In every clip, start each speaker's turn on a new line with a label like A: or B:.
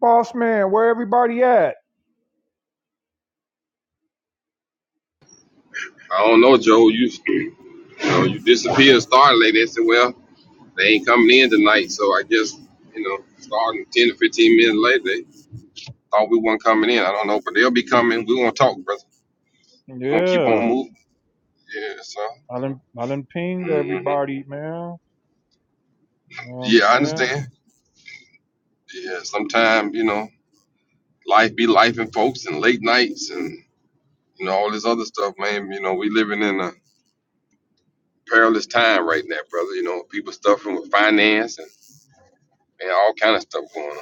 A: Boss man, where everybody at?
B: I don't know, Joe. You, you know, you disappeared, started late. They said, well, they ain't coming in tonight. So I guess, you know, starting 10 to 15 minutes later, they thought we weren't coming in. I don't know, but they'll be coming. We're going to talk, brother. We're going to keep on
A: Yeah.
B: moving. Yeah, so.
A: I done I done pinged
B: hmm
A: everybody, man. You know what I'm
B: Yeah, I
A: saying?
B: understand. Yeah, sometimes, you know, life be life and folks and late nights and, you know, all this other stuff, man. You know, we living in a perilous time right now, brother. You know, people stuffing with finance and, and all kind of stuff going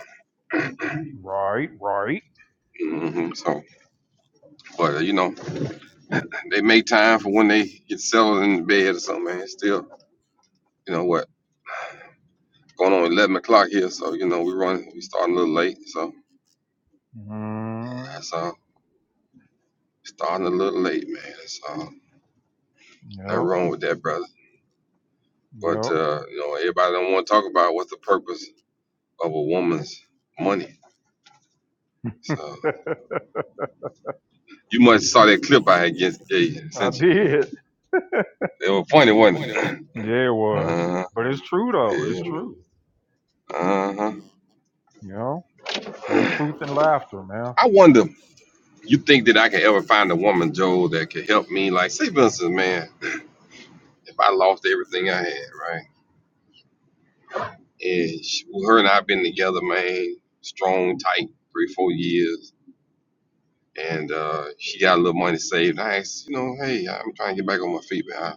A: Right, right.
B: on. hmm So. But uh, you know, They make time for when they get settled in the bed or something, man. It's still, you know what, going on 11 o'clock here, so, you know, we run, we starting a little late. So
A: Mm,
B: that's all. Starting a little late, man. That's all. Nothing
A: yep,
B: wrong with that, brother. But,
A: yep.
B: uh, you know, everybody don't want to talk about what's the purpose of a woman's money. So you must have saw that clip I had just gave you,
A: I
B: sent you.
A: did.
B: It was funny, wasn't it?
A: Yeah, it was.
B: Uh-huh.
A: But it's true though. It's
B: Yeah,
A: true.
B: uh-huh.
A: You know? There's truth in laughter, man.
B: I wonder, you think that I can ever find a woman, Joel, that can help me? Like, say, for instance, man. if I lost everything I had, right? And she, well, her and I been together, man, strong, tight, three, four years. And uh, she got a little money saved. I asked, you know, hey, I'm trying to get back on my feet, man.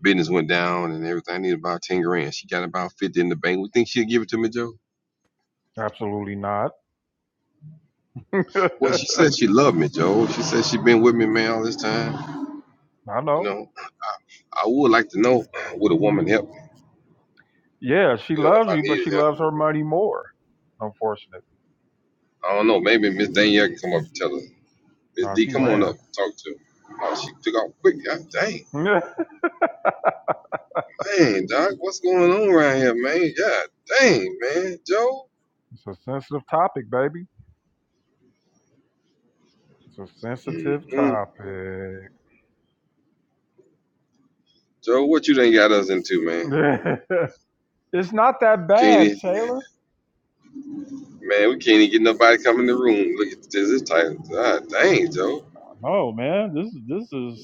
B: Business went down and everything. I needed about 10 grand. She got about 50 in the bank. We think she'll give it to me, Joe?
A: Absolutely not.
B: Well, she
A: I
B: said she loved me, Joe. She said she been with me, man, all this time. You
A: know.
B: know, I would like to know, would a woman help me?
A: Yeah, she
B: You know, if
A: loves
B: I
A: you, but
B: needed
A: she
B: help.
A: loves her money more, unfortunately.
B: I don't know. Maybe Miss Danielle can come up and tell us. Miss
A: No,
B: D,
A: she
B: come on
A: ran.
B: up. Talk to him. Oh, she took off quick. God dang.
A: it's
B: Man, Doc, what's going on around here, man? God dang, man. Joe?
A: a sensitive topic, baby. It's a sensitive
B: Mm-mm.
A: topic.
B: Joe, what you done got us into, man?
A: it's not that
B: Can't
A: bad,
B: even,
A: Taylor.
B: man, we can't even get nobody come in the room. Look at this, this title. God dang, Joe.
A: No, man, this is this is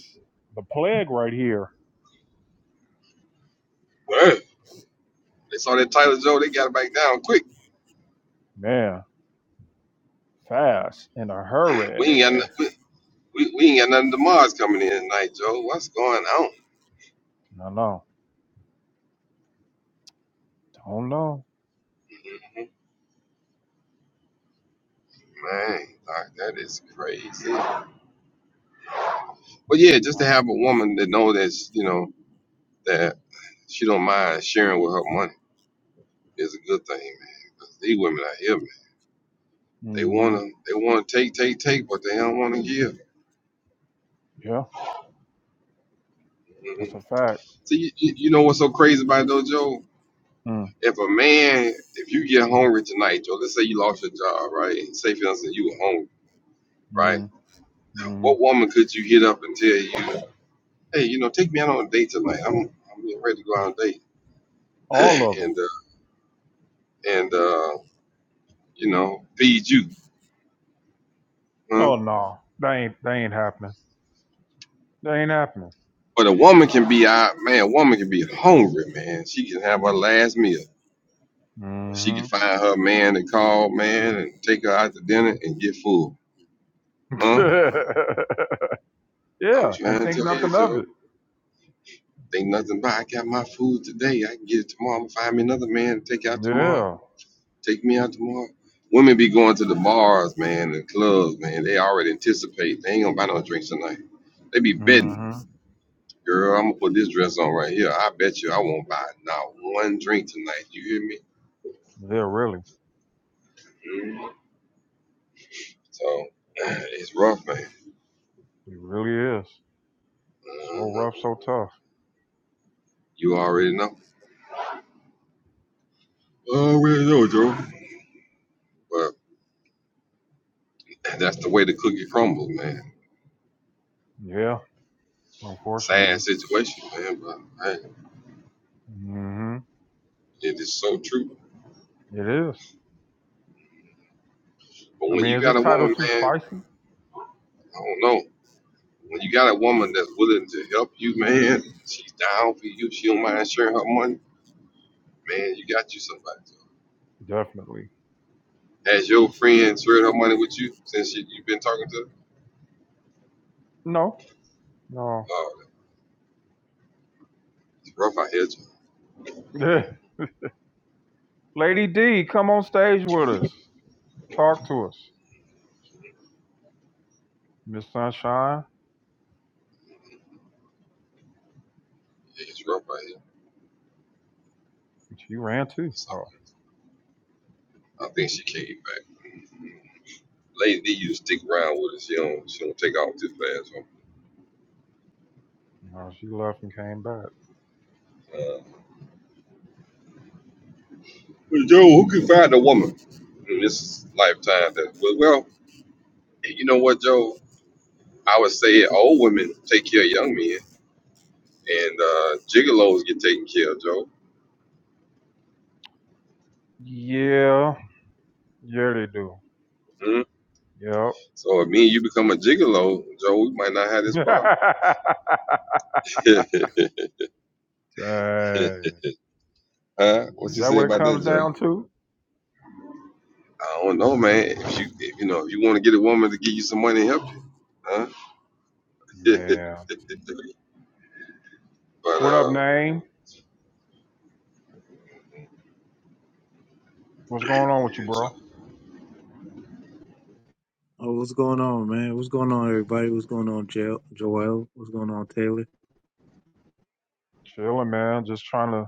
A: the plague right here,
B: Well, They saw that title, Joe. They got it back down quick.
A: man. Fast in a hurry.
B: We ain't got, no- we, we, we ain't got nothing to Mars coming in tonight, Joe. What's going on?
A: No, no, don't know.
B: Man, Doc, that is crazy. But yeah, just to have a woman that know that, you know, that she don't mind sharing with her money is a good thing, man. 'Cause these women out here, man, they
A: hmm
B: wanna they wanna take, take, take, but they don't wanna give.
A: Yeah, that's
B: hmm
A: a fact.
B: See, you, you you know what's so crazy about it though, Joe?
A: mm
B: If a man, if you get hungry tonight, Joe, let's say you lost your job, right? And say for instance you were hungry, right?
A: mm mm.
B: What woman could you hit up and tell you, hey, you know, take me out on a date tonight? I'm I'm getting ready to go on a date,
A: All of them.
B: and uh, and uh, you know, feed you, huh?
A: Oh no, they ain't they ain't happening. They ain't happening.
B: But a woman can be out, man. A woman can be hungry, man. She can have her last meal, but she can
A: hmm
B: find her man and call, man, and take her out to dinner and get full. Huh? I'm
A: yeah, and
B: trying to
A: think
B: tell you,
A: nothing of
B: so
A: it.
B: ain't nothing but I got my food today. I can get it tomorrow. I'm gonna find me another man to take out tomorrow.
A: Yeah.
B: Take me out tomorrow. Women be going to the bars, man, the clubs, man. They already anticipate. They ain't gonna buy no drinks tonight. They be betting.
A: hmm
B: Girl, I'm gonna put this dress on right here. I bet you I won't buy not one drink tonight. You hear
A: Yeah, really,
B: me? Mm-hmm. So it's rough, man.
A: it really is. So
B: hmm
A: rough, so tough.
B: You already know. I already know, Joe. But that's the way the cookie crumbles, man.
A: Yeah.
B: Sad
A: Unfortunately.
B: situation, man. But hey,
A: hmm
B: it is so true.
A: It is.
B: But
A: I
B: when
A: mean,
B: you
A: is
B: got
A: this
B: a
A: title
B: woman,
A: too
B: man,
A: spicy?
B: I don't know. When you got a woman that's willing to help you, man, she's down for you. She don't mind sharing her money, man. You got you somebody. Joe.
A: Definitely.
B: Has your friend shared her money with you since you, you've been talking to her?
A: No. No.
B: Oh, it's rough out here, Joe.
A: Lady D, come on stage with us. Talk to us. Miss Sunshine,
B: It's rough out here.
A: she ran too.
B: It's all
A: Oh,
B: good. I think she came back. Lady D, you stick around with us. She don't, she don't take off too fast. Huh?
A: no, she left and came back.
B: Uh, but Joe, who can find a woman in this lifetime? That well, well, you know what, Joe? I would say old women take care of young men, and uh, gigolos get taken care of, Joe.
A: Yeah. Yeah, they do.
B: Mhm.
A: Yep.
B: So if me and you become a gigolo, Joe, we might not have this problem.
A: Dang.
B: huh? What
A: Is
B: you
A: that
B: say
A: what it
B: about that,
A: comes
B: Joe?
A: down to?
B: I don't know, man. If you, if, you know, if you want to get a woman to give you some money, help you, huh?
A: Man.
B: but
A: What up, name? What's going on with you,
B: uh,
A: bro?
C: Oh, what's going on, man? What's going on, everybody? What's going on, jo- Joel? What's going on, Taylor?
A: Chilling, man. Just trying to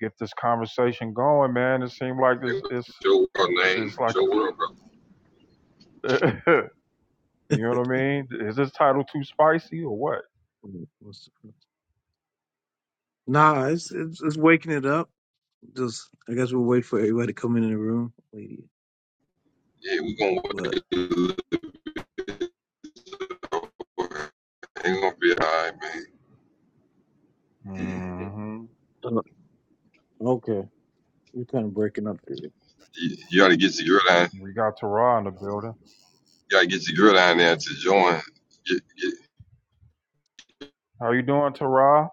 A: get this conversation going, man. It seemed like it's
B: It was
A: it's
B: your world name,
A: it's
B: it's
A: like
B: your
A: a
B: world, bro.
A: you know what I mean? Is this title too spicy or what?
C: What's... Nah, it's, it's it's waking it up. Just I guess we'll wait for everybody to come in the room, lady.
B: Yeah, we gonna
C: But
B: wait. Ain't gonna be all right, man.
A: hmm
C: Uh, okay, you're kind of breaking up there.
B: You, you gotta get your girl line.
A: We got Tara in the building.
B: You gotta get your girl line there to join. Get get
A: How you doing, Tara?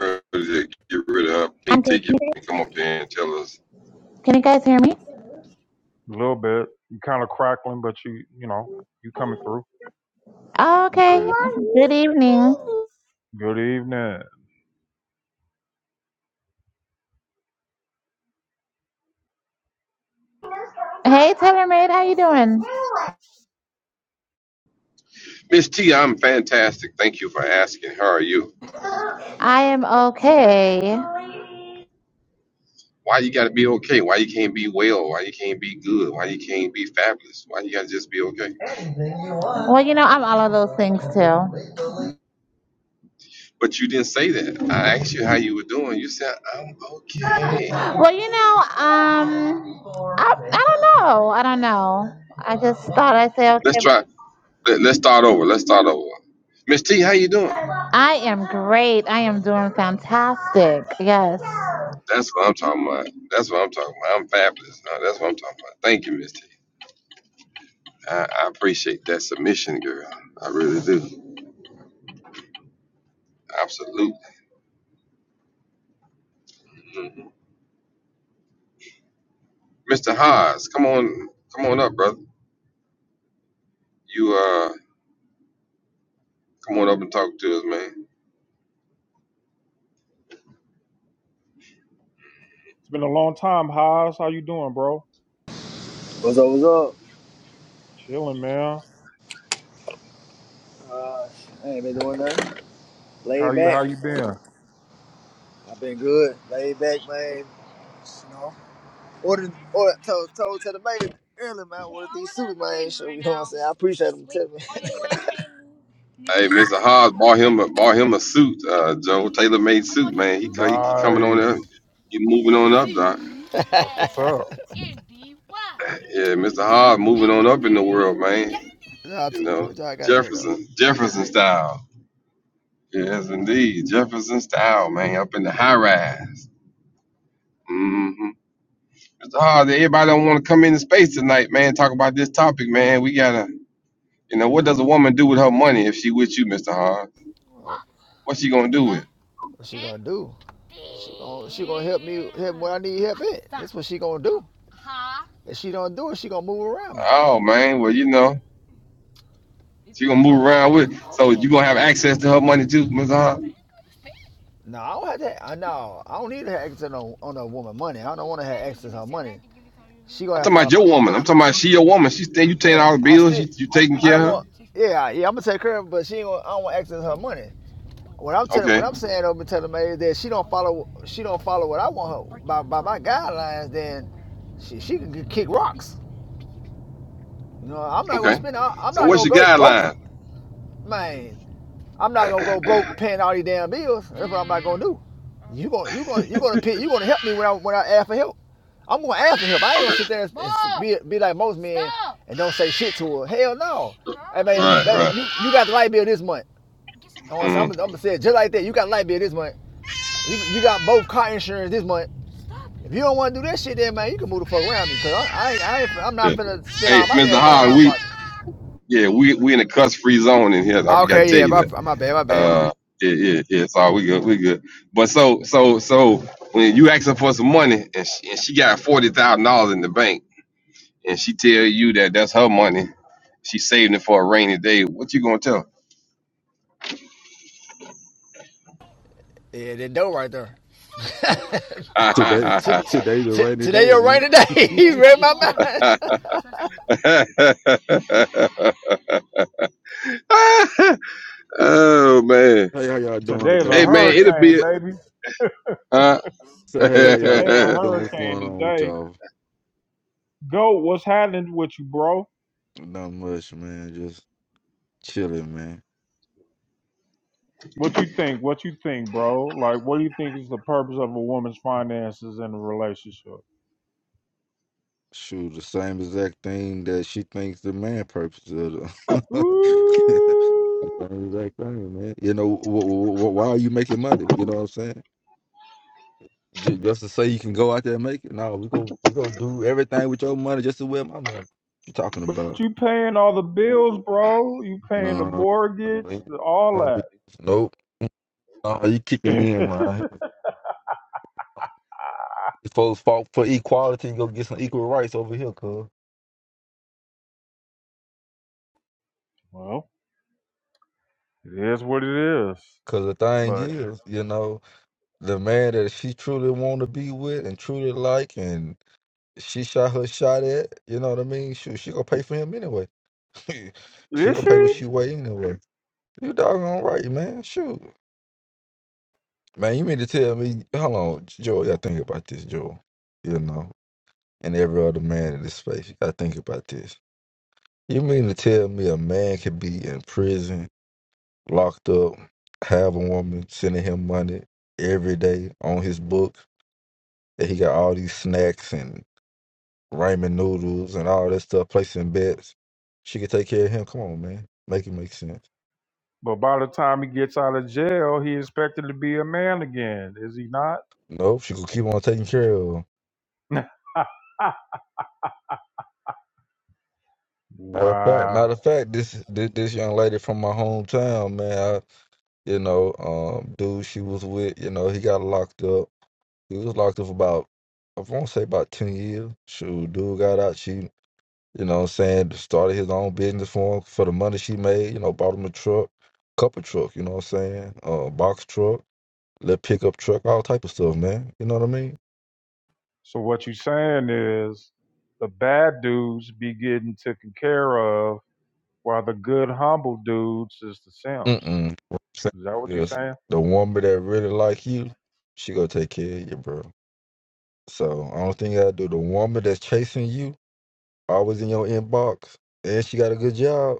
B: her to get rid of her
D: I'm
B: pink
D: good.
B: ticket
D: Can you guys
B: and come up there and tell us,
D: hear me?
A: A little bit. You kind of crackling, but you you know you coming through.
D: Oh,
C: You
D: okay.
C: crack.
D: Good evening.
A: Good evening.
D: Hey, Taylor Maid, how you doing?
B: Miss T, I'm fantastic. Thank you for asking. How are you?
D: I am okay.
B: Why you gotta be okay? Why you can't be well? Why you can't be good? Why you can't be fabulous? Why you gotta just be okay?
D: Well, you know, I'm all of those things too.
B: But you didn't say that. I asked you how you were doing. You said I'm okay.
D: Well, you know, um, I, I don't know. I don't know. I just thought I'd say,
B: Let's
D: okay,
B: try. Let, let's start over. Let's start over. Miss T, how you doing?
D: I am great. I am doing fantastic. Yes.
B: That's what I'm talking about. That's what I'm talking about. I'm fabulous. Now. That's what I'm talking about. Thank you, Miss T. I, I appreciate that submission, girl. I really do. Absolutely. Mr. Haas, come on, come on up, brother. You uh, come on up and talk to us, man.
A: It's been a long time, Haas. How you doing, bro?
E: What's up? What's up?
A: Chilling, man.
E: Uh, I ain't been doing nothing.
A: How
E: Laid
A: you
E: back.
A: how you been?
E: I've been good. Laid back, man. Just, You know, ordered, ordered told, told to the baby early, man. Ordered these suits, man. So you know what I'm saying? I appreciate them telling me.
B: Hey, Mr. Haas bought him a bought him a suit, uh, Joe tailor made suit, man. He co- he keep coming on
A: Nice.
B: up. You moving on up, doc.
A: That's what's up.
B: Yeah, Mr. Haas moving on up in the world, man.
E: Nah,
B: you
E: t-
B: know,
E: y'all got her. hear though.
B: Jefferson, Jefferson style. Yes, indeed, Jefferson style, man, up in the high rise. Mm-hmm. It's hard that everybody don't want to come into space tonight, man. Talk about this topic, man. We gotta, you know, what does a woman do with her money if she with you, Mister Hard? What's she gonna do with? it?
E: What she gonna do? She gonna, she gonna help me help what I need help in. That's what she gonna do. If she don't do it, she gonna move around me.
B: Oh man, well you know, she gonna move around with. it. So you gonna have access to her money too, Mister Hard?
E: No, I don't have to. I no, I don't need to have access on a, on a woman money. I don't want to have access to her money. She
B: I'm
E: gonna have
B: talking
E: to
B: about
E: follow my.
B: your woman. I'm talking about she your woman. She's you taking
E: Yeah,
B: all the
E: I
B: bills.
E: still.
B: You, you taking
E: I
B: care
E: don't
B: of her?
E: want. Yeah, yeah. I'm gonna take her, but she ain't. Gonna, I don't want access to her money. What I'm telling, what
B: Okay,
E: I'm saying over telling me is that she don't follow. She don't follow what I want her by by my guidelines. Then she she can kick rocks. You know, I'm not gonna
B: okay.
E: spend. I, I'm
B: So
E: not
B: what's
E: gonna
B: your
E: go broke,
B: guideline?
E: man. I'm not gonna go broke paying all these damn bills. That's what I'm not gonna do. You gonna you gonna you gonna pay, you gonna help me when I when I ask for help. I'm gonna answer him. I ain't gonna
B: Okay.
E: sit there and, and be, be like most men and don't say shit to her. Hell no. Hey man,
B: Right,
E: that,
B: right.
E: you, you got the light bill this month. I want to
B: Mm,
E: I'm gonna say it just like that. You got the light bill this month. You, you got both car insurance this month. If you don't want to do that shit, then man, you can move the fuck around me, cause I, I, ain't, I ain't, I'm
B: yeah.
E: not finna spend
B: Hey,
E: all my
B: Mr.
E: damn money on
B: Howard,
E: my
B: we
E: pocket.
B: yeah, we we in a cuss free zone in here. I forgot to
E: Okay,
B: tell
E: yeah,
B: you
E: my,
B: that.
E: my bad, my bad.
B: Uh, yeah, yeah, yeah. It's all we good, we good. But so so so when you asking for some money and she, and she got forty thousand dollars in the bank and she tell you that that's her money, she saving it for a rainy day. What you gonna tell?
E: Yeah, that dough right there.
B: her?
F: Today,
E: T- t-
F: today's a
E: t-
F: rainy
E: today
F: day,
E: you're right
F: ain't
E: today.
F: it?
E: you read my mind.
B: oh man,
F: hey, how y'all doing
A: Today is a
F: today,
B: hey man,
F: man?
B: it'll
A: hurricane,
B: be
A: baby.
B: uh
F: So,
A: I
F: hey, how
A: said
F: y'all
A: today a
F: doing? What's
A: hurricane
F: going on with
A: today.
F: y'all?
A: Go, what's happening with you, bro?
F: Not much, man. Just chilling, man.
A: What you think? What you think, bro? Like, what do you think is the purpose of a woman's finances in a relationship?
F: Shoot, the same exact thing that she thinks the man purpose of. The
A: Ooh,
F: same exact thing, man. You know, wh- wh- wh- why are you making money? You know what I'm saying? Ju- Just to say you can go out there and make it? No, we go, we go do everything with your money just to wear my money. What you talking
A: but
F: about?
A: you paying all the bills, bro. You paying the
F: No,
A: mortgage,
F: ain't gonna be.
A: all
F: Nope. Oh, you kicking
A: that.
F: in, man. If folks fought for equality, you go get some equal rights over here, cuz.
A: well, it is what it is.
F: Cause the thing
A: But
F: is, you know, the man that she truly want to be with and truly like, and she shot her shot at, you know what I mean? She, she gonna pay for him anyway. she
A: is
F: gonna pay what
A: she?
F: she weigh anyway. You doggone right, man. Shoot, man. You mean to tell me? Hold on, Joel. You gotta think about this, Joel. You know, and every other man in this space, you gotta think about this. You mean to tell me a man could be in prison? locked up, have a woman sending him money every day on his book that he got all these snacks and ramen noodles and all that stuff, placing bets. She could take care of him. Come on, man. Make it make sense.
A: But by the time he gets out of jail, he expected to be a man again. Is he not?
F: Nope, she could keep on taking care of him. Matter of fact,
A: wow.
F: matter of fact, this this, this young lady from my hometown, man, I, you know, um, dude she was with, you know, he got locked up. He was locked up about I want to say about ten years. Shoot, dude got out. She You know what I'm saying? Started his own business for him for the money she made, you know, bought him a truck, couple truck, you know what I'm saying? Uh box truck, little pickup truck, all type of stuff, man. You know what I mean?
A: So what you saying is the bad dudes be getting taken care of while the good humble dudes is the simps.
F: Mm-mm. What I'm
A: Is that what
F: saying
A: you
F: is
A: saying?
F: the woman that really like you, she gonna take care of you, bro. So I don't think I do the woman that's chasing you, always in your inbox, and she got a good job,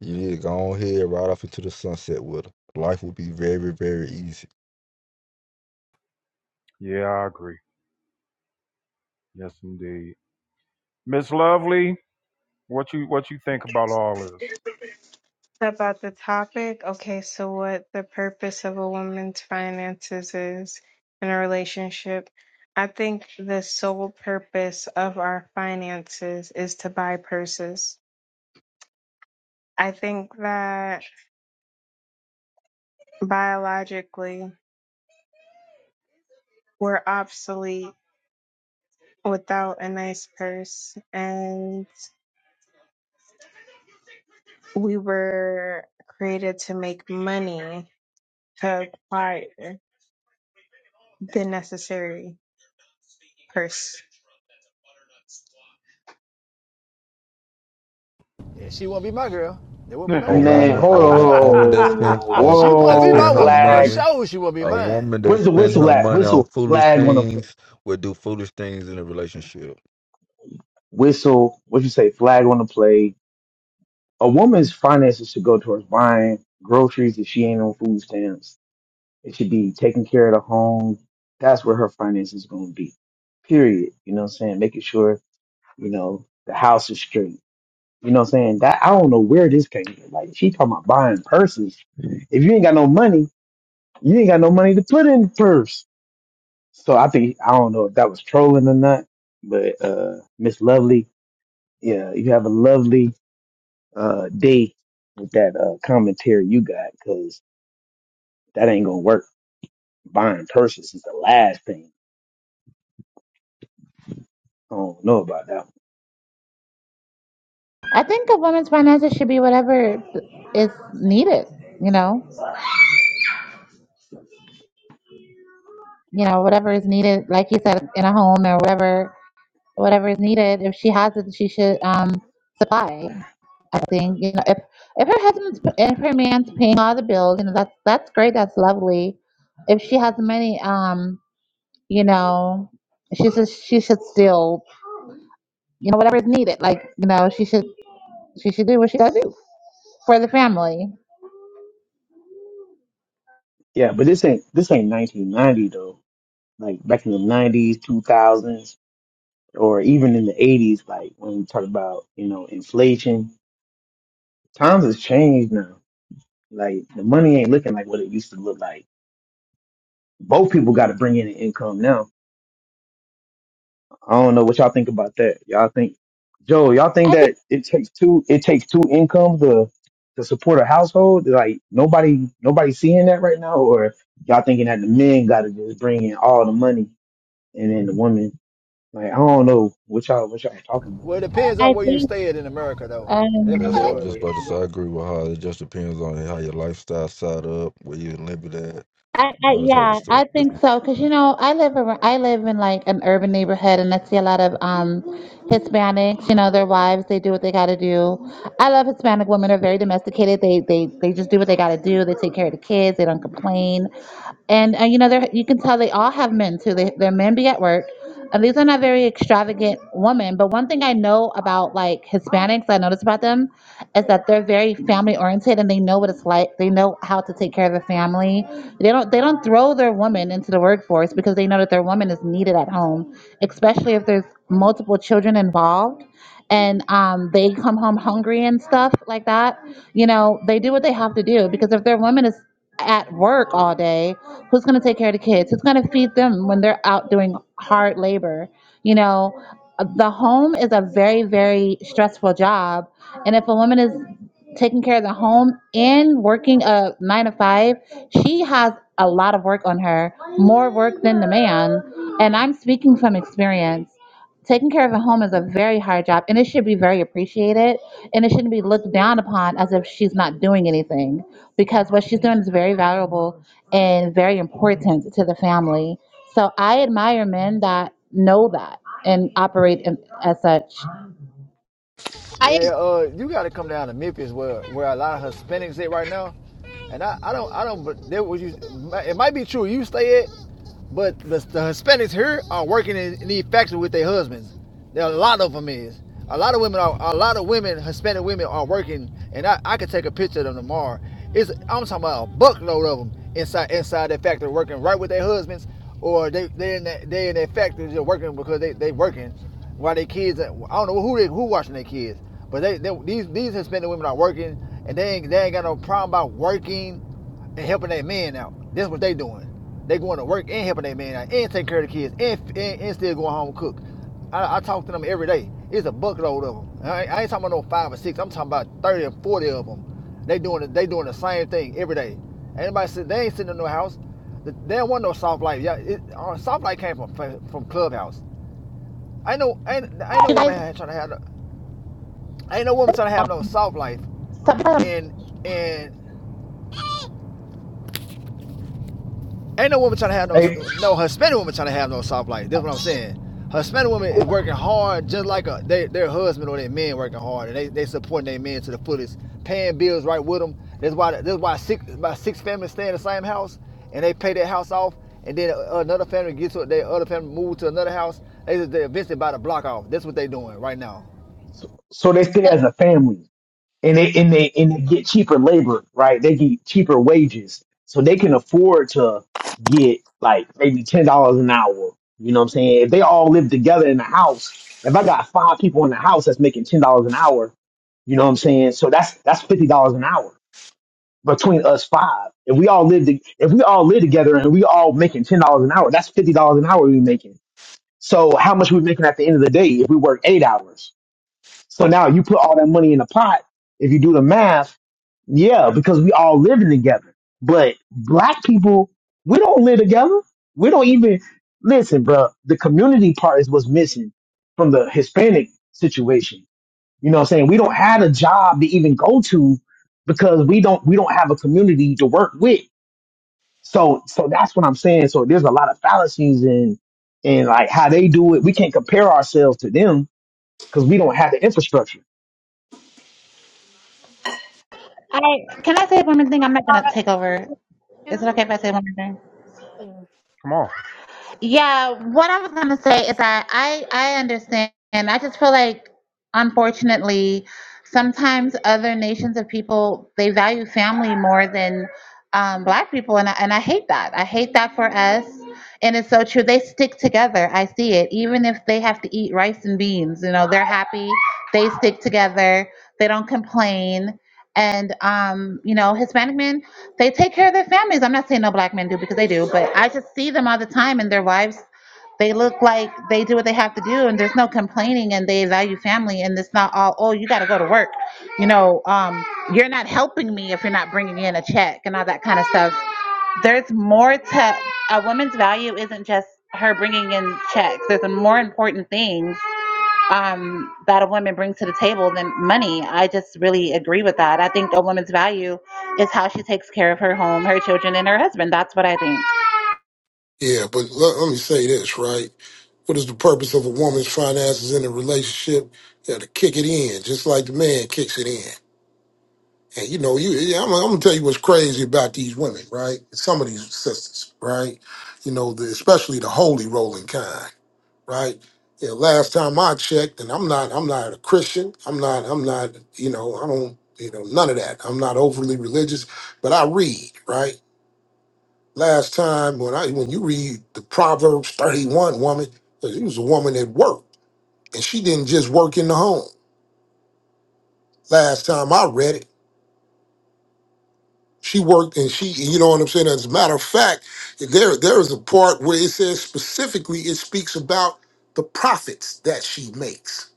F: you need to go on here right off into the sunset with her. Life will be very, very easy.
A: Yeah, I agree. Yes indeed. Miss Lovely, what you what you think about all this?
G: About the topic, okay, so what the purpose of a woman's finances is in a relationship. I think the sole purpose of our finances is to buy purses. I think that biologically we're obsolete without a nice purse, and we were created to make money to acquire the necessary purse.
E: Yeah, she won't be my girl. That won't be my
F: a
E: woman right
H: Man,
F: woman
E: there
H: hold
E: for
F: a
E: sure.
F: woman that
H: on.
F: spent a woman
E: She wouldn't
F: that
E: be
H: Whoa,
E: my
F: spent her
E: woman for
H: flag.
F: money
E: sure. She would be
F: a
E: mine.
F: woman that
H: Where's the
F: spent
H: whistle
F: her
H: at?
F: money on
H: Whistle,
F: foolish
H: flag on the plate.
F: things will do foolish things in a relationship.
H: Whistle, what you say, flag on the plate. A woman's finances should go towards buying groceries if she ain't on food stamps. It should be taking care of the home. That's where her finances going to be. Period. You know what I'm saying? Making sure, you know, the house is straight. You know what I'm saying? That I don't know where this came from. Like, she talking about buying purses. If you ain't got no money, you ain't got no money to put in the purse. So I think I don't know if that was trolling or not, but uh Miss Lovely, yeah, you have a lovely uh day with that uh commentary you got because that ain't gonna work. Buying purses is the last thing. I don't know about that. One.
D: I think a woman's finances should be whatever is needed, you know, you know, whatever is needed, like you said, in a home or whatever whatever is needed. If she has it, she should um, supply. I think you know if if her husband's if her man's paying all the bills, you know that's that's great, that's lovely. If she has money, um, you know, she should she should still you know whatever is needed. Like you know she should she should do what she does do for the family.
H: Yeah, but this ain't this ain't 1990 though. Like back in the 90s, 2000s, or even in the 80s, like when we talk about you know inflation, times has changed now. Like the money ain't looking like what it used to look like. Both people got to bring in an income now I don't know what y'all think about that. Y'all think, Joe, y'all think
D: I think
H: that it takes two, it takes two incomes to to support a household? Like nobody, nobody seeing that right now, or y'all thinking that the men got to just bring in all the money and then the women? Like I don't know what y'all, what y'all talking about.
E: Well, it depends on
D: I
E: where you
D: think
E: stay at in America, though. Yeah,
F: Yeah,
E: for
D: um,
F: I was
E: sure.
F: just about to say I agree with her. it just depends on how your lifestyle set up, where you live it at,
D: I, I
F: all that type of
D: yeah, I
F: stuff.
D: think so because you know I live around, I live in like an urban neighborhood and I see a lot of um Hispanics. You know, their wives they do what they got to do. I love Hispanic women; they're very domesticated. They they they just do what they got to do. They take care of the kids. They don't complain. And uh, you know, they you can tell they all have men too. They, their men be at work. And these are not very extravagant women. But one thing I know about like Hispanics, I notice about them is that they're very family oriented and they know what it's like. They know how to take care of the family. They don't they don't throw their woman into the workforce because they know that their woman is needed at home, especially if there's multiple children involved. And um, they come home hungry and stuff like that. You know, they do what they have to do because if their woman is at work all day, who's going to take care of the kids? Who's going to feed them when they're out doing hard labor? You know, uh, the home is a very, very stressful job. And if a woman is taking care of the home and working a nine to five, she has a lot of work on her, more work than the man. And I'm speaking from experience taking care of a home is a very hard job and it should be very appreciated and it shouldn't be looked down upon as if she's not doing anything because what she's doing is very valuable and very important to the family so i admire men that know that and operate in, as such
I: I agree.
E: Yeah, uh, you got to come down to Memphis where where a lot of Hispanics at right now, and I, I don't I don't but there was you it might be true you stay at, but the, the Hispanics here are working in, in these factories with their husbands. There are a lot of them is a lot of women are a lot of women Hispanic women are working, and I, I could take a picture of them tomorrow. It's I'm talking about a buckload of them inside inside that factory working right with their husbands, or they they in that they in that factory just working because they they working while their kids I don't know who they who watching their kids. But they, they these these Hispanic women are working, and they ain't they ain't got no problem about working and helping their men out. That's what they doing. They going to work and helping their men out, and taking care of the kids, and and, and still going home and cook. I, I talk to them every day. It's a buckload of them. I, ain't- I ain't talking about no five or six. I'm talking about thirty or forty of them. They doing it. They doing the same thing every day. Anybody said they ain't sitting in no house. They don't want no soft life. Yeah, it, uh, soft life came from from Clubhouse. I know. Ain't, ain't no
D: you guys
E: woman had- trying to have. no- Ain't no woman trying to have no soft life
D: sometimes
E: and and ain't no woman trying to have no
H: Hey,
E: no Hispanic woman trying to have no soft life. That's what I'm saying. Hispanic woman is working hard just like a, they, their husband or their men working hard, and they they supporting their men to the fullest, paying bills right with them. That's why that's why six by six families stay in the same house, and they pay their house off, and then another family gets to their other family move to another house. They just, they're eventually by the block off. That's what they doing right now.
H: so, so they stay as a family. and they and they and they get cheaper labor, right? They get cheaper wages, so they can afford to get like maybe ten dollars an hour. You know what I'm saying? If they all live together in the house, if I got five people in the house that's making ten dollars an hour, you know what I'm saying? So that's that's fifty dollars an hour between us five. If we all live to, if we all live together and we all making ten dollars an hour, that's fifty dollars an hour we making. So how much we making at the end of the day if we work eight hours? So now you put all that money in the pot. If you do the math, yeah, because we all living together. But black people, we don't live together. We don't even listen, bro. The community part is what's missing from the Hispanic situation. You know what I'm saying? We don't have a job to even go to because we don't we don't have a community to work with. So so that's what I'm saying. So there's a lot of fallacies in in like how they do it. We can't compare ourselves to them because we don't have the infrastructure.
D: i can i say one more thing i'm not
I: All
D: gonna
I: right.
D: take over
I: Can,
D: is it okay if i say one more thing
I: I,
A: Come on.
D: Yeah, what I was gonna say is that I I understand, I just feel like, unfortunately, sometimes other nations of people they value family more than um, Black people, and I, and I hate that. I hate that for us, and it's so true. They stick together. I see it, even if they have to eat rice and beans. You know, they're happy. They stick together. They don't complain. And um, you know, Hispanic men. They take care of their families. I'm not saying no black men do because they do, but I just see them all the time and their wives they look like they do what they have to do and there's no complaining and they value family and it's not all oh you got to go to work you know um, you're not helping me if you're not bringing in a check and all that kind of stuff there's more to a woman's value isn't just her bringing in checks there's more important things um, that a woman brings to the table than money. I just really agree with that. I think a woman's value is how she takes care of her home, her children, and her husband. That's what I think.
J: Yeah, but let, let me say this, right? What is the purpose of a woman's finances in a relationship? Yeah, to kick it in, just like the man kicks it in. And you know, you yeah, I'm, I'm gonna tell you what's crazy about these women, right? Some of these sisters, right? You know, the, especially the holy rolling kind, right? Yeah, last time I checked, and I'm not, I'm not a Christian. I'm not, I'm not, you know, I don't, you know, none of that. I'm not overly religious, but I read, right? last time when I when you read the Proverbs 31 woman, 'cause it was a woman that worked and she didn't just work in the home. Last time I read it, she worked and she you know what I'm saying. As a matter of fact, there there is a part where it says specifically it speaks about the profits that she makes.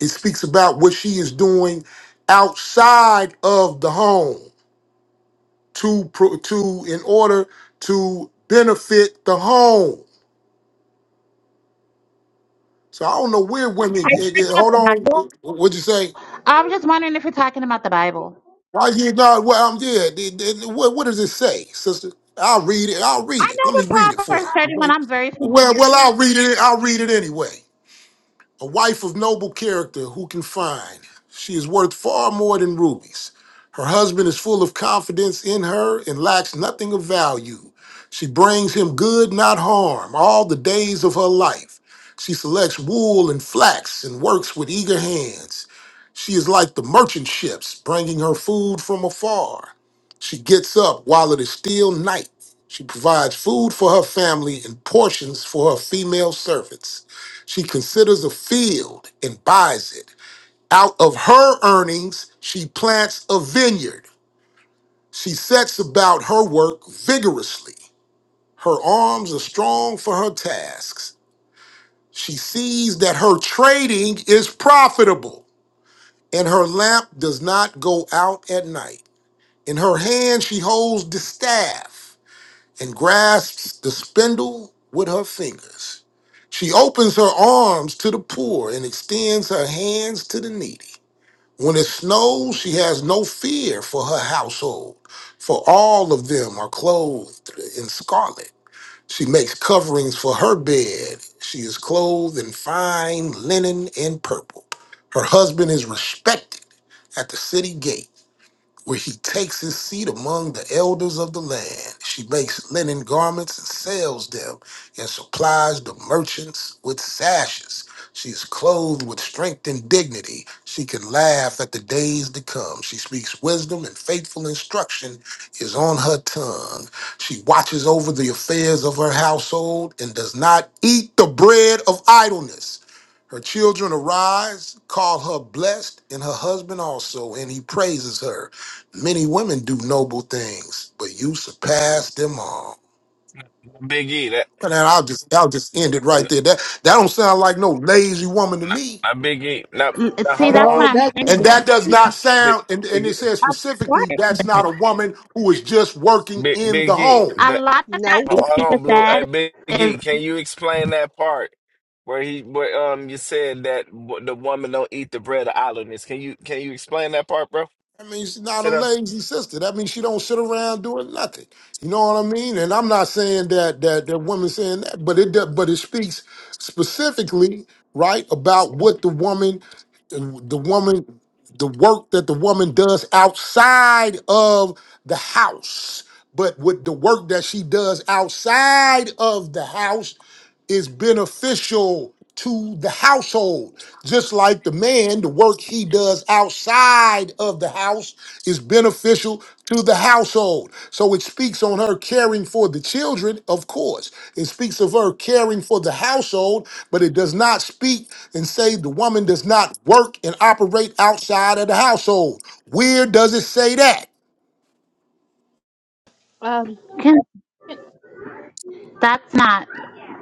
J: It speaks about what she is doing outside of the home to pro- to in order to benefit the home So I don't know where women. eh, eh,
D: Not
J: Hold
D: the
J: on,
D: Bible.
J: what'd you say?
D: I'm just wondering if you're talking about the Bible.
J: Why you not? Well, I'm yeah. the- the- What, what does it say, sister? I'll read it. I'll
D: I
J: read it.
D: know
J: Let me read
D: the
J: it for
D: Proverbs
J: you.
D: 31. I'm very
J: Well,
D: familiar.
J: well, I'll read it. I'll read it anyway. A wife of noble character who can find. She is worth far more than rubies. Her husband is full of confidence in her and lacks nothing of value. She brings him good, not harm, all the days of her life. She selects wool and flax and works with eager hands. She is like the merchant ships, bringing her food from afar. She gets up while it is still night. She provides food for her family and portions for her female servants. She considers a field and buys it. Out of her earnings, she plants a vineyard. She sets about her work vigorously. Her arms are strong for her tasks. She sees that her trading is profitable and her lamp does not go out at night. In her hand she holds the staff and grasps the spindle with her fingers. She opens her arms to the poor and extends her hands to the needy. When it snows, she has no fear for her household, for all of them are clothed in scarlet. She makes coverings for her bed. She is clothed in fine linen and purple. Her husband is respected at the city gate where he takes his seat among the elders of the land. She makes linen garments and sells them, and supplies the merchants with sashes. She is clothed with strength and dignity. She can laugh at the days to come. She speaks wisdom, and faithful instruction is on her tongue. She watches over the affairs of her household and does not eat the bread of idleness. Her children arise, call her blessed, and her husband also, and he praises her. Many women do noble things, but you surpass them all.
K: Big E. That
J: And then I'll just I'll just end it right there. That that don't sound like no lazy woman to
K: not,
J: me.
K: not Big E. not now
D: See,
K: hold on,
D: that's
I: No,
K: hold
D: what
K: on, hold
I: it
D: I'm
I: doesn't.
J: And
K: on, hold
D: saying.
J: that
K: on.
J: does not
K: Big
J: sound, and, and
K: Big
J: it
K: E.
J: says
D: What?
J: specifically, that's not a woman who is just working
K: Big
J: in the
K: Big E.
J: home.
D: A
K: That
D: lot
I: No.
K: ho- hold
D: of
K: on, Blue. Hey,
D: that
K: Big E.
D: is.
K: Can you explain that part where he where um you said that w- the woman don't eat the bread of idleness? Can you can you explain that part, bro?
J: That means she's not a
K: Sit down.
J: lazy sister. That means she don't sit around doing nothing. You know what I mean? And I'm not saying that that that woman saying that, but it does, but it speaks specifically right about what the woman, the woman, the work that the woman does outside of the house. But with the work that she does outside of the house is beneficial to the household. Just like the man, the work he does outside of the house is beneficial to the household. So it speaks on her caring for the children, of course. It speaks of her caring for the household, but it does not speak and say the woman does not work and operate outside of the household. Where does it say that?
I: um, can,
D: That's not.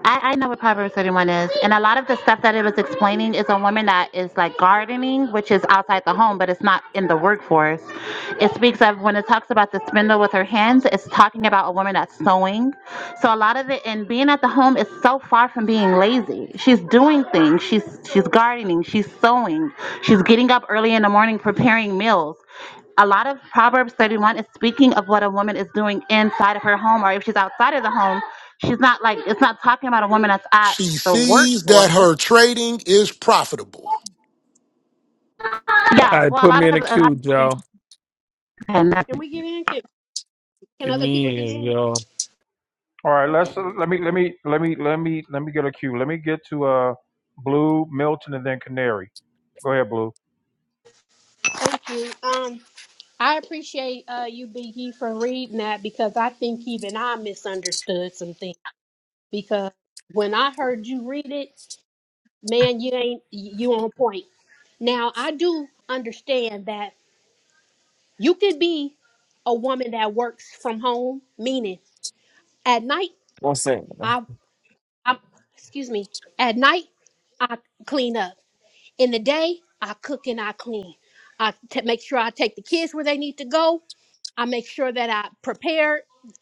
D: I, I know what Proverbs 31 is, and a lot of the stuff that it was explaining is on women that is like gardening, which is outside the home, but it's not in the workforce. It speaks of when it talks about the spindle with her hands, it's talking about a woman that's sewing. So a lot of it, and being at the home is so far from being lazy. She's doing things. She's she's gardening. She's sewing. She's getting up early in the morning preparing meals a lot of Proverbs 31 is speaking of what a woman is doing inside of her home, or if she's outside of the home, she's not like it's not talking about a woman that's at
J: She
D: the
J: sees
D: workforce.
J: that her trading is profitable.
L: All
D: Yeah,
L: right,
D: well, a
L: put me
D: lot
L: in
D: of
L: the
D: a lot
L: queue,
D: of things.
L: Joe.
D: Okay, never-
I: can we get in? Can, can
L: Get
I: other people
L: me
I: get
L: in,
I: in?
L: yo.
A: All right, let's uh, let me let me let me let me let me get a cue. Let me get to uh Blue, Milton, and then Canary. Go ahead, Blue.
I: Thank you. Um, I appreciate uh, you, Biggie, for reading that because I think even I misunderstood some things. Because when I heard you read it, man, you ain't you on point. Now I do understand that you could be a woman that works from home, meaning at night.
K: One second.
I: I, excuse me. At night, I clean up. In the day, I cook and I clean. I t- make sure I take the kids where they need to go. I make sure that I prepare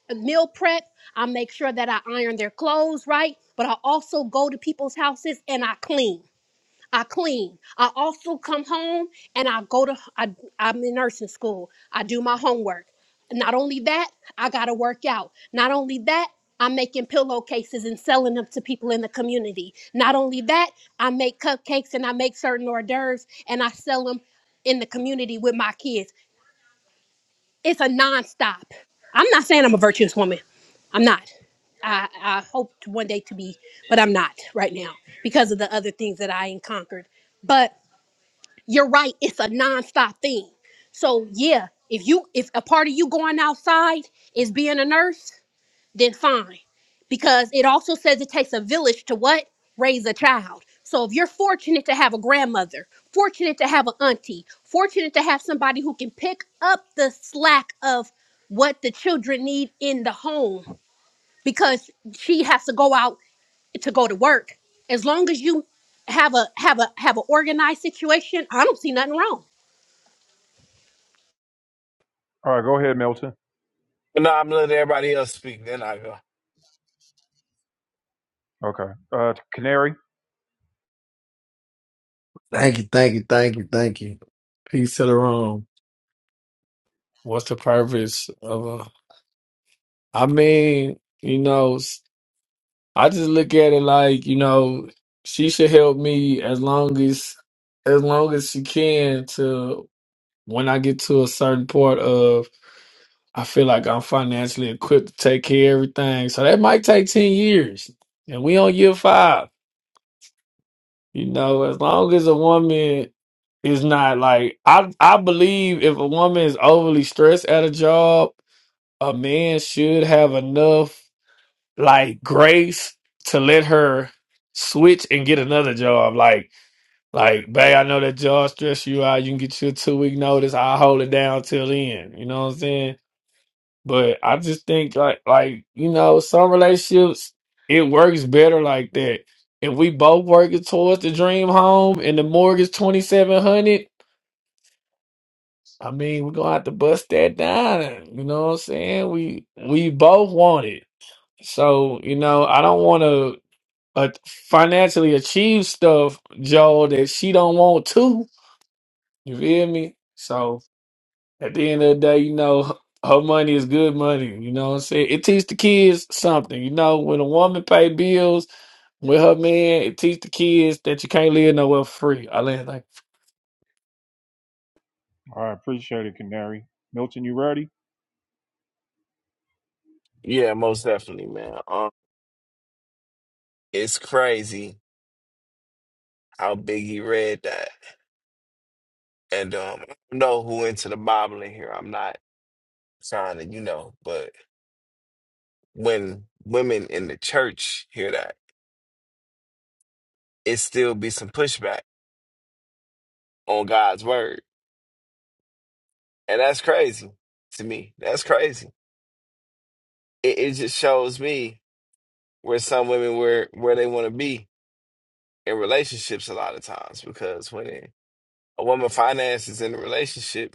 I: a meal prep. I make sure that I iron their clothes right. But I also go to people's houses and I clean. I clean. I also come home and I go to I, I'm in nursing school. I do my homework. Not only that, I gotta work out. Not only that, I'm making pillowcases and selling them to people in the community. Not only that, I make cupcakes and I make certain hors d'oeuvres and I sell them in the community with my kids. It's a nonstop. I'm not saying I'm a virtuous woman. I'm not. I, I hope to one day to be, but I'm not right now because of the other things that I ain't conquered. But you're right it's a nonstop thing so yeah if you if a part of you going outside is being a nurse then fine because it also says it takes a village to what raise a child so if you're fortunate to have a grandmother fortunate to have an auntie fortunate to have somebody who can pick up the slack of what the children need in the home because she has to go out to go to work as long as you have a have a have an organized situation i don't see nothing wrong
A: All right, go ahead, Milton.
K: No, I'm letting everybody else speak. Then I go.
A: Okay. Uh Canary.
L: Thank you, thank you, thank you, thank you. Peace to the room. What's the purpose of a? I mean, you know, s- I just look at it like you know, she should help me as long as, as long as she can to when I get to a certain part of. I feel like I'm financially equipped to take care of everything. So that might take 10 years. And we on year five. You know, as long as a woman is not like I I believe if a woman is overly stressed at a job, a man should have enough like grace to let her switch and get another job. Like like, babe, I know that job stress you out. You can get your two week notice. I'll hold it down till then. You know what I'm saying? But I just think like like you know some relationships it works better like that. If we both working towards the dream home and the mortgage twenty seven hundred, I mean we're gonna have to bust that down. You know what I'm saying? We we both want it, so you know I don't want to uh, financially achieve stuff, Joel, that she don't want to. You feel me? So At the end of the day, you know, her money is good money. You know what I'm saying? It teach the kids something. You know, when a woman pay bills with her man, it teach the kids that you can't live nowhere for free. I land
A: All right, appreciate it, Canary. Milton, you ready?
K: Yeah, most definitely, man. Um, it's crazy how Biggie read that, and um, I don't know who into the Bible in here. I'm not. sign and you know, but when women in the church hear that, it still be some pushback on God's word. And that's crazy to me. That's crazy. It, it just shows me where some women were where they want to be in relationships a lot of times because when a woman finances in a relationship,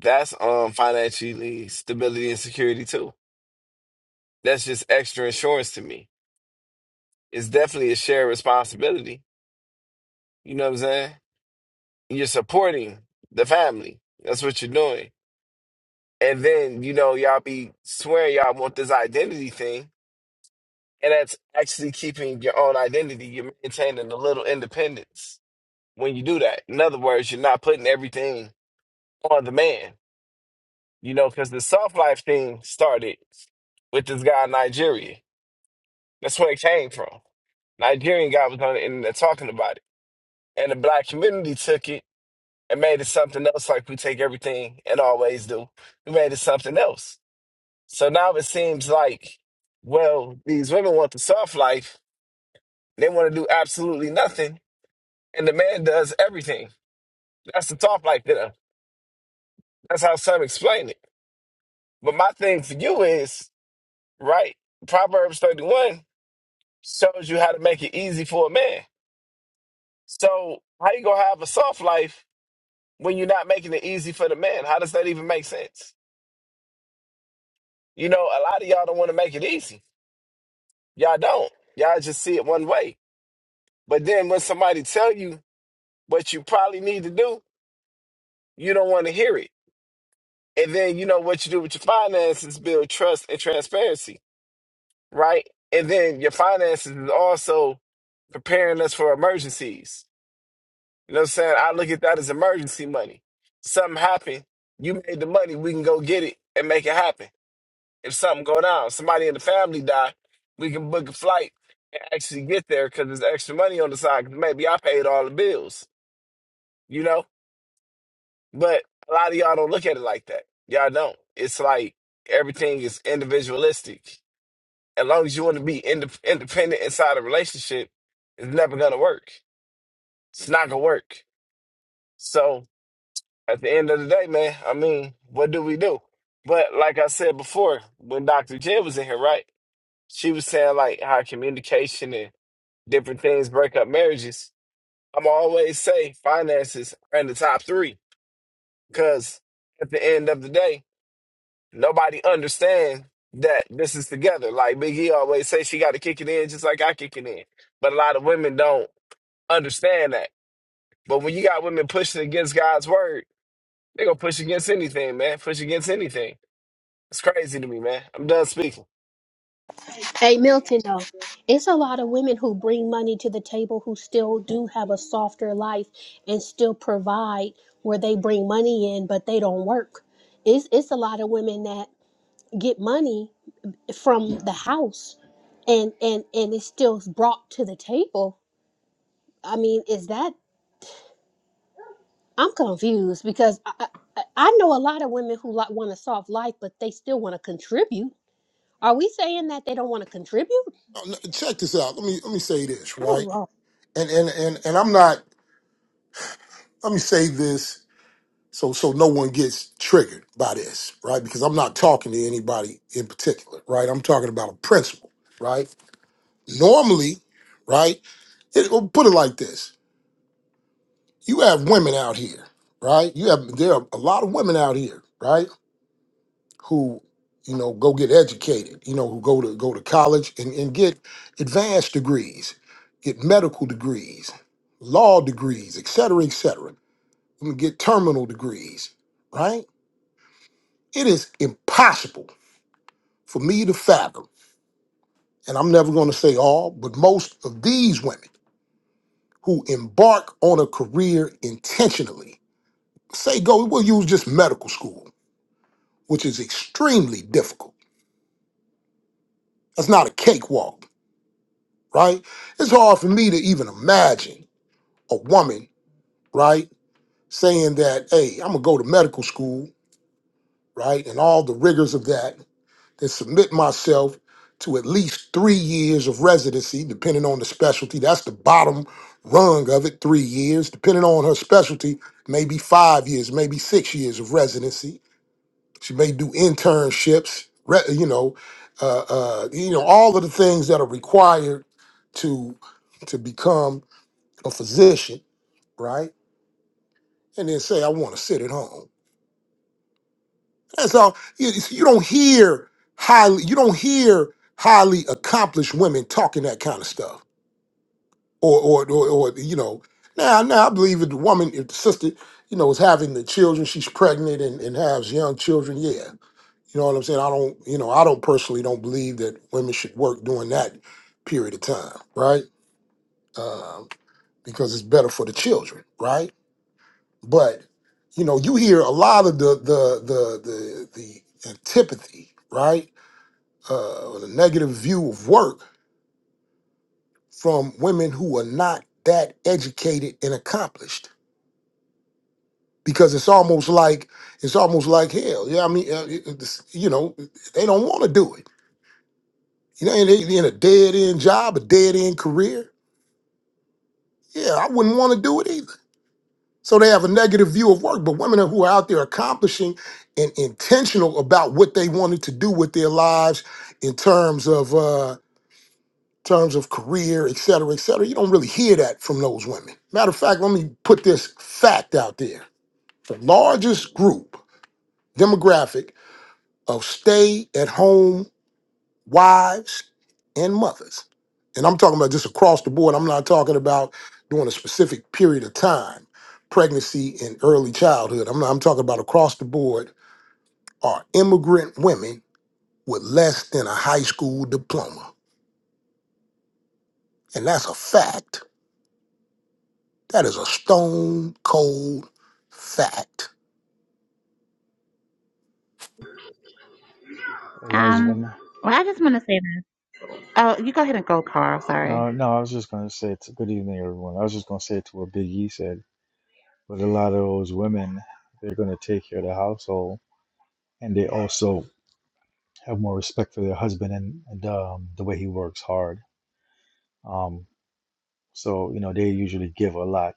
K: that's um financially stability and security too. That's just extra insurance to me. It's definitely a shared responsibility. You know what I'm saying? You're supporting the family. That's what you're doing. And then, you know, y'all be swearing y'all want this identity thing. And that's actually keeping your own identity. You're maintaining a little independence when you do that. In other words, you're not putting everything on the man, you know, because the soft life thing started with this guy in Nigeria. That's where it came from. Nigerian guy was on the internet talking about it. And the black community took it and made it something else like we take everything and always do. We made it something else. So now it seems like, well, these women want the soft life. They want to do absolutely nothing. And the man does everything. That's the soft life to them. That's how some explain it. But my thing for you is, right, Proverbs 31 shows you how to make it easy for a man. So how you gonna have a soft life when you're not making it easy for the man? How does that even make sense? You know, a lot of y'all don't want to make it easy Y'all don't. Y'all just see it one way. But then when somebody tell you what you probably need to do, you don't want to hear it. And then you know what you do with your finances, build trust and transparency, right? And then your finances is also preparing us for emergencies. You know what I'm saying? I look at that as emergency money. Something happened, you made the money, we can go get it and make it happen. if something go down, somebody in the family die, we can book a flight and actually get there because there's extra money on the side. 'cause maybe I paid all the bills, you know. But a lot of y'all don't look at it like that. Y'all don't. It's like everything is individualistic. As long as you want to be indep independent inside a relationship, it's never gonna work. It's not gonna work. So at the end of the day, man, I mean, what do we do? But like I said before, when Dr. J was in here, right? she was saying like how communication and different things break up marriages. I'm always say finances are in the top three because at the end of the day, nobody understands that this is together. Like Big E always say, she got to kick it in just like I kick it in. But a lot of women don't understand that. But when you got women pushing against God's word, they gonna push against anything, man. Push against anything. It's crazy to me, man. I'm done speaking.
I: Hey Milton, though, it's a lot of women who bring money to the table who still do have a softer life and still provide where they bring money in, but they don't work. It's it's a lot of women that get money from the house, and and and it's still brought to the table. I mean, is that? I'm confused because I I, I I know a lot of women who like, want a soft life, but they still want to contribute. Are we saying that they don't want to contribute?
J: Now, n- Check this out. Let me let me say this,
I: I do
J: right? and and and and I'm not. Let me say this so so no one gets triggered by this, right? Because I'm not talking to anybody in particular, right? I'm talking about a principle, right? Normally, right? It, well, put it like this: you have women out here, right? You have there are a lot of women out here, right? Who you know go get educated, you know, who go to go to college and, and get advanced degrees, get medical degrees, law degrees, et cetera, et cetera. I'm gonna get terminal degrees, right? It is impossible for me to fathom, and I'm never gonna say all, but most of these women who embark on a career intentionally, say go, we'll use just medical school, which is extremely difficult. That's not a cakewalk, right? It's hard for me to even imagine a woman, right, saying that, hey, I'm gonna go to medical school, right, and all the rigors of that. and submit myself to at least three years of residency, depending on the specialty. That's the bottom rung of it, three years. Depending on her specialty, maybe five years, maybe six years of residency. She may do internships, re- you know, uh, uh, you know, all of the things that are required to to become a physician, right? And then say, I want to sit at home. That's all. You, you don't hear highly. You don't hear highly accomplished women talking that kind of stuff, or or or, or you know. Now, now I believe if the woman, if the sister, you know, is having the children, she's pregnant and, and has young children. Yeah, you know what I'm saying. I don't, you know, I don't personally don't believe that women should work during that period of time, right? Um, because it's better for the children, right? But you know, you hear a lot of the the the the, the antipathy, right? uh, or the negative view of work from women who are not that educated and accomplished because it's almost like it's almost like hell yeah i mean uh, it- it's- you know they don't want to do it you know and they they in a dead-end job a dead-end career yeah i wouldn't want to do it either so they have a negative view of work but women who are out there accomplishing and intentional about what they wanted to do with their lives in terms of Uh, terms of career, et cetera, et cetera. You don't really hear that from those women. Matter of fact, let me put this fact out there. The largest group demographic of stay at home wives and mothers, and I'm talking about just across the board, I'm not talking about during a specific period of time, pregnancy and early childhood. I'm, not, I'm talking about across the board are immigrant women with less than a high school diploma. And that's a fact. That is a stone cold fact.
M: There was
D: Um,
M: one.
D: well, I just want to say this. Oh, you go ahead and go, Carl. Sorry.
M: Uh, no, I was just going to say it's good evening, everyone. I was just going to say to what Big E said, but a lot of those women, they're going to take care of the household, and they also have more respect for their husband and, and um, the way he works hard. Um, so you know they usually give a lot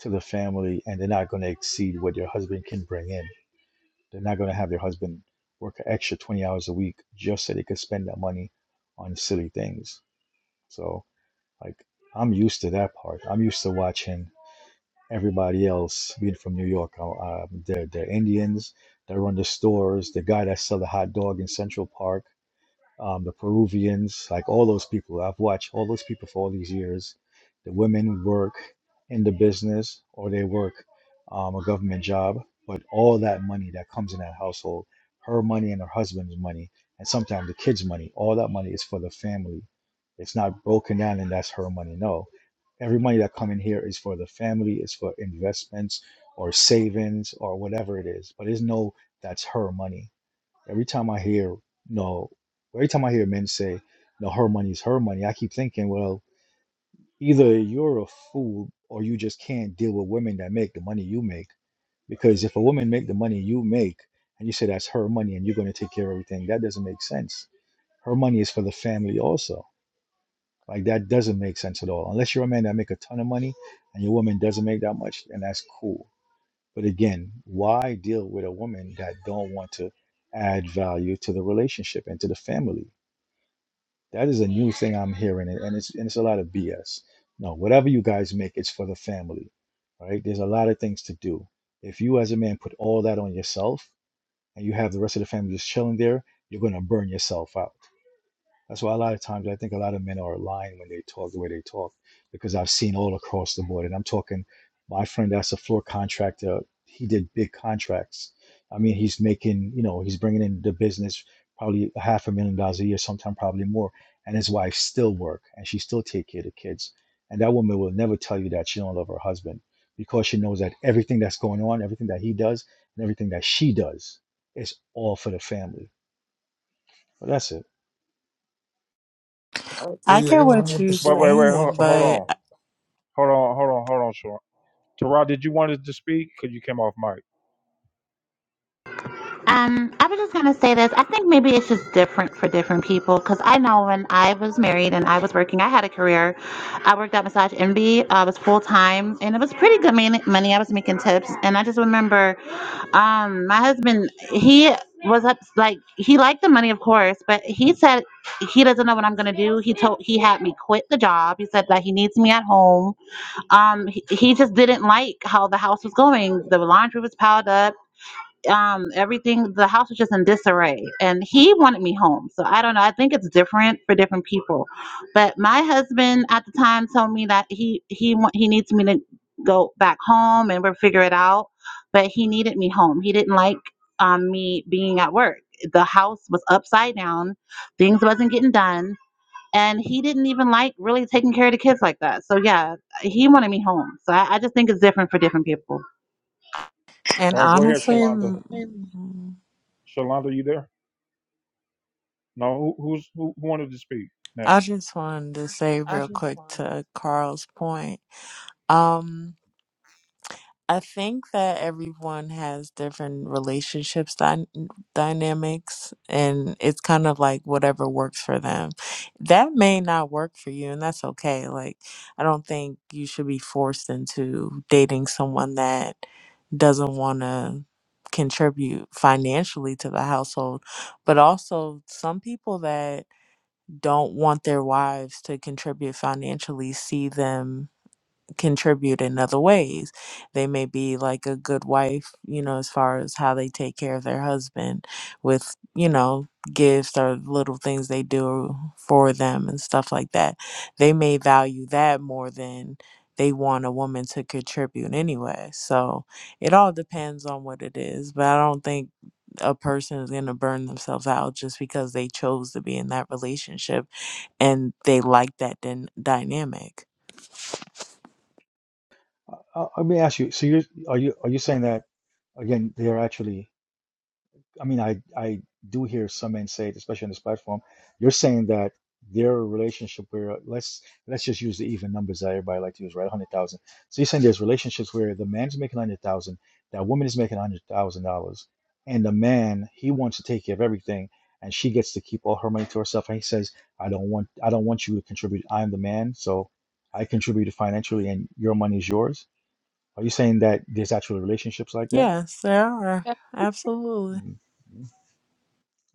M: to the family, and they're not going to exceed what your husband can bring in. They're not going to have your husband work an extra twenty hours a week just so they could spend that money on silly things. So like I'm used to that part. I'm used to watching everybody else being from New York. Uh, uh, they're, they're Indians. They run the stores. The guy that sell the hot dog in Central Park um, the Peruvians, like all those people. I've watched all those people for all these years. The women work in the business or they work um, a government job, but all that money that comes in that household, her money and her husband's money, and sometimes the kids' money, all that money is for the family. It's not broken down and that's her money. No. Every money that come in here is for the family, it's for investments or savings or whatever it is. But there's no that's her money Every time I hear, you know, every time I hear men say, no, her money is her money, I keep thinking, well, either you're a fool or you just can't deal with women that make the money you make. Because if a woman make the money you make and you say that's her money and you're going to take care of everything, that doesn't make sense. Her money is for the family also. Like that doesn't make sense at all. Unless you're a man that make a ton of money and your woman doesn't make that much, and that's cool. But again, why deal with a woman that don't want to add value to the relationship and to the family? That is a new thing I'm hearing, and and it's and it's a lot of BS. No, whatever you guys make, it's for the family, right? There's a lot of things to do. If you as a man put all that on yourself, and you have the rest of the family just chilling there, you're gonna burn yourself out that's why a lot of times I think a lot of men are lying when they talk the way they talk, because I've seen all across the board. And I'm talking my friend that's a floor contractor. He did big contracts. I mean, he's making, you know, he's bringing in the business probably a half a million dollars a year, sometime probably more. And his wife still work and she still take care of the kids. And that woman will never tell you that she don't love her husband because she knows that everything that's going on, everything that he does, and everything that she does is all for the family. But that's it.
J: I
N: I
J: agree
N: get
J: one
N: what
J: hundred
N: you're
A: Wait,
J: percent.
A: wait, wait. Hold,
N: saying,
A: hold
N: but
A: on. Hold on. Hold on. Hold on, Shalonda. Terrell, did you want to speak? Because you came off mic.
D: Um, I was just gonna say this. I think maybe it's just different for different people because I know when I was married and I was working, I had a career. I worked at Massage Envy. I was full time, and it was pretty good money. I was making tips, and I just remember, um, my husband he was up like he liked the money, of course, but he said he doesn't know what I'm gonna do. He told he had me quit the job. He said that he needs me at home. Um, he, he just didn't like how the house was going. The laundry was piled up um everything the house was just in disarray and he wanted me home so i don't know i think it's different for different people but my husband at the time told me that he he wa- he needs me to go back home and we'll figure it out but he needed me home he didn't like um me being at work the house was upside down things wasn't getting done and he didn't even like really taking care of the kids like that so yeah he wanted me home so i, I just think it's different for different people
N: and
A: All right, go ahead,
N: honestly,
A: Shalonda.
N: mm,
A: Shalonda, you there? No, who, who's who, who wanted to speak
N: I
A: next?
N: just wanted to say real quick to Carl's point. Um, I think that everyone has different relationships dy- dynamics, and it's kind of like whatever works for them. That may not work for you, and that's okay. Like, I don't think you should be forced into dating someone that doesn't want to contribute financially to the household. But also, some people that don't want their wives to contribute financially see them contribute in other ways. They may be like a good wife, you know, as far as how they take care of their husband with, you know, gifts or little things they do for them and stuff like that. They may value that more than they want a woman to contribute anyway. So it all depends on what it is, but I don't think a person is going to burn themselves out just because they chose to be in that relationship and they like that din- dynamic.
M: Uh, uh, let me ask you. So you're are you are you saying that again? They are actually. I mean, I I do hear some men say, it, especially on this platform, you're saying that their relationship where uh, let's let's just use the even numbers that everybody like to use, right? Hundred thousand. So you're saying there's relationships where the man's making hundred thousand, that woman is making hundred thousand dollars, and the man he wants to take care of everything, and she gets to keep all her money to herself, and he says, I don't want I don't want you to contribute. I'm the man, so I contributed financially, and your money is yours are you saying that there's actual relationships like that?
N: Yes, there are. Absolutely.
M: Mm, mm,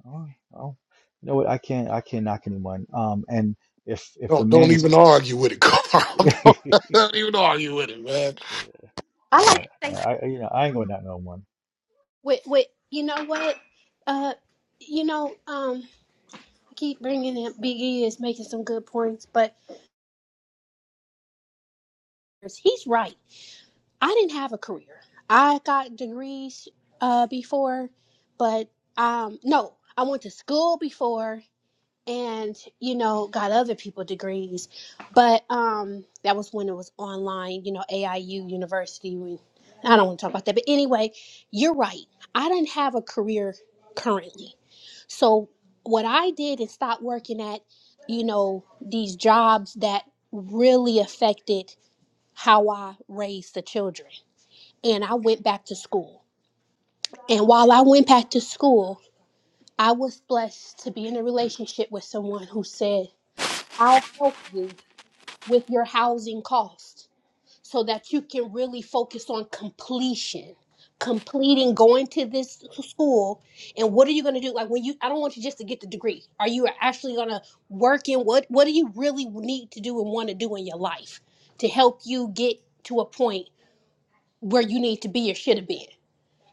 M: Oh, oh, you know what? I can't. I can't knock anyone. Um, and if if the
J: Don't
M: man
J: don't
M: is,
J: even argue with it, Carl.
M: uh,
J: don't, don't even argue with it, man.
I: I like to say
M: I I- you know I ain't gonna knock no one.
I: With with you know what? Uh, you know um, I keep bringing in Big E is making some good points, but he's right. I didn't have a career. I got degrees uh before, but um no, I went to school before and you know got other people degrees, but um that was when it was online. You know AIU University. We, I don't want to talk about that, but anyway, you're right. I didn't have a career currently. So what I did is stop working at, you know, these jobs that really affected how I raised the children. And I went back to school. And while I went back to school, I was blessed to be in a relationship with someone who said, I'll help you with your housing costs. so that you can really focus on completion completing going to this school and what are you going to do like when you i don't want you just to get the degree are you actually going to work in what what do you really need to do and want to do in your life to help you get to a point where you need to be or should have been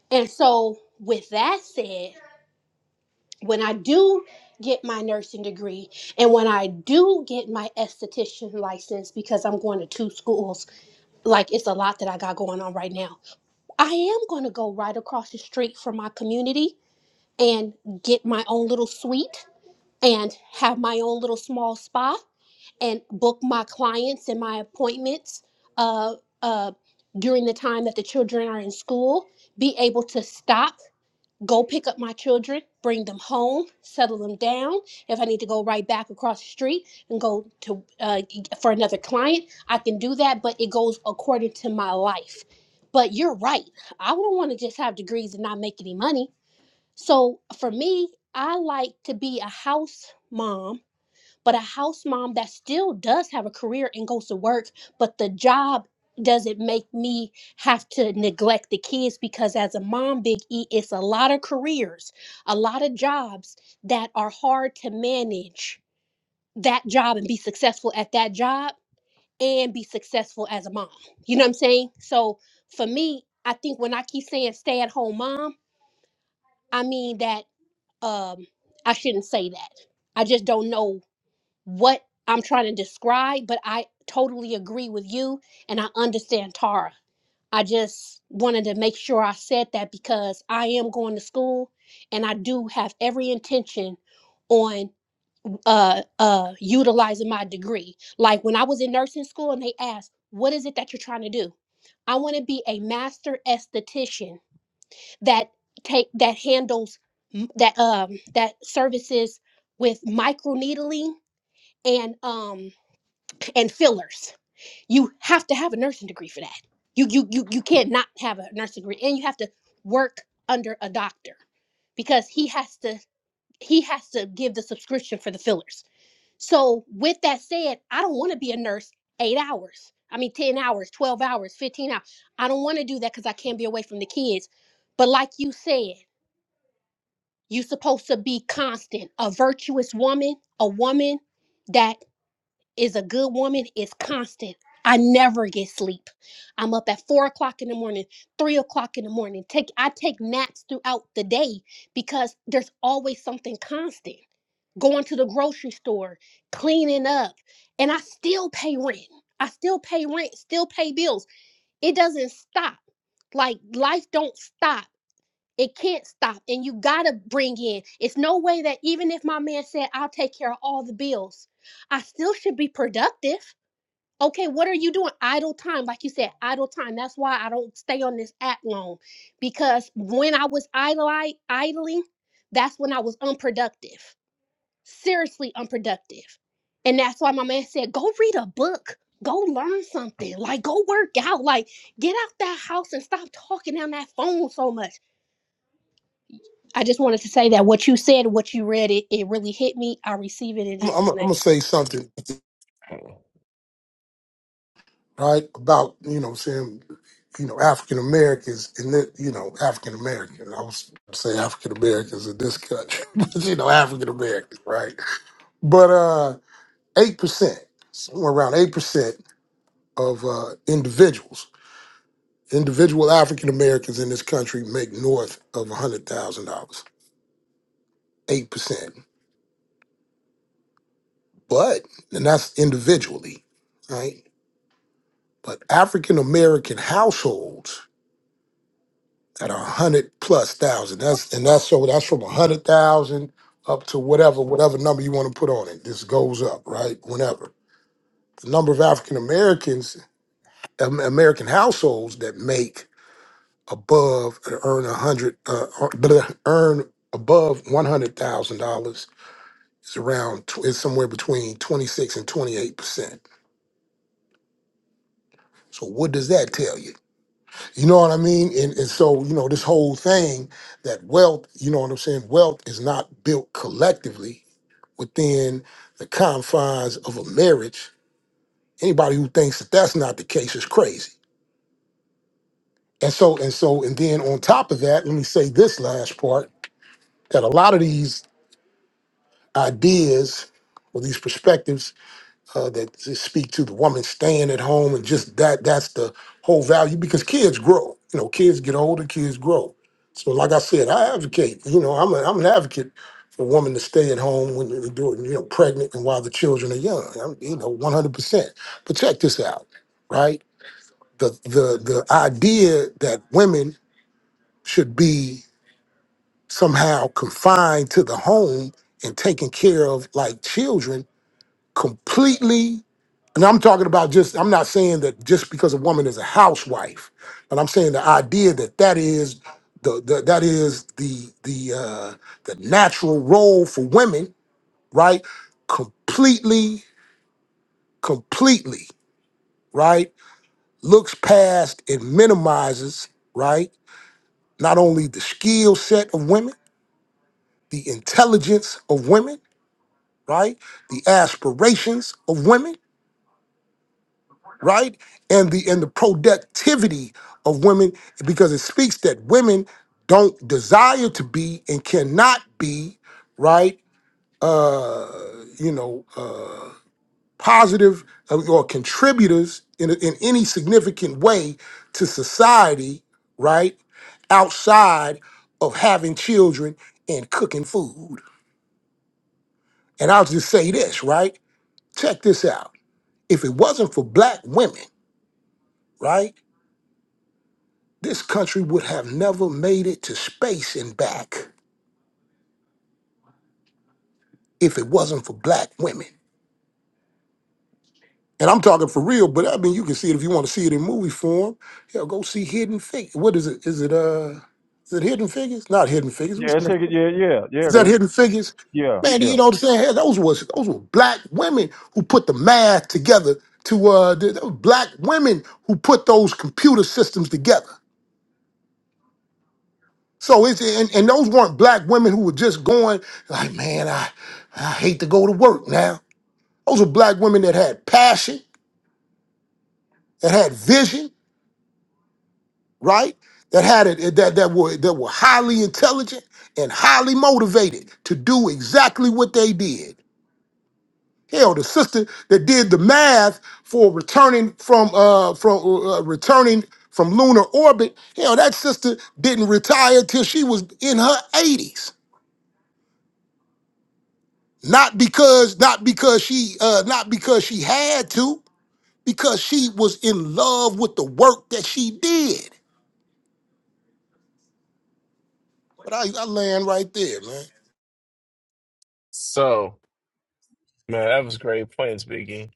I: and so with that said when i do get my nursing degree and when i do get my esthetician license because i'm going to two schools like it's a lot that i got going on right now I am going to go right across the street from my community and get my own little suite and have my own little small spa and book my clients and my appointments uh, uh, during the time that the children are in school. Be able to stop go pick up my children, bring them home, settle them down. If I need to go right back across the street and go to uh, e, for another client, I can do that, but it goes according to my life. But you're right. I don't want to just have degrees and not make any money. So for me, I like to be a house mom but a house mom that still does have a career and goes to work, but the job doesn't make me have to neglect the kids because as a mom, Big E, it's a lot of careers, a lot of jobs that are hard to manage that job and be successful at that job and be successful as a mom. You know what I'm saying? So for me, I think when I keep saying stay at home mom, I mean that um I shouldn't say that. I just don't know what I'm trying to describe, but I totally agree with you and I understand Tara. I just wanted to make sure I said that because I am going to school and I do have every intention on uh uh utilizing my degree. Like when I was in nursing school and they asked, "What is it that you're trying to do?" I want to be a master esthetician that take that handles m- that um that services with microneedling and um and fillers. You have to have a nursing degree for that. You you you you can't not have a nursing degree, and you have to work under a doctor because he has to he has to give the subscription for the fillers. So with that said, I don't want to be a nurse eight hours. I mean, ten hours, twelve hours, fifteen hours. I don't want to do that because I can't be away from the kids. But like you said, you're supposed to be constant, a virtuous woman, a woman that is a good woman is constant. I never get sleep. I'm up at four o'clock in the morning, three o'clock in the morning. Take I take naps throughout the day because there's always something constant. Going to the grocery store, cleaning up, and I still pay rent. I still pay rent, still pay bills. It doesn't stop. Like life don't stop. It can't stop. And you gotta bring in. It's no way that even if my man said I'll take care of all the bills, I still should be productive. Okay, what are you doing? Idle time. Like you said, idle time. That's why I don't stay on this app long because when I was idle, idling, that's when I was unproductive, seriously unproductive. And that's why my man said, go read a book, go learn something, like go work out, like get out that house and stop talking on that phone so much. I just wanted to say that what you said, what you read, it, it really hit me. I receive it in
J: I'm, I'm,
I: Jesus'
J: I'm gonna
I: name.
J: say something right about you know saying you know African Americans and that you know African Americans. I was say African Americans in this country, but you know African Americans, right? But uh, eight percent, somewhere around eight percent of uh, individuals individual African Americans in this country make north of $100,000, 8%. But, and that's individually, right? But African American households at a hundred plus thousand, that's, and that's so that's from a hundred thousand up to whatever, whatever number you want to put on it. This goes up, right? Whenever. The number of African Americans, Am- American households that make above, earn a hundred, uh, earn earn above $100,000 It's around, tw- it's somewhere between 26 and 28%. So what does that tell you? You know what I mean? And, and so, you know, this whole thing that wealth, you know what I'm saying? Wealth is not built collectively within the confines of a marriage. Anybody who thinks that that's not the case is crazy. And so, and so, and then on top of that, let me say this last part that a lot of these ideas or these perspectives uh, that speak to the woman staying at home and just that that's the whole value because kids grow you know kids get older kids grow so like i said i advocate you know i'm, a, I'm an advocate for women to stay at home when they're doing, you know pregnant and while the children are young I'm, you know 100% but check this out right the the the idea that women should be somehow confined to the home and taken care of like children completely and I'm talking about just, I'm not saying that just because a woman is a housewife, but I'm saying the idea that that is the, the that is the the uh, the natural role for women, right? Completely, completely, right? Looks past and minimizes, right? Not only the skill set of women, the intelligence of women, right? The aspirations of women right? And the and the productivity of women because it speaks that women don't desire to be and cannot be, right? Uh, you know, uh, positive uh, or contributors in in any significant way to society, right? Outside of having children and cooking food. And I'll just say this, right? Check this out. If it wasn't for black women, right? This country would have never made it to space and back if it wasn't for black women. And I'm talking for real, but I mean, you can see it if you want to see it in movie form. Hell, go see Hidden Figures. What is it? Is it uh, is it Hidden Figures? Not Hidden Figures. What's
A: Yeah, it's,
J: the-
A: yeah, yeah, yeah,
J: Is
A: it
J: that
A: is.
J: Hidden Figures?
A: Yeah,
J: Man,
A: yeah.
J: you know what I'm saying? Hell, Those was those were black women who put the math together. To uh, th- those black women who put those computer systems together. So it's and, and those weren't black women who were just going like, man, I I hate to go to work now. Those were black women that had passion, that had vision, right? That had it that that were that were highly intelligent and highly motivated to do exactly what they did. Hell, the sister that did the math for returning from uh from uh, uh, returning from lunar orbit, hell, that sister didn't retire till she was in her 80s Not because not because she uh not because she had to, because she was in love with the work that she did. But I, I land right there, man.
K: So, man, that was great points, Biggie.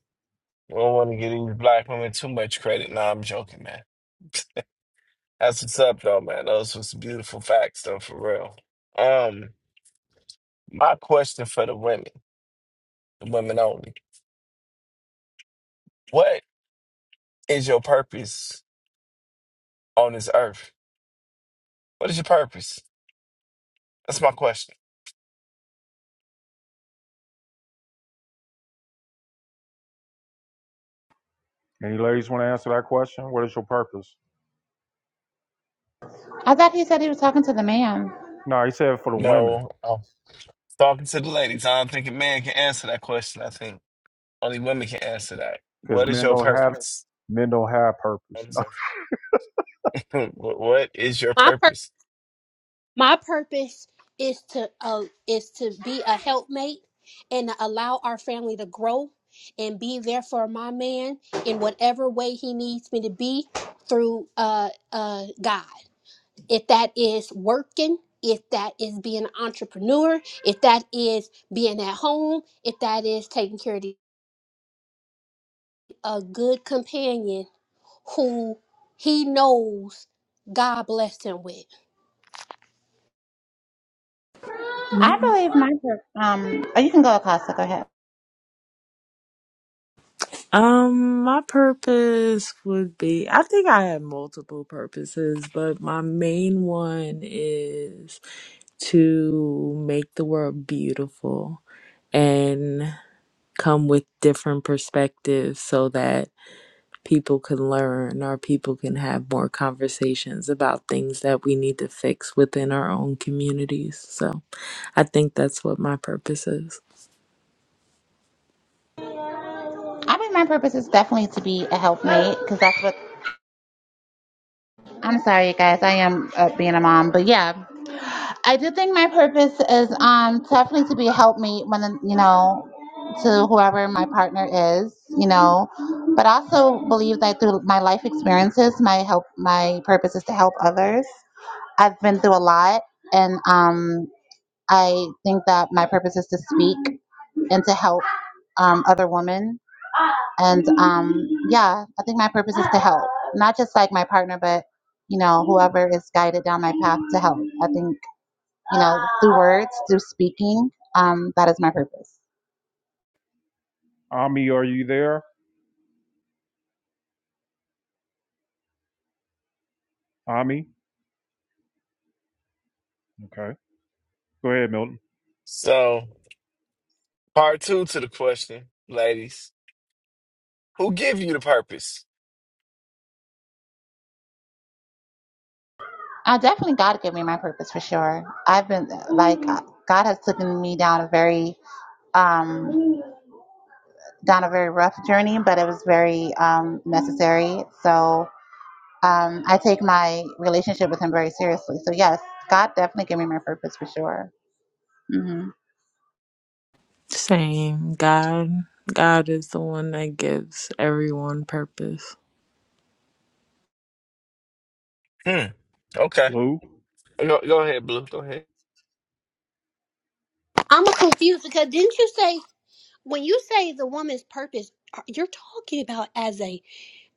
K: I don't want to give these black women too much credit. Nah, I'm joking, man. That's what's up, though, man. Those was beautiful facts, though, for real. Um, my question for the women, the women only. What is your purpose on this earth? What is your purpose? That's my question.
A: Any ladies want to answer that question? What is your purpose?
D: i thought he said he was talking to the man
A: No, he said for the women,
K: No, I'm talking to the ladies. I don't think a man can answer that question. I think only women can answer that.
A: because
K: What is
A: men
K: your
A: don't have
K: purpose
A: men don't have purpose.
K: on this earth? What what is your
I: My
K: purpose?
I: My purpose is to uh, is to be a helpmate and to allow our family to grow and be there for my man in whatever way he needs me to be through uh, uh, God. If that is working, if that is being an entrepreneur, if that is being at home, if that is taking care of the, a good companion who he knows God blessed him with.
D: I
N: Mhm.
D: believe my pur- um. Oh, you can go, Acosta. Go ahead.
N: Um, my purpose would be I think I have multiple purposes, but my main one is to make the world beautiful and come with different perspectives so that people can learn or people can have more conversations about things that we need to fix within our own communities. So I think that's what my purpose is.
D: I believe my purpose is definitely to be a helpmate because that's what. I'm sorry, you guys. I am uh, being a mom, but yeah, I do think my purpose is um definitely to be a helpmate when you know to whoever my partner is, you know. But I also believe that through my life experiences, my help, my purpose is to help others. I've been through a lot, and um, I think that my purpose is to speak and to help um, other women. And um, yeah, I think my purpose is to help, not just like my partner, but you know, whoever is guided down my path to help. I think you know, through words, through speaking, um, that is my purpose.
A: Ami, are you there? Ami, okay. Go ahead, Milton.
K: So, part two to the question, ladies. Who give you the purpose?
D: I definitely God gave me my purpose for sure. I've been like God has taken me down a very um, down a very rough journey, but it was very um, necessary. So um, I take my relationship with him very seriously. So yes, God definitely gave me my purpose for sure. hmm
N: Same. God God is the one that gives everyone purpose.
K: Hmm. Okay.
A: Blue.
K: Go, go ahead, Blue. Go ahead.
I: I'm confused because didn't you say? when you say the woman's purpose are- you're talking about as a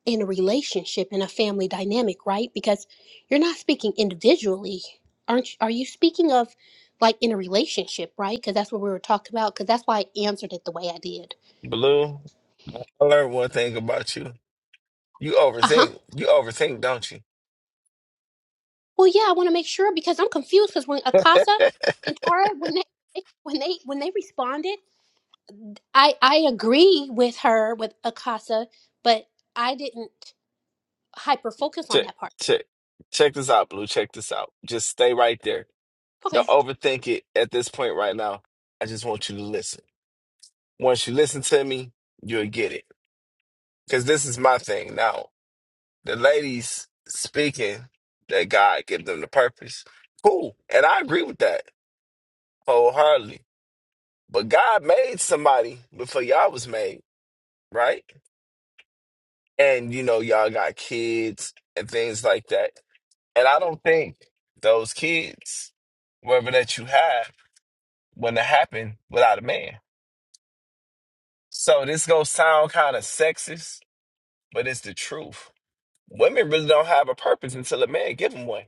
I: in a relationship in a family dynamic right because you're not speaking individually aren't you, are you speaking of like in a relationship right because that's what we were talking about because that's why i answered it the way i did
K: Blue, I learned one thing about you. You
I: uh-huh
K: overthink. You overthink, don't you?
I: well yeah i want to make sure because i'm confused because when akasa and tara when they when they when they responded i i agree with her with akasa but i didn't hyper focus on
K: Check,
I: that part
K: check, check this out, Blue. Check this out. Just stay right there.
I: Okay.
K: Don't overthink it at this point right now. I just want you to listen. Once you listen to me, you'll get it. Because this is my thing now. The ladies speaking that God give them the purpose. Cool. And I agree with that wholeheartedly. But God made somebody before y'all was made, right? And you know, y'all got kids and things like that. And I don't think those kids, whatever that you have, wouldn't have happened without a man. So this gonna sound kind of sexist, but it's the truth. Women really don't have a purpose until a man give them one.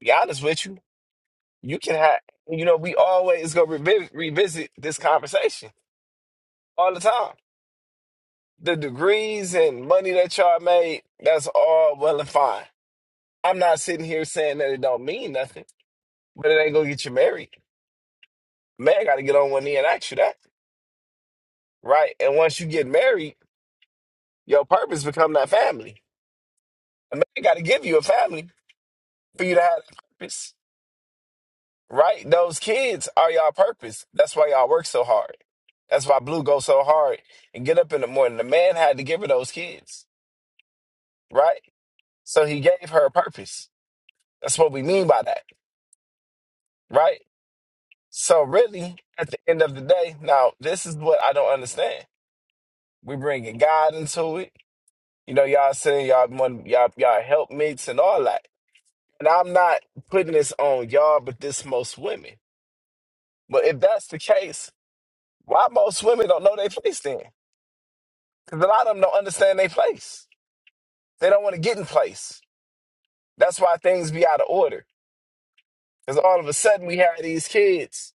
K: Be honest with you, you can have. You know, we always go revi- revisit this conversation all the time the degrees and money that y'all made, that's all well and fine. I'm not sitting here saying that it don't mean nothing, but it ain't gonna get you married. Man gotta get on one knee and ask you that. Right? And once you get married, your purpose become that family. A man gotta give you a family for you to have that purpose. Right? Those kids are y'all purpose. That's why y'all work so hard. That's why Blue goes so hard and get up in the morning. The man had to give her those kids, right? So he gave her a purpose. That's what we mean by that, right? So really, at the end of the day, now this is what I don't understand. We bringing God into it. You know, y'all saying y'all want y'all y'all helpmates and all that. And I'm not putting this on y'all, but this most women. But if that's the case, why most women don't know their place then? Because a lot of them don't understand their place. They don't want to get in place. That's why things be out of order. Because all of a sudden we have these kids.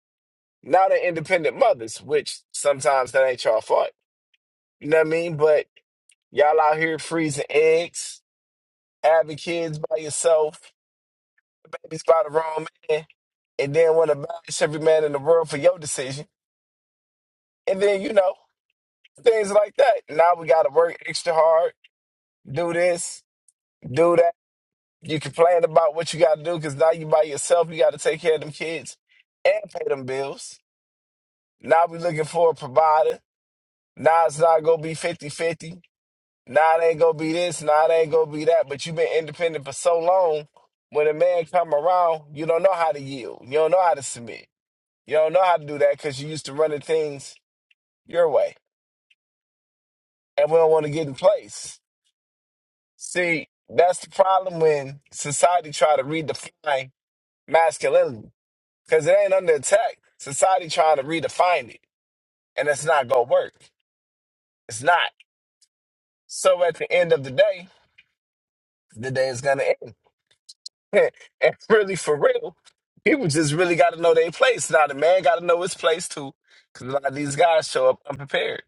K: Now they're independent mothers, which sometimes that ain't y'all fault. You know what I mean? But Y'all out here freezing eggs, having kids by yourself, babies by the wrong man, and then want to bash every man in the world for your decision. And then, you know, things like that. Now we got to work extra hard, do this, do that. You complain about what you got to do because now you by yourself. You got to take care of them kids and pay them bills. Now we looking for a provider. Now it's not going to be fifty-fifty. Nah, it ain't gonna be this. Nah, it ain't gonna be that. But you've been independent for so long. When a man come around, you don't know how to yield. You don't know how to submit. You don't know how to do that because you used to running things your way, and we don't want to get in place. See, that's the problem when society try to redefine masculinity because it ain't under attack. Society trying to redefine it, and it's not gonna work. It's not. So at the end of the day, the day is gonna end. and really for real, people just really got to know their place. Now the man got to know his place too, because a lot of these guys show up unprepared.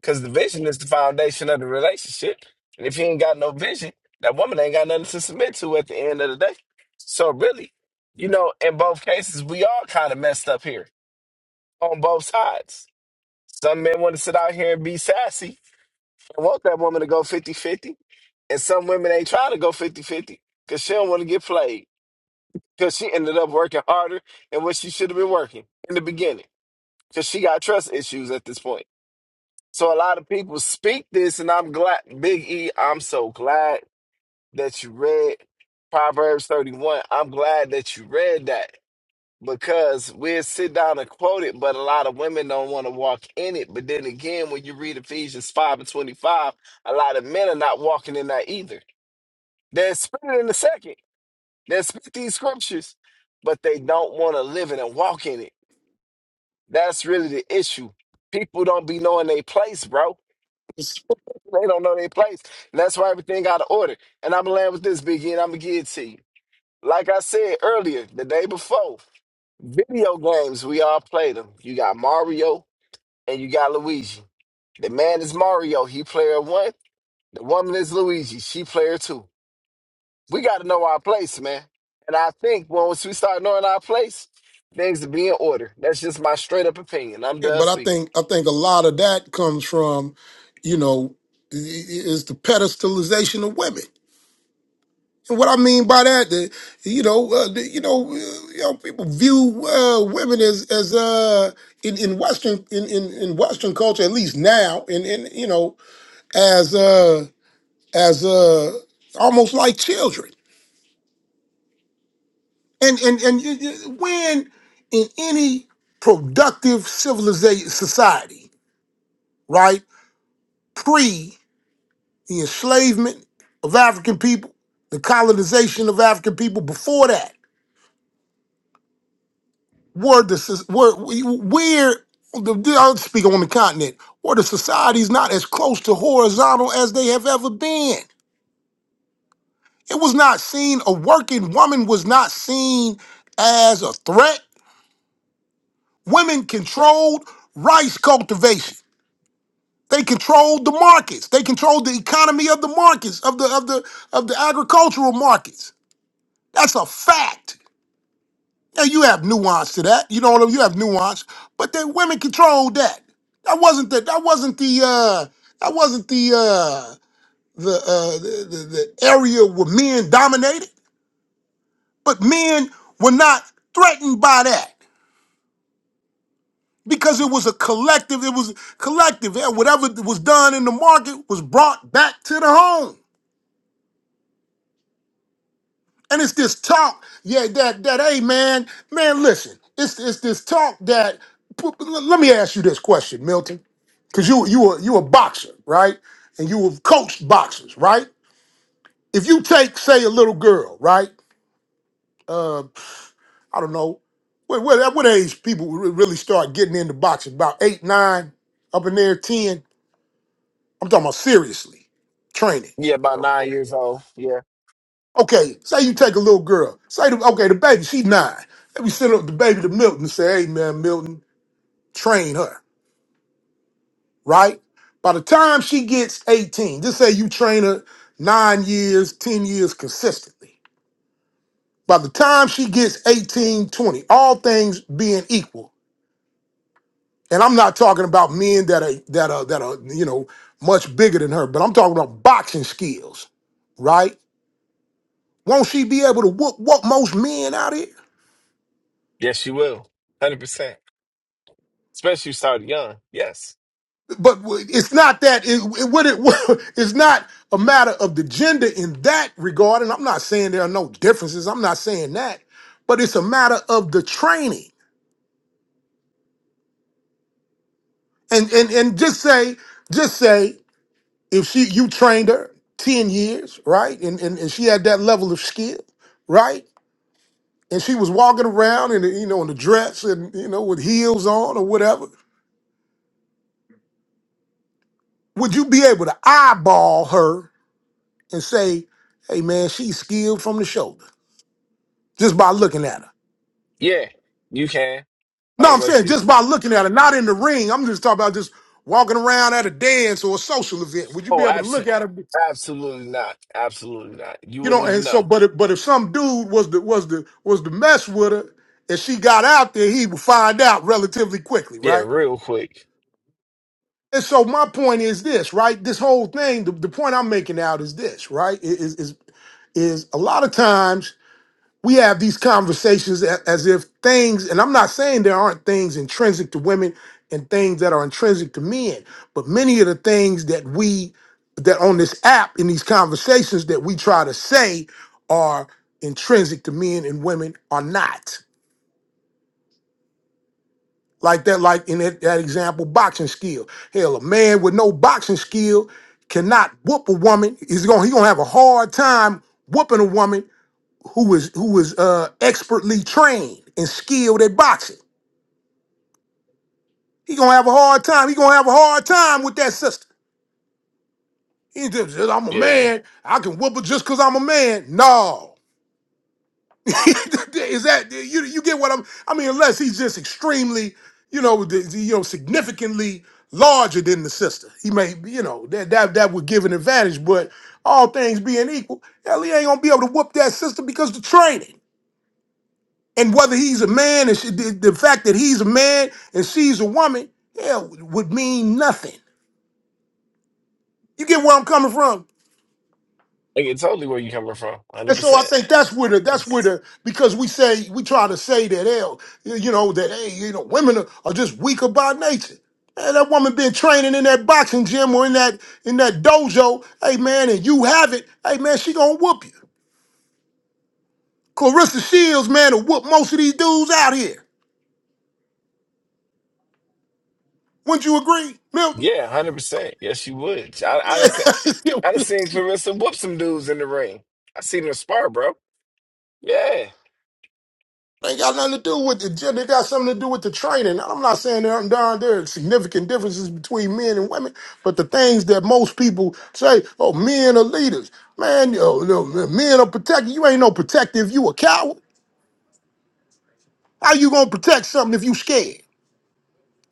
K: Because the vision is the foundation of the relationship, and if you ain't got no vision, that woman ain't got nothing to submit to at the end of the day. So really, you know, in both cases, we all kind of messed up here on both sides. Some men want to sit out here and be sassy and want that woman to go fifty-fifty, And some women ain't trying to go fifty-fifty because she don't want to get played because she ended up working harder than what she should have been working in the beginning because she got trust issues at this point. So a lot of people speak this, and I'm glad, Big E, I'm so glad that you read Proverbs 31. I'm glad that you read that because we'll sit down and quote it, but a lot of women don't want to walk in it. But then again, when you read Ephesians 5 and 25, a lot of men are not walking in that either. They're split it in a second they speak these scriptures, but they don't want to live in and walk in it. That's really the issue. People don't be knowing their place, bro. They don't know their place. And that's why everything out of order. And I'm gonna land with this biggie and I'm gonna give it to you. Like I said earlier, the day before, video games, we all play them. You got Mario and you got Luigi. The man is Mario, he player one. The woman is Luigi, she player two. we got to know our place, man. And I think once we start knowing our place, things will be in order. That's just my straight up opinion. I'm
J: Yeah,
K: done
J: but I
K: speaking.
J: think I think a lot of that comes from, you know, i- i- is the pedestalization of women. And what I mean by that, the, you know, uh, the, you know, uh, you know, people view uh, women as as uh, in in Western in, in in Western culture, at least now, in in you know, as uh, as uh, almost like children. And and and you- you- when in any productive civilization society, right, pre the enslavement of African people, the colonization of African people, before that, were the soc- were where the the- I'll speak on the continent where the societies not as close to horizontal as they have ever been. It was not seen a working woman was not seen as a threat Women controlled rice cultivation. They controlled the markets. They controlled the economy of the markets, of the of the of the agricultural markets. That's a fact. Now you have nuance to that. You know what I mean? You have nuance, but the women controlled that. That wasn't the that wasn't the uh that wasn't the uh the uh the, the, the area where men dominated, but men were not threatened by that. because it was a collective. It was collective, and whatever was done in the market was brought back to the home. And it's this talk, yeah, that that hey man, man, listen, it's it's this talk that. p- p- Let me ask you this question, Milton, because you you were you a boxer, right? And you have coached boxers, right? If you take, say, a little girl, right? Uh, I don't know, what, what, at what age people re- really start getting into boxing? About eight, nine, up in there, ten. I'm talking about seriously. Training.
K: Yeah, about nine years old. Yeah.
J: Okay, say you take a little girl. Say, the, okay, the baby, she nine. Let me send up the baby to Milton and say, hey, man, Milton, train her, right? By the time she gets 18, just say you train her nine years, 10 years consistently. By the time she gets 18, 20, all things being equal, and I'm not talking about men that are, that are, that are, you know, much bigger than her, but I'm talking about boxing skills right? Won't she be able to whoop whoop most men out here?
K: Yes, you will. 100%. Especially if you start young. Yes.
J: But w- it's not that it, it what it it's not a matter of the gender in that regard. And I'm not saying there are no differences. I'm not saying that, but it's a matter of the training. And and and just say just say if she you trained her ten years, right? And and, and she had that level of skill, right? And she was walking around in the, you know in a dress and you know with heels on or whatever. Would you be able to eyeball her and say, hey man, she's skilled from the shoulder just by looking at her.
K: Yeah, you can. By
J: No,
K: the
J: I'm
K: way,
J: saying
K: she
J: just
K: did.
J: by looking at her, not in the ring. I'm just talking about just walking around at a dance or a social event. Would you be
K: Oh,
J: able to look
K: absolutely.
J: at her?
K: Absolutely not. Absolutely not. You
J: You know,
K: wouldn't
J: and
K: even
J: so,
K: know.
J: but if, but if some dude was the was the was the mess with her, and she got out there, he would find out relatively quickly,
K: Yeah,
J: right?
K: real quick.
J: And so my point is this, right? This whole thing, the, the point I'm making out is this, right? Is is is a lot of times we have these conversations a- as if things, and I'm not saying there aren't things intrinsic to women and things that are intrinsic to men, but many of the things that we that on this app in these conversations that we try to say are intrinsic to men and women are not. Like that, like in that, that example, boxing skill. Hell, a man with no boxing skill cannot whoop a woman. He's gonna he gonna have a hard time whooping a woman who was who was uh expertly trained and skilled at boxing. He gonna have a hard time. He gonna have a hard time with that sister. He just says, "I'm a
K: Yeah.
J: man. I can whoop her just because I'm a man." No, is that you? You get what I'm? I mean, unless he's just extremely, you know, the, the- you know, significantly larger than the sister, he may, you know, that that that would give an advantage. But all things being equal, hell, he ain't gonna be able to whoop that sister because the training. And whether he's a man and she, the, the fact that he's a man and she's a woman, hell, would mean nothing. You get where I'm coming from?
K: I get totally where you coming from.
J: And so I
K: 100%.
J: think that's where the that's
K: Yes.
J: where the because we say we try to say that hell, you know that hey, you know women are, are just weaker by nature. Man, that woman been training in that boxing gym or in that in that dojo, hey man, and you have it, hey man, she gonna whoop you. Clarissa Shields, man, will whoop most of these dudes out here. Wouldn't you agree, Milton?
K: Yeah, hundred percent. Yes, you would. I, I done seen, I done seen Clarissa whoop some dudes in the ring. I seen her spar, bro. Yeah,
J: They ain't got nothing to do with the gym. They got something to do with the training. I'm not saying there aren't, there aren't there are significant differences between men and women, but the things that most people say, oh, men are leaders. Man, yo, yo, men are protected. You ain't no protective. You a coward. How you gonna protect something if you scared?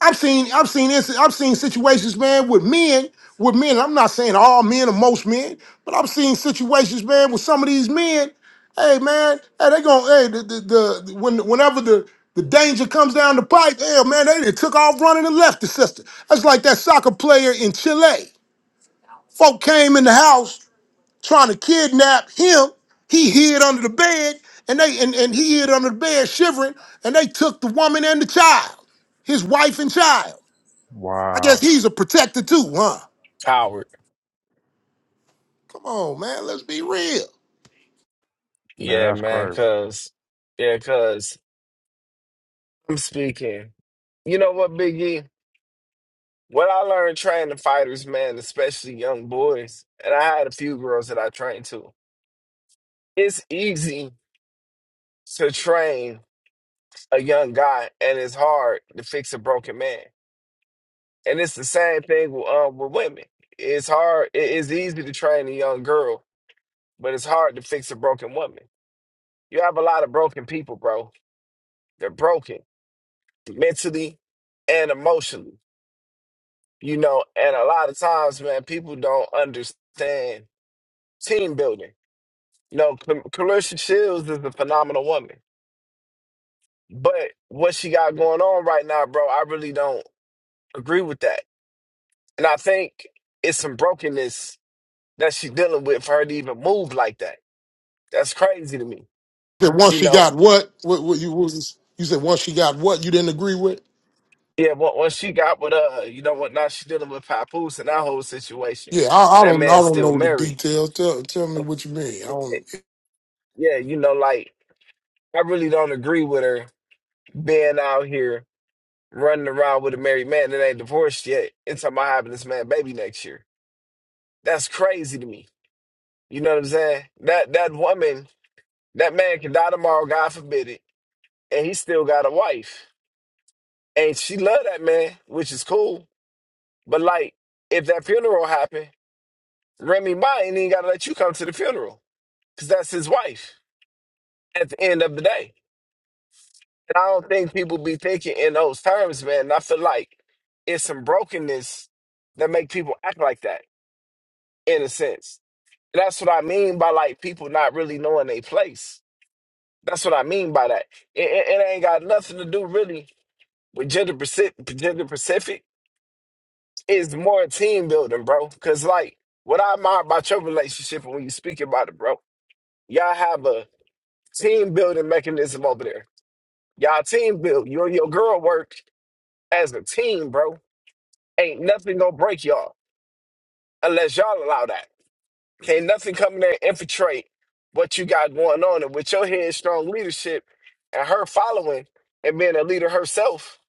J: I've seen I've seen this I've seen situations, man, with men, with men. I'm not saying all men or most men, but I've seen situations, man, with some of these men. Hey, man, hey, they going hey the the, the when whenever the the danger comes down the pipe, hell man, they done took off running and left the sister. That's like that soccer player in Chile. Folk came in the house trying to kidnap him. He hid under the bed, and they and, and he hid under the bed shivering, and they took the woman and the child, his wife and child. I guess
A: Wow,
J: he's a protector too, huh?
K: coward.
J: Come on, man. Let's be real.
A: man,
K: Yeah,
A: that's
K: man.
A: crazy.
K: Cause, yeah, cause I'm speaking. You know what, Big E? What I learned training fighters, man, especially young boys, and I had a few girls that I trained to. It's easy to train a young guy, and it's hard to fix a broken man. And it's the same thing with, um, with women. It's hard. it- It's easy to train a young girl, but it's hard to fix a broken woman. You have a lot of broken people, bro. They're broken mentally and emotionally, you know. And a lot of times, man, people don't understand team building. You know, Cal- Clarissa Shields is a phenomenal woman, but what she got going on right now, bro, I really don't agree with that. And I think it's some brokenness that she's dealing with for her to even move like that That's crazy to me.
J: That once
K: You
J: she
K: know.
J: got what? What, what you what was? You said once she got what you didn't agree with?
K: Yeah, but once she got with uh, you know what now she dealing with Papoose and that whole situation.
J: Yeah, I,
K: And
J: I
K: that
J: don't. I
K: man's
J: don't
K: still
J: know the
K: married.
J: details. Tell tell me what you mean. I
K: Eh, eh,
J: don't.
K: Yeah, you know, like I really don't agree with her being out here running around with a married man that ain't divorced yet and talking about having this man baby next year. That's crazy to me. You know what I'm saying? That that woman, that man can die tomorrow, God forbid it, and he still got a wife. And she love that man, which is cool. But like if that funeral happened Remy Ma ain't even got to let you come to the funeral because that's his wife at the end of the day. And I don't think people be thinking in those terms, man. And I feel like it's some brokenness that make people act like that in a sense. And that's what I mean by like people not really knowing their place. That's what I mean by that. It, it, it ain't got nothing to do really with gender Pacific. Gender Pacific is more team building, bro. Cause like what I admire about your relationship and when you speak about it, bro, y'all have a Team building mechanism over there. Y'all team build. You and your girl work as a team, bro. Ain't nothing gonna break y'all unless y'all allow that. Can't nothing come in there and infiltrate what you got going on. And with your head strong leadership and her following and being a leader herself,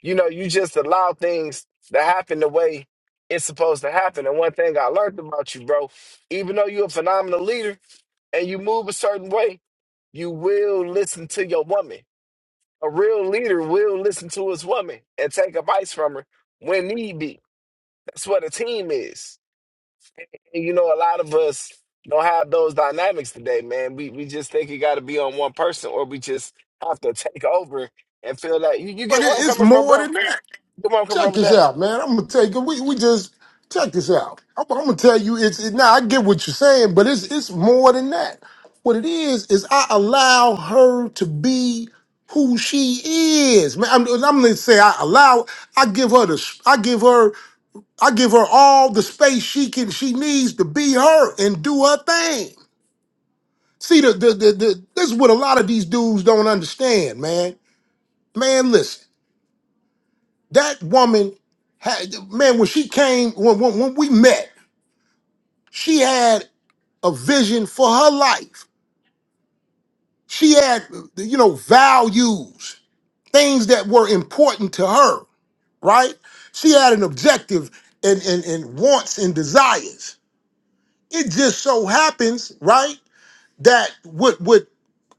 K: you know, you just allow things to happen the way it's supposed to happen. And one thing I learned about you, bro, even though you're a phenomenal leader and you move a certain way, you will listen to your woman. A real leader will listen to his woman and take advice from her when need be. That's what a team is. And you know, a lot of us don't have those dynamics today, man. We we just think it got to be on one person, or we just have to take over and feel that. You, you
J: But
K: get where
J: it,
K: I'm
J: it's
K: coming from,
J: more than
K: bro?
J: that.
K: You get where I'm coming
J: check
K: from with
J: this
K: that?
J: out, man. I'm gonna tell you, We we just check this out. I'm, I'm gonna tell you, it's it, now. I get what you're saying, but it's it's more than that. What it is is I allow her to be who she is, man. I'm, I'm gonna say I allow. I give her the. s- I give her. I give her all the space she can. She needs to be her and do her thing. See, the, the, the, the this is what a lot of these dudes don't understand, man. Man, listen. That woman had man when she came when when, when we met, she had a vision for her life. She had you know values, things that were important to her, right? She had an objective and and, and wants and desires. It just so happens, right, that what what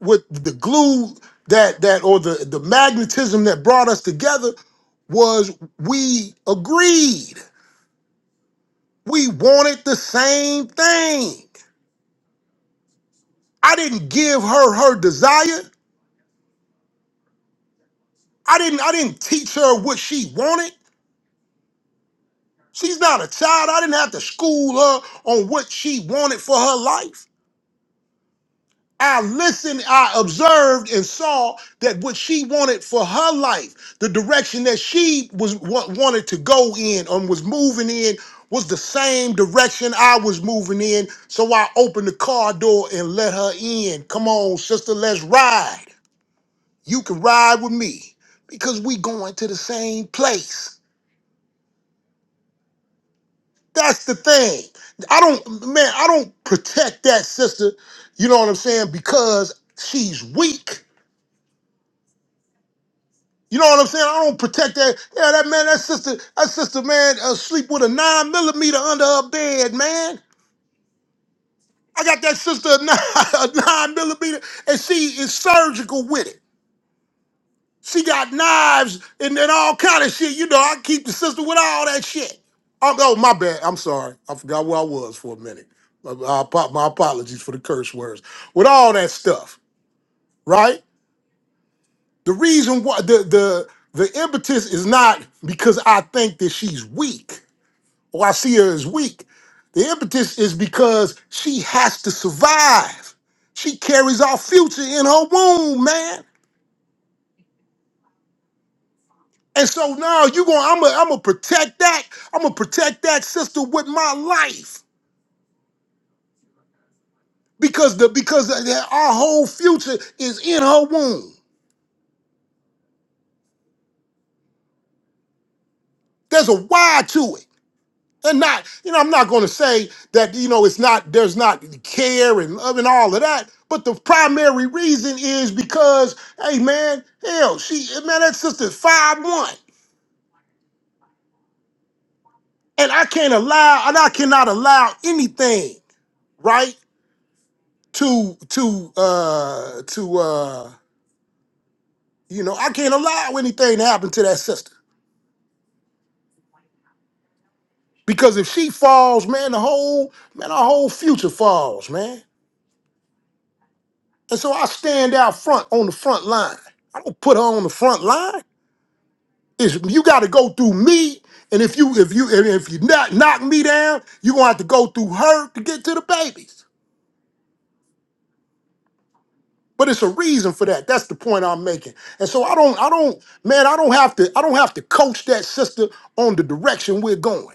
J: what the glue that that or the the magnetism that brought us together was we agreed. We wanted the same thing. I didn't give her her desire. I didn't I didn't teach her what she wanted. She's not a child. I didn't have to school her on what she wanted for her life. I listened, I observed and saw that what she wanted for her life, the direction that she was wa- wanted to go in and was moving in was the same direction I was moving in. So I opened the car door and let her in. Come on, sister, let's ride. You can ride with me because we going to the same place. That's the thing. I don't, man, I don't protect that sister, you know what I'm saying, because she's weak. You know what I'm saying? I don't protect that. Yeah, that man, that sister, that sister, man, uh, sleep with a nine millimeter under her bed, man. I got that sister a nine, a nine millimeter, and she is surgical with it. She got knives and, and all kind of shit. You know, I keep the sister with all that shit. Oh, oh, my bad. I'm sorry. I forgot where I was for a minute. My, my apo- my apologies for the curse words. With all that stuff, right? The reason why the the the impetus is not because I think that she's weak or I see her as weak. The impetus is because she has to survive. She carries our future in her womb, man. And so now you going I'm gonna I'm gonna protect that. I'm gonna protect that sister with my life because the because the- the- our whole future is in her womb. There's a why to it. And not, you know, I'm not gonna say that, you know, it's not there's not care and love and all of that. But the primary reason is because, hey man, hell, she man, that sister's five one. And I can't allow, and I cannot allow anything, right? To to uh to uh You know, I can't allow anything to happen to that sister. Because if she falls, man, the whole, man, our whole future falls, man. And so I stand out front on the front line. I don't put her on the front line. It's, you gotta go through me. And if you if you and if you knock knock me down, you're gonna have to go through her to get to the babies. But it's a reason for that. That's the point I'm making. And so I don't, I don't, man, I don't have to, I don't have to coach that sister on the direction we're going.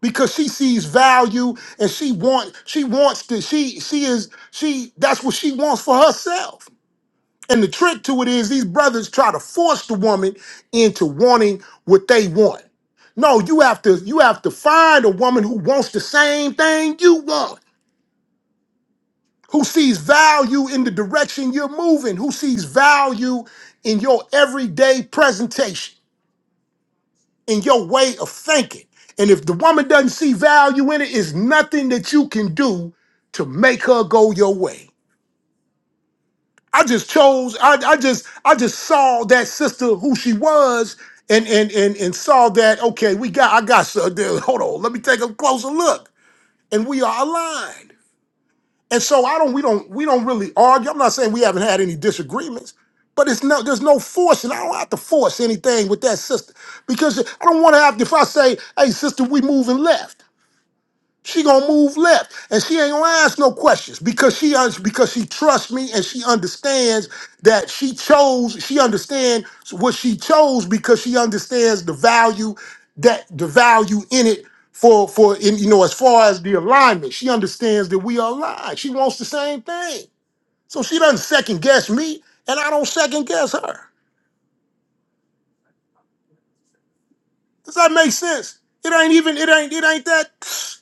J: because she sees value and she wants she wants to she she is she that's what she wants for herself and the trick to it is these brothers try to force the woman into wanting what they want no you have to you have to find a woman who wants the same thing you want who sees value in the direction you're moving who sees value in your everyday presentation in your way of thinking. And if the woman doesn't see value in it, it's nothing that you can do to make her go your way. I just chose, I, I just, I just saw that sister who she was and and and and saw that, okay, we got I got so hold on, let me take a closer look. And we are aligned. And so I don't we don't we don't really argue. I'm not saying we haven't had any disagreements, but it's no there's no forcing. I don't have to force anything with that sister because I don't want to have if I say, "Hey sister, we moving left." She gonna move left, and she ain't gonna ask no questions because she un- because she trusts me and she understands that she chose. She understands what she chose because she understands the value that the value in it for for in, you know as far as the alignment. She understands that we are aligned. She wants the same thing, so she doesn't second guess me, and I don't second guess her. Does that make sense? It ain't even it ain't it ain't that.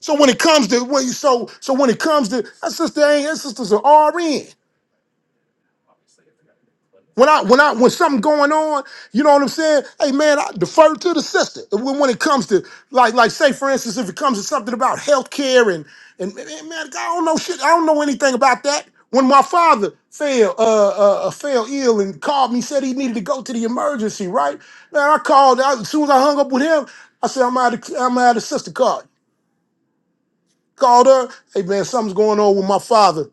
J: So when it comes to when you so so when it comes to that sister ain't that sister's an RN. When I when I when something going on, you know what I'm saying? Hey man, I defer to the sister. When, when it comes to like like say for instance, if it comes to something about healthcare and and man, man, I don't know shit. I don't know anything about that. When my father fell uh, uh uh, fell ill and called me, said he needed to go to the emergency. Right man, I called. I, as soon as I hung up with him, I said I'm out. Of, I'm out of sister card called her. Hey man, something's going on with my father.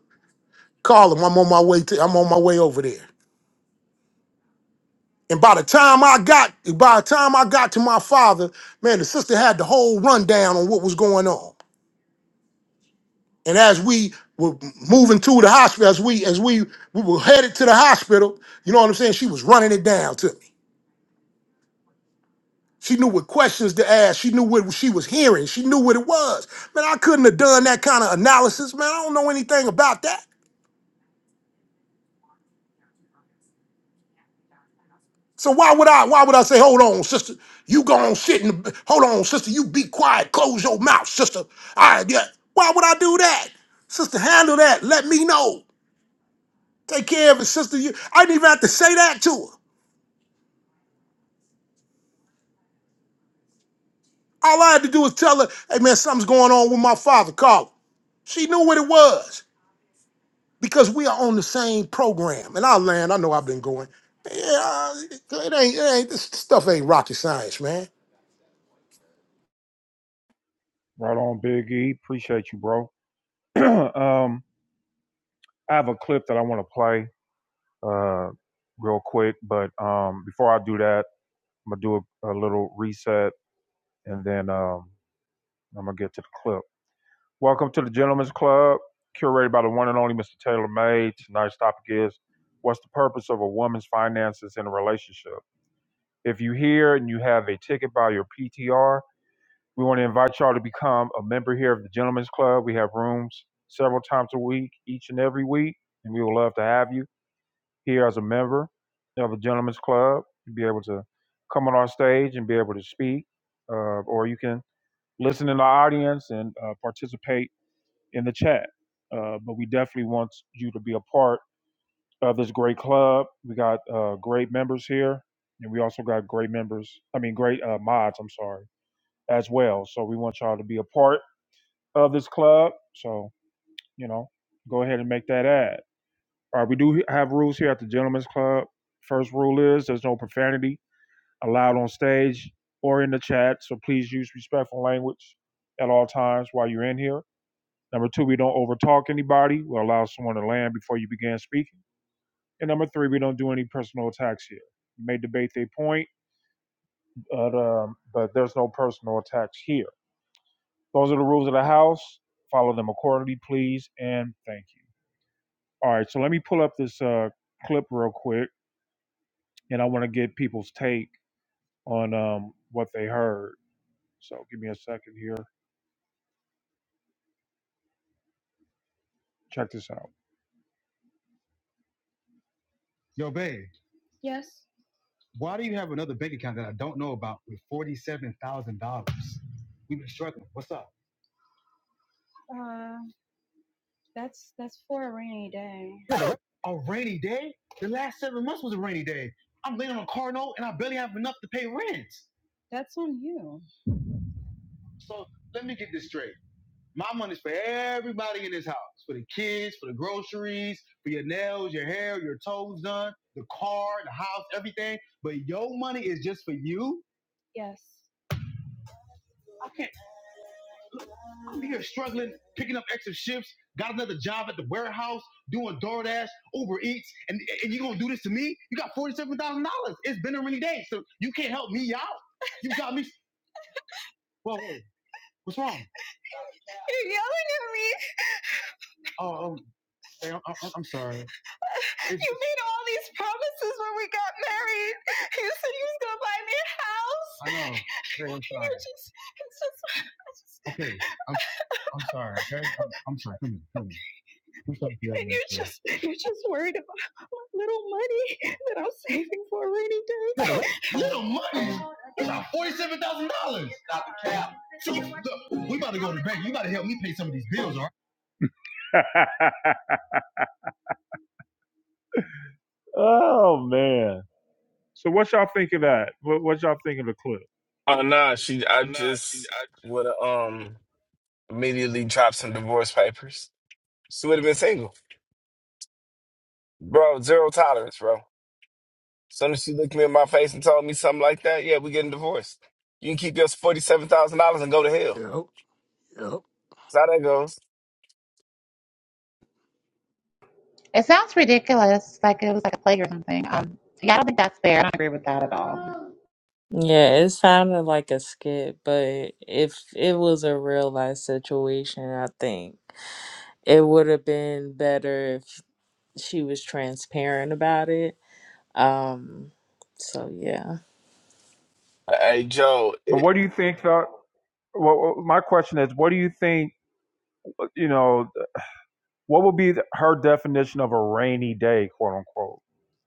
J: Call him. I'm on my way to. I'm on my way over there. And by the time I got, by the time I got to my father, man, the sister had the whole rundown on what was going on. And as we were moving to the hospital, as we as we we were headed to the hospital, you know what I'm saying? She was running it down to me. She knew what questions to ask. She knew what she was hearing. She knew what it was. Man, I couldn't have done that kind of analysis. Man, I don't know anything about that. So why would I? Why would I say, "Hold on, sister, you go on sit and hold on, sister, you be quiet, close your mouth, sister." I yeah. Why would I do that, sister? Handle that. Let me know. Take care of it, sister. You, I didn't even have to say that to her. All I had to do was tell her, "Hey man, something's going on with my father." Call. Her. She knew what it was because we are on the same program. And I land. I know I've been going. Yeah, it ain't. It ain't. This stuff ain't rocket science, man.
A: Right on, Big E. Appreciate you, bro. um, I have a clip that I want to play uh, real quick, but um, before I do that, I'm gonna do a, a little reset, and then um, I'm gonna get to the clip. Welcome to the Gentlemen's Club, curated by the one and only Mr. Taylor May. Tonight's topic is: What's the purpose of a woman's finances in a relationship? If you're here and you have a ticket by your PTR, we want to invite y'all to become a member here of the Gentlemen's Club. We have rooms several times a week, each and every week, and we would love to have you. here as a member of a gentleman's club. You'll be able to come on our stage and be able to speak, uh, or you can listen in the audience and uh, participate in the chat. Uh, but we definitely want you to be a part of this great club. We got uh, great members here, and we also got great members, I mean, great uh, mods, I'm sorry, as well. So we want y'all to be a part of this club. So, you know, go ahead and make that ad. Uh, we do have rules here at the Gentlemen's Club. First rule is there's no profanity allowed on stage or in the chat, so please use respectful language at all times while you're in here. Number two, we don't overtalk anybody. We allow someone to land before you begin speaking. And number three, we don't do any personal attacks here. You may debate their point, but, um, but there's no personal attacks here. Those are the rules of the house. Follow them accordingly, please, and thank you. All right, so let me pull up this uh, clip real quick. and I want to get people's take on um, what they heard. So give me a second here. Check this out. Yo, babe, why do you have another bank account that I don't know about with forty-seven thousand dollars? We've been struggling. What's up? A rainy day? The last seven months was a rainy day. I'm laying on a car note and I barely have enough to pay rent. So let me get this straight. My money's for everybody in this house. For the kids, for the groceries, for your nails, your hair, your toes done, the car, the house, everything. But your money is just for you. I can't I'm here struggling, picking up extra shifts, got another job at the warehouse, doing DoorDash, Uber Eats, and, and you gonna do this to me? You got forty-seven thousand dollars. It's been a rainy day, so you can't help me out. You got me whoa, whoa, what's wrong? Oh, oh hey, I'm, I'm sorry. I know. Hey, I'm sorry. Okay. I'm I'm sorry, okay? I'm, I'm sorry. Come here, come here. We start Little money. It's like forty-seven thousand dollars. Stop the cap. So, look, we about to go to the bank. You about to help me pay some of these bills, all right? oh man. So what y'all think of that? What, what y'all think of the clip?
K: Oh, nah. She, I
A: Uh, she,
K: just
A: I...
K: would have um immediately dropped some divorce papers. She would have been single, bro. Zero tolerance, bro. soon as she looked me in my face and told me something like that, yeah, we getting divorced. You can keep your forty-seven thousand dollars and go to hell.
J: Yep, yep.
K: That's how that goes.
D: It sounds ridiculous, like it was like a plague or something. Um, yeah, I don't think that's fair. I don't agree with that at all.
N: Yeah, it sounded like a skit, but if it was a real life situation, I think it would have been better if she was transparent about it. Um, so yeah.
K: Hey Joe,
A: But
K: it,
A: what do you think though? well, my question is, what do you think? You know, what would be her definition of a rainy day, quote unquote?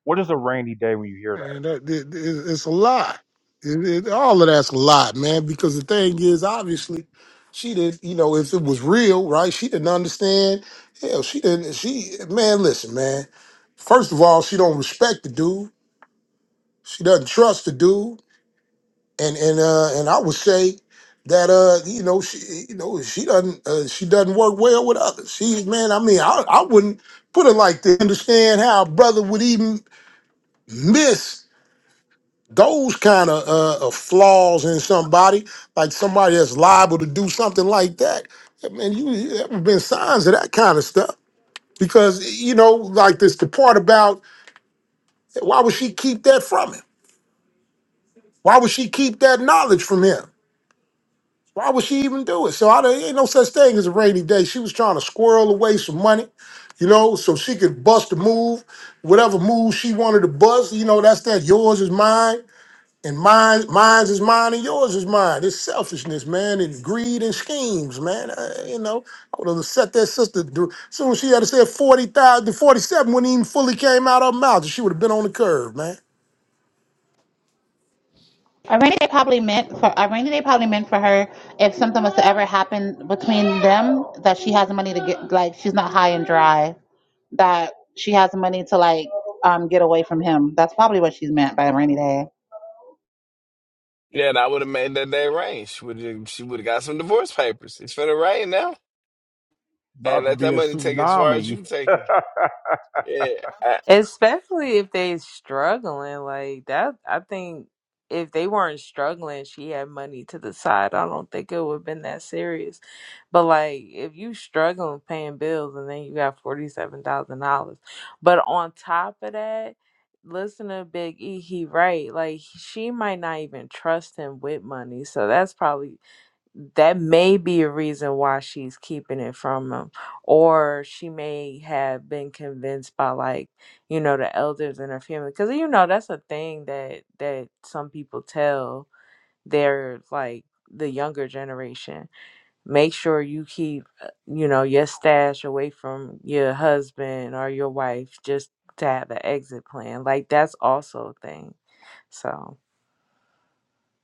A: What is a rainy day when you hear
J: Man,
A: that?
J: that, it, it- it's a lie. It, it, all of that's a lie, man. Because the thing is, obviously, she did. You know, if it was real, right? She didn't understand. Hell, she didn't. She man, listen, man. First of all, she don't respect the dude. She doesn't trust the dude. And and uh and I would say that uh you know she you know she doesn't uh, she doesn't work well with others. She's man. I mean, I I wouldn't put it like to understand how a brother would even miss those kind of uh, uh, flaws in somebody, like somebody that's liable to do something like that, yeah, man, you you- there have been signs of that kind of stuff. Because you know, like this, the part about eh, why would she keep that from him? Why would she keep that knowledge from him? Why would she even do it? So I don't, ain't no such thing as a rainy day. She was trying to squirrel away some money, you know, so she could bust a move, whatever move she wanted to bust. You know, that's that. Yours is mine. And mine, mine's is mine, and yours is mine. It's selfishness, man, and greed and schemes, man. Uh, you know, I would have set that sister. As Soon as she had to say forty thousand to forty-seven, when even fully came out of her mouth, she would have been on the curve, man.
D: A rainy day probably meant for a rainy day probably meant for her if something was to ever happen between them that she has money to get like she's not high and dry. that she has money to like um get away from him. That's probably what she's meant by rainy day.
K: yeah, and I would have made that day rain. She would have, she would have got some divorce papers. It's finna rain now, and
A: About to
K: let
A: be
K: that
A: a
K: money take it as far as you
A: tsunami.
K: can take it. Yeah, I-
N: Especially if they struggling like that. I think if they weren't struggling, she had money to the side. I don't think it would have been that serious. But like if you struggling paying bills and then you got forty seven thousand dollars, but on top of that, listen to Big E. He right like she might not even trust him with money. So that's probably that may be a reason why she's keeping it from him or she may have been convinced by like you know the elders in her family because you know that's a thing that that some people tell their like the younger generation make sure you keep uh, you know your stash away from your husband or your wife just to have an exit plan like that's also a thing so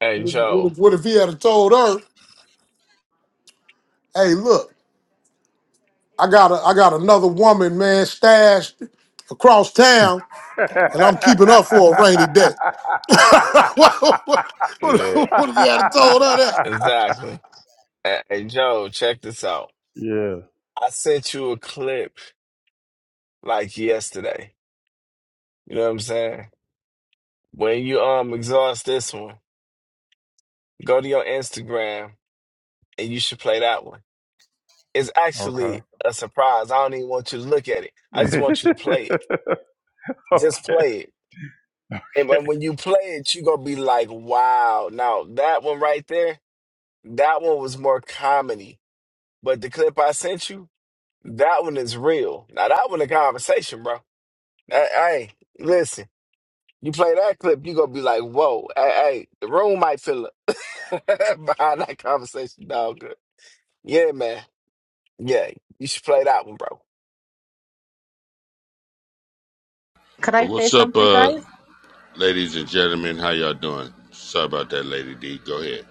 K: hey
J: What
K: Joe,
J: if, what if he had told her, "Hey, look, I got a, I got another woman, man, stashed across town,
A: yeah.
J: and I'm keeping her for a rainy day." what, what,
K: yeah,
J: what if he had told her that?
K: exactly. Hey hey, Joe, check this out. I sent you a clip like yesterday. You know what I'm saying? When you um exhaust this one, go to your Instagram and you should play that one. It's
A: Okay.
K: actually a surprise. I don't even want you to look at it. I just want you to play it. Just play it. And when when you play it, you're gonna be like, wow. Now that one right there, that one was more comedy. But the clip I sent you, that one is real. Now that one a conversation, bro. Hey, hey, listen. You play that clip, you gonna be like, whoa, hey, hey, the room might fill up behind that conversation, dog. Good. Yeah, man. Yeah, you should play that one, bro.
O: Could I say
P: What's up,
O: something,
P: uh,
O: guys?
P: ladies and gentlemen? How y'all doing? Sorry about that, Lady D. Go ahead.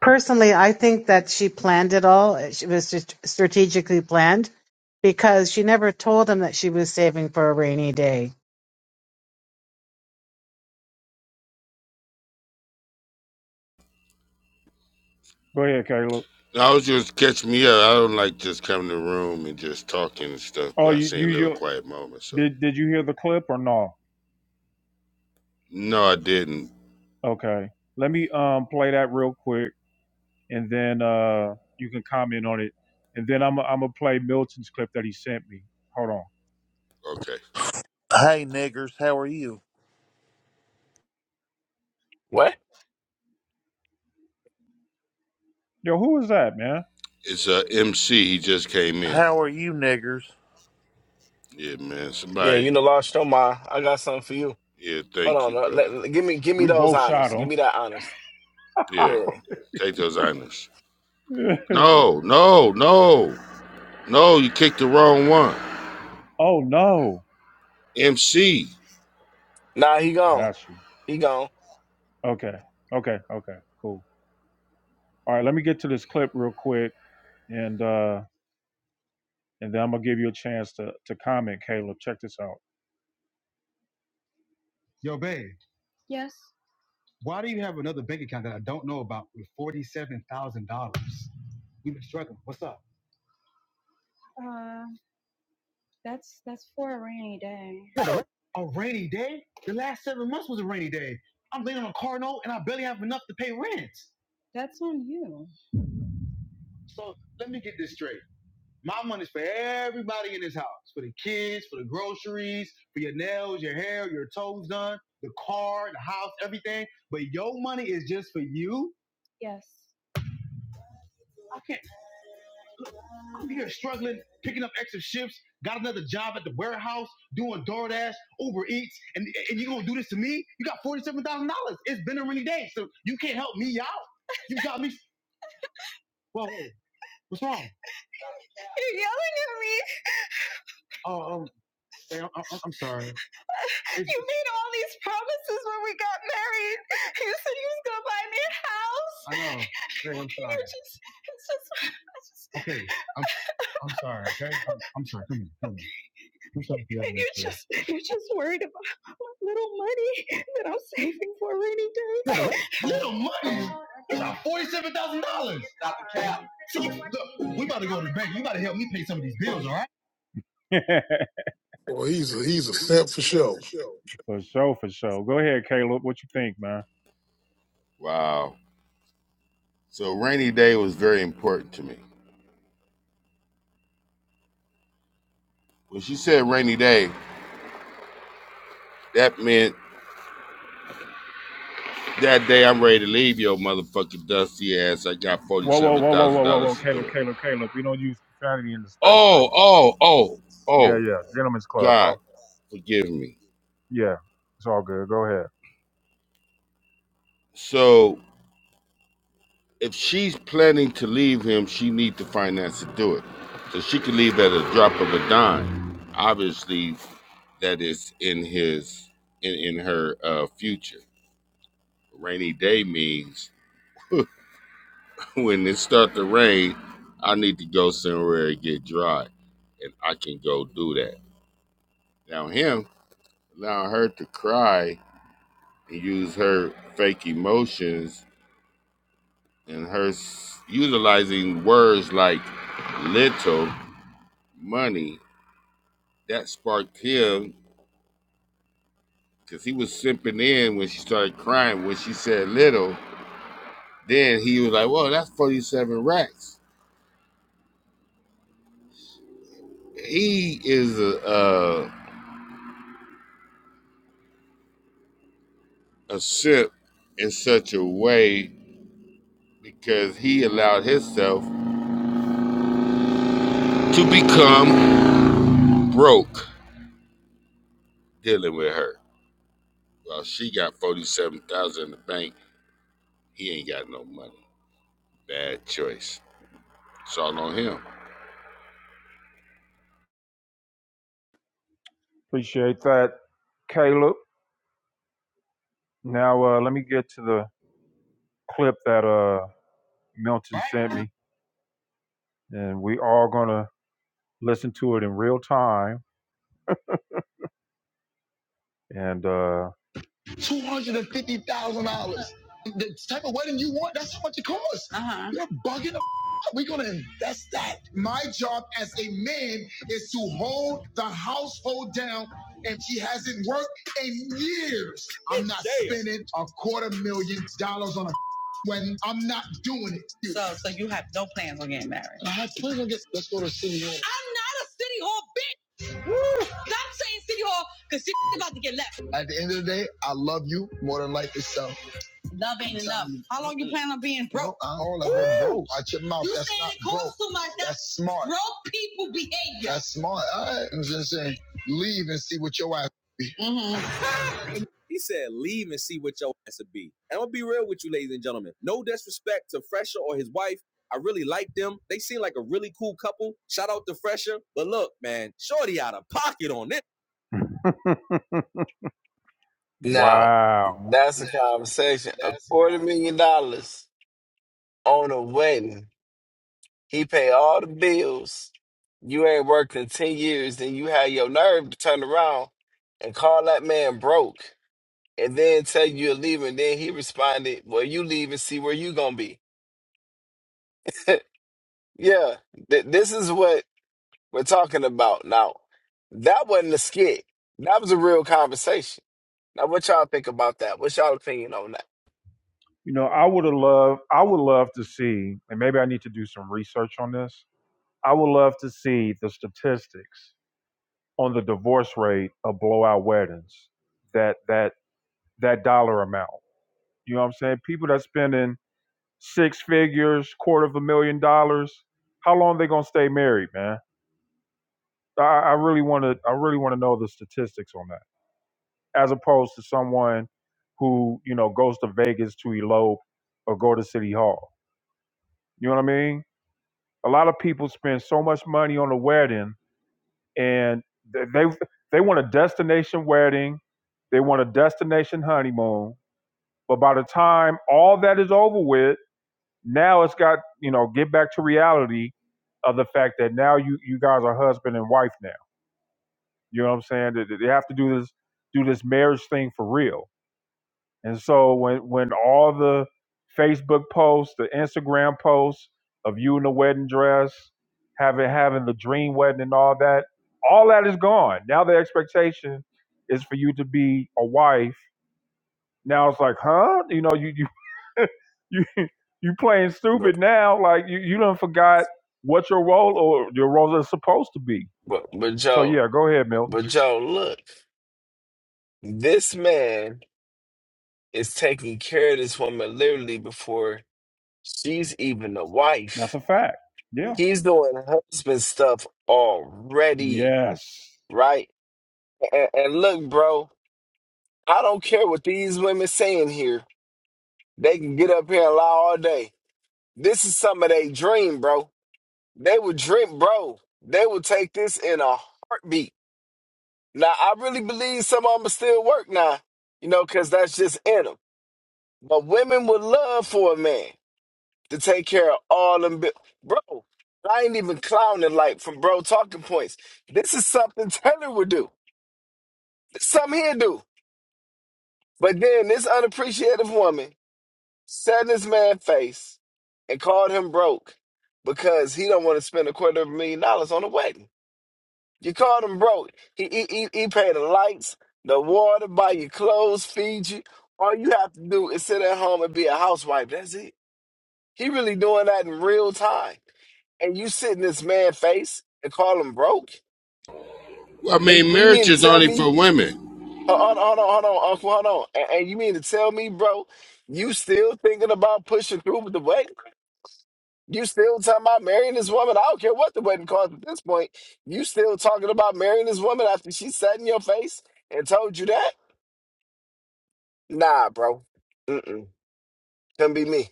O: Personally, I think that she planned it all. It was just strategically planned because she never told him that she was saving for a rainy day.
A: Go ahead, Caleb.
P: No, I was just catch me up. I don't like just coming to the room and just talking and stuff,
A: Oh,
P: but I
A: you,
P: seen
A: you
P: a little
A: you
P: quiet moment. So
A: did did you hear the clip or no?
P: no, I didn't.
A: Okay. Let me um play that real quick, and then uh you can comment on it, and then I'm I'm gonna play Milton's clip that he sent me. Hold on.
P: Okay,
Q: Hey niggers, how are you?
K: What?
A: Yo, who was that, man?
P: it's uh, MC. He just came in.
Q: How are you niggers?
P: Yeah, man.
K: Yeah,
P: Somebody.
K: you know, Lord Stomar, I got something for you.
P: Yeah,
K: Hold
P: thank you,
K: on, uh,
P: brother.
K: let, let- give me, give me
A: We
K: those
A: both shot
K: honors. Give
A: him.
K: me that honors.
P: Yeah,
K: Yeah.
P: take those honors. No, no, no, no. You kicked the wrong one.
A: oh no.
P: MC.
K: Nah, he gone.
A: Got you.
K: He gone.
A: Okay. Okay. Okay. Cool. All right. Let me get to this clip real quick. and uh, and then I'm gonna give you a chance to to comment, Caleb. Check this out. Yo, babe, why do you have another bank account that I don't know about with forty-seven thousand dollars? We've been struggling. What's up? You A a rainy day? The last seven months was a rainy day. I'm laying on a car note and I barely have enough to pay rent. So let me get this straight. My money's for everybody in this house. For the kids, for the groceries, for your nails, your hair, your toes done, the car, the house, everything. But your money is just for you. I can't. I'm here struggling, picking up extra shifts, got another job at the warehouse, doing DoorDash, Uber Eats, and, and you gonna do this to me? You got $47,000. It's been a rainy day, so you can't help me out. You got me. Well, what's wrong? Oh, um, hey, I'm, I'm, sorry. I know. Hey, I'm sorry. Okay, I'm, I'm sorry, okay? I'm, I'm sorry. Come here, come here. I'm sorry, yeah. What? Little money? You got $47,000. Stop the cap. So, look, we about to go to the bank. You got to help me pay some of these bills, all right?
J: Well, he's a he's a simp for
A: Yeah,
J: sure.
A: for sure. For sure, for sure. Go ahead, Caleb. What you think, man?
P: Wow. So rainy day was very important to me. When she said rainy day, That meant that day I'm ready to leave your motherfucking dusty ass. I got
A: Whoa, whoa,
P: forty-seven
A: whoa, whoa,
P: thousand
A: whoa, whoa,
P: dollars
A: whoa,
P: to
A: Caleb,
P: do it.
A: Caleb, Caleb. We don't use profanity in the space, bro.
P: Oh, oh, oh,
A: Yeah,
P: oh,
A: yeah. Gentlemen's club, bro.
P: God, forgive me.
A: Yeah. It's all good. Go ahead.
P: So if she's planning to leave him, she needs the finance to do it. So she can leave at a drop of a dime. Obviously, that is in his in in her uh, future. Rainy day means when it start to rain, I need to go somewhere and get dry, and I can go do that. Now him allowing her to cry and use her fake emotions and her s- utilizing words like little money that sparked him because he was simping in when she started crying when she said little. Then he was like, "Well, that's forty-seven racks." He is a a, a simp in such a way because he allowed himself to become broke dealing with her. Well, she got forty-seven thousand dollars in the bank. He ain't got no money. Bad choice. It's all on him.
A: Appreciate that, Caleb. Now uh let me get to the clip that uh Milton sent me. And we are gonna listen to it in real time. And uh $250,000. The type of wedding you want, that's how much it costs. You're bugging the f- We're going to invest that. My job as a man is to hold the household down, and she hasn't worked in years. I'm not spending a quarter million dollars on a when I'm not doing it. Dude. So- my husband's gonna get. Let's go to city hall. At the end of the day, I love you more than life itself. How long I don't know, bro. Watch your That's smart. That's smart. All right. I'm just saying, leave and see what your ass be.
K: Now,
A: Wow.
K: that's a conversation.
A: Now
K: A
A: that's the
K: quarter
A: kind.
K: million dollars on a wedding. He paid all the bills. You ain't worked in ten years, then you had your nerve to turn around and call that man broke, and then tell you you're leaving. Then he responded, "Well, you leave and see where you gonna be." yeah, th- this is what. we're talking about now. That wasn't a skit. That was a real conversation. Now, what y'all think about that? What's y'all opinion on that?
A: You know, I would have loved, I would love to see, and maybe I need to do some research on this. I would love to see the statistics on the divorce rate of blowout weddings. That that that dollar amount. You know what I'm saying? People that spending six figures, quarter of a million dollars. How long they gonna stay married, man? I, I really want to. I really want to know the statistics on that. as opposed to someone who you know goes to Vegas to elope or go to City Hall. You know what I mean? A lot of people spend so much money on a wedding, and they they, they want a destination wedding, they want a destination honeymoon, but by the time all that is over with, now it's got you know get back to reality of the fact that now you you guys are husband and wife now. You know what I'm saying? They, they have to do this do this marriage thing for real And so when when all the Facebook posts, the Instagram posts of you in the wedding dress, having having the dream wedding and all that, all that is gone. Now the expectation is for you to be a wife. Now it's like, huh? You know, you you you you playing
K: But,
A: stupid now. Like you you done forgot what your role or your roles are supposed to be.
K: but, but
A: So
K: Joe,
A: yeah, go ahead, Milton.
K: but Joe, look, this man is taking care of this woman literally before she's even a
A: That's
K: wife.
A: a fact. Yeah.
K: He's doing husband stuff already,
A: Yes.
K: right? And, and look, bro, I don't care what these women saying here. They can get up here and lie all day. This is some of their dream, bro They would drink, bro. They would take this in a heartbeat. Now, I really believe some of them still work now, you know, because that's just in them. But women would love for a man to take care of all them. Bi- bro, I ain't even clowning, like, from bro talking points. This is something Taylor would do. This is something he'd do. But then this unappreciative woman sat in this man's face and called him broke because he don't want to spend a quarter of a million dollars on a wedding. You called him broke. He, he, he, he paid the lights, the water, buy your clothes, feed you. All you have to do is sit at home and be a housewife. That's it. He really doing that in real time. And you sit in this man's face and call him broke?
P: Well, I
K: And
P: mean,
K: and you mean
P: marriage
K: to
P: is
K: tell
P: only for
K: me,
P: women.
K: hold on, hold on, hold on, uncle, hold on. And, and you mean to tell me, bro, you still thinking about pushing through with the weight? You still talking about marrying this woman? I don't care what the wedding cost at this point. You still talking about marrying this woman after she sat in your face and told you that? Nah, bro. Mm-mm. Couldn't be me.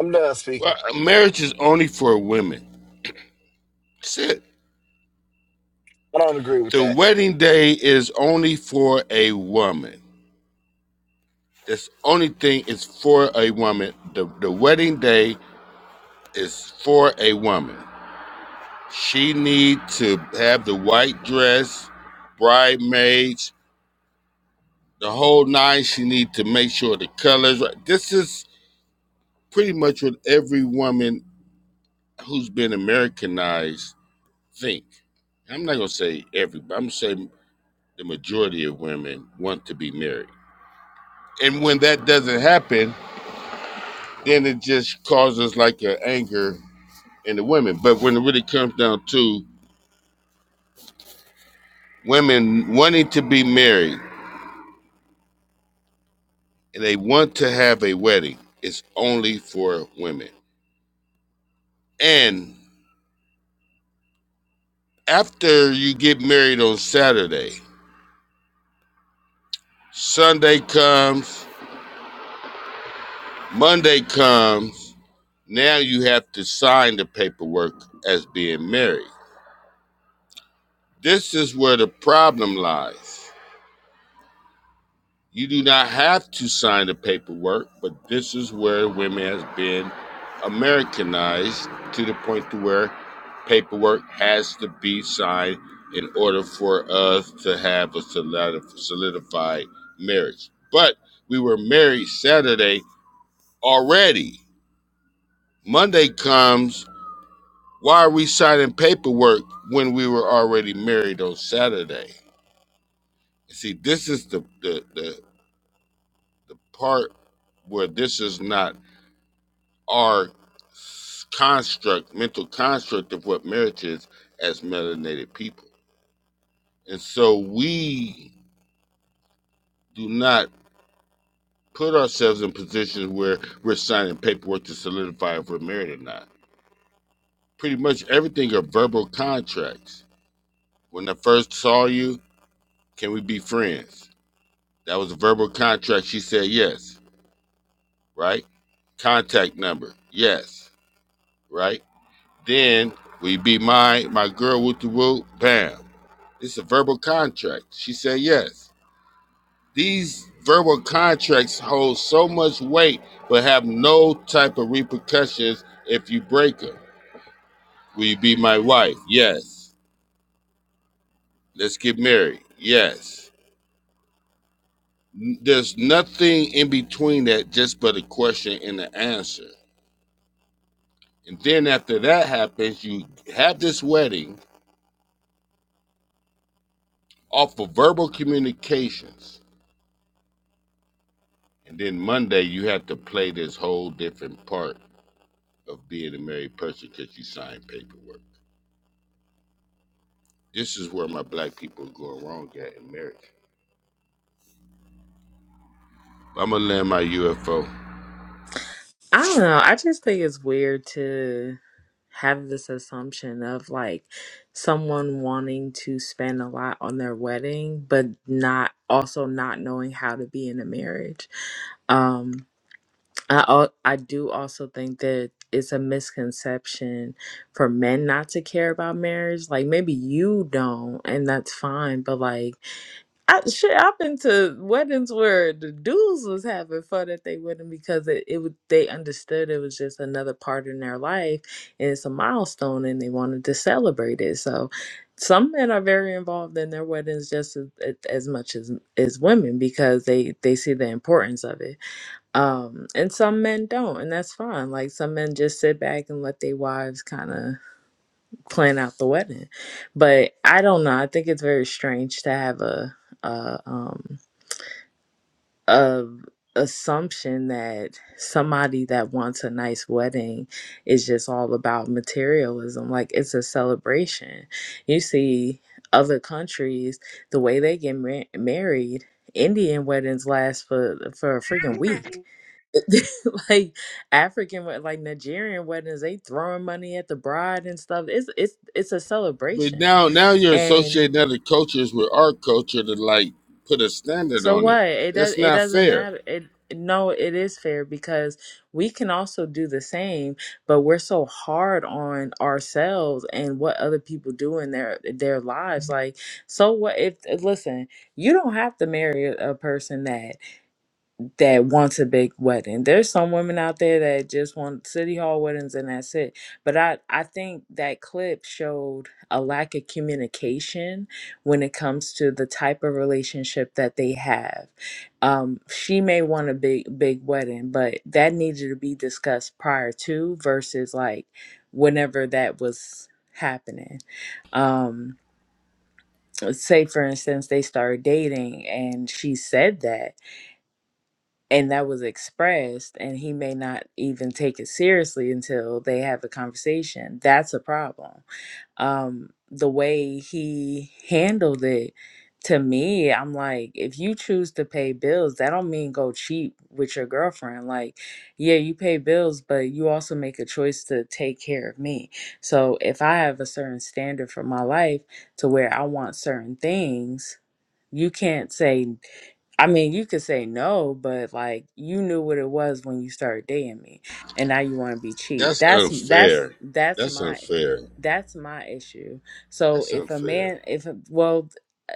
K: I'm done
P: Well,
K: speaking.
P: marriage is only for women. That's it.
K: I don't agree with
P: The
K: that.
P: wedding day is only for a woman. This only thing is for a woman. The the wedding day is for a woman. She need to have the white dress, bridesmaids, the whole nine. She need to make sure the colors. right. This is pretty much what every woman who's been Americanized think. I'm not gonna say every, but I'm gonna say the majority of women want to be married. And when that doesn't happen, then it just causes like an anger in the women. But when it really comes down to women wanting to be married they want to have a wedding. It's only for women. And after you get married on Saturday, Sunday comes, Monday comes. Now you have to sign the paperwork as being married. This is where the problem lies. You do not have to sign the paperwork, but this is where women has been Americanized to the point to where paperwork has to be signed in order for us to have a solidified marriage. But we were married Saturday already. Monday comes. Why are we signing paperwork when we were already married on Saturday? See, this is the the, the part where this is not our construct, mental construct of what marriage is as melanated people. And so we do not put ourselves in positions where we're signing paperwork to solidify if we're married or not. Pretty much everything are verbal contracts. When I first saw you, can we be friends? That was a verbal contract. She said yes, right? Contact number, yes, right? Then we be my my girl with the whoop, bam. It's a verbal contract. She said yes. These verbal contracts hold so much weight but have no type of repercussions if you break them. Will you be my wife? Yes. Let's get married. Yes. There's nothing in between that, just but a question and an answer. And then after that happens, you have this wedding off of verbal communications. And then Monday, you have to play this whole different part of being a married person because you signed paperwork. This is where my black people are going wrong at in marriage. I'm gonna land my UFO.
N: I don't know. I just think it's weird to have this assumption of like someone wanting to spend a lot on their wedding, but not also not knowing how to be in a marriage. Um, I al- I do also think that it's a misconception for men not to care about marriage. Like maybe you don't, and that's fine. But like I shit, I've been to weddings where the dudes was having fun at they wedding because it, it would they understood it was just another part in their life and it's a milestone and they wanted to celebrate it. So some men are very involved in their weddings just as, as much as as women because they they see the importance of it. Um, and some men don't, and that's fine. Like some men just sit back and let their wives kind of plan out the wedding. But I don't know. I think it's very strange to have a a um a assumption that somebody that wants a nice wedding is just all about materialism. Like it's a celebration. You see other countries the way they get mar- married. Indian weddings last for for a freaking week like African wed- like Nigerian weddings, they throwing money at the bride and stuff. It's it's it's a
P: But
N: celebration.
P: now, now you're
N: And
P: associating other cultures with our culture to like put a standard
N: so
P: on it.
N: what? It does
P: That's
N: it
P: not
N: doesn't
P: fair.
N: matter. It no, it is fair because we can also do the same, but we're so hard on ourselves and what other people do in their their lives. Like, so what if listen, you don't have to marry a a person that that wants a big wedding. There's some women out there that just want city hall weddings and that's it. But I I think that clip showed a lack of communication when it comes to the type of relationship that they have. Um, she may want a big big wedding, but that needed to be discussed prior to versus like whenever that was happening. Um, say for instance they started dating and she said that and that was expressed and he may not even take it seriously until they have a conversation that's a problem um the way he handled it to me i'm like if you choose to pay bills that don't mean go cheap with your girlfriend like yeah you pay bills but you also make a choice to take care of me so if i have a certain standard for my life to where i want certain things you can't say I mean, you could say no, but like you knew what it was when you started dating me, and now you want to be cheap.
P: That's
N: That's that's
P: unfair.
N: that's
P: That's
N: my
P: unfair.
N: that's my issue. So
P: That's
N: if a
P: unfair.
N: man, if a, well,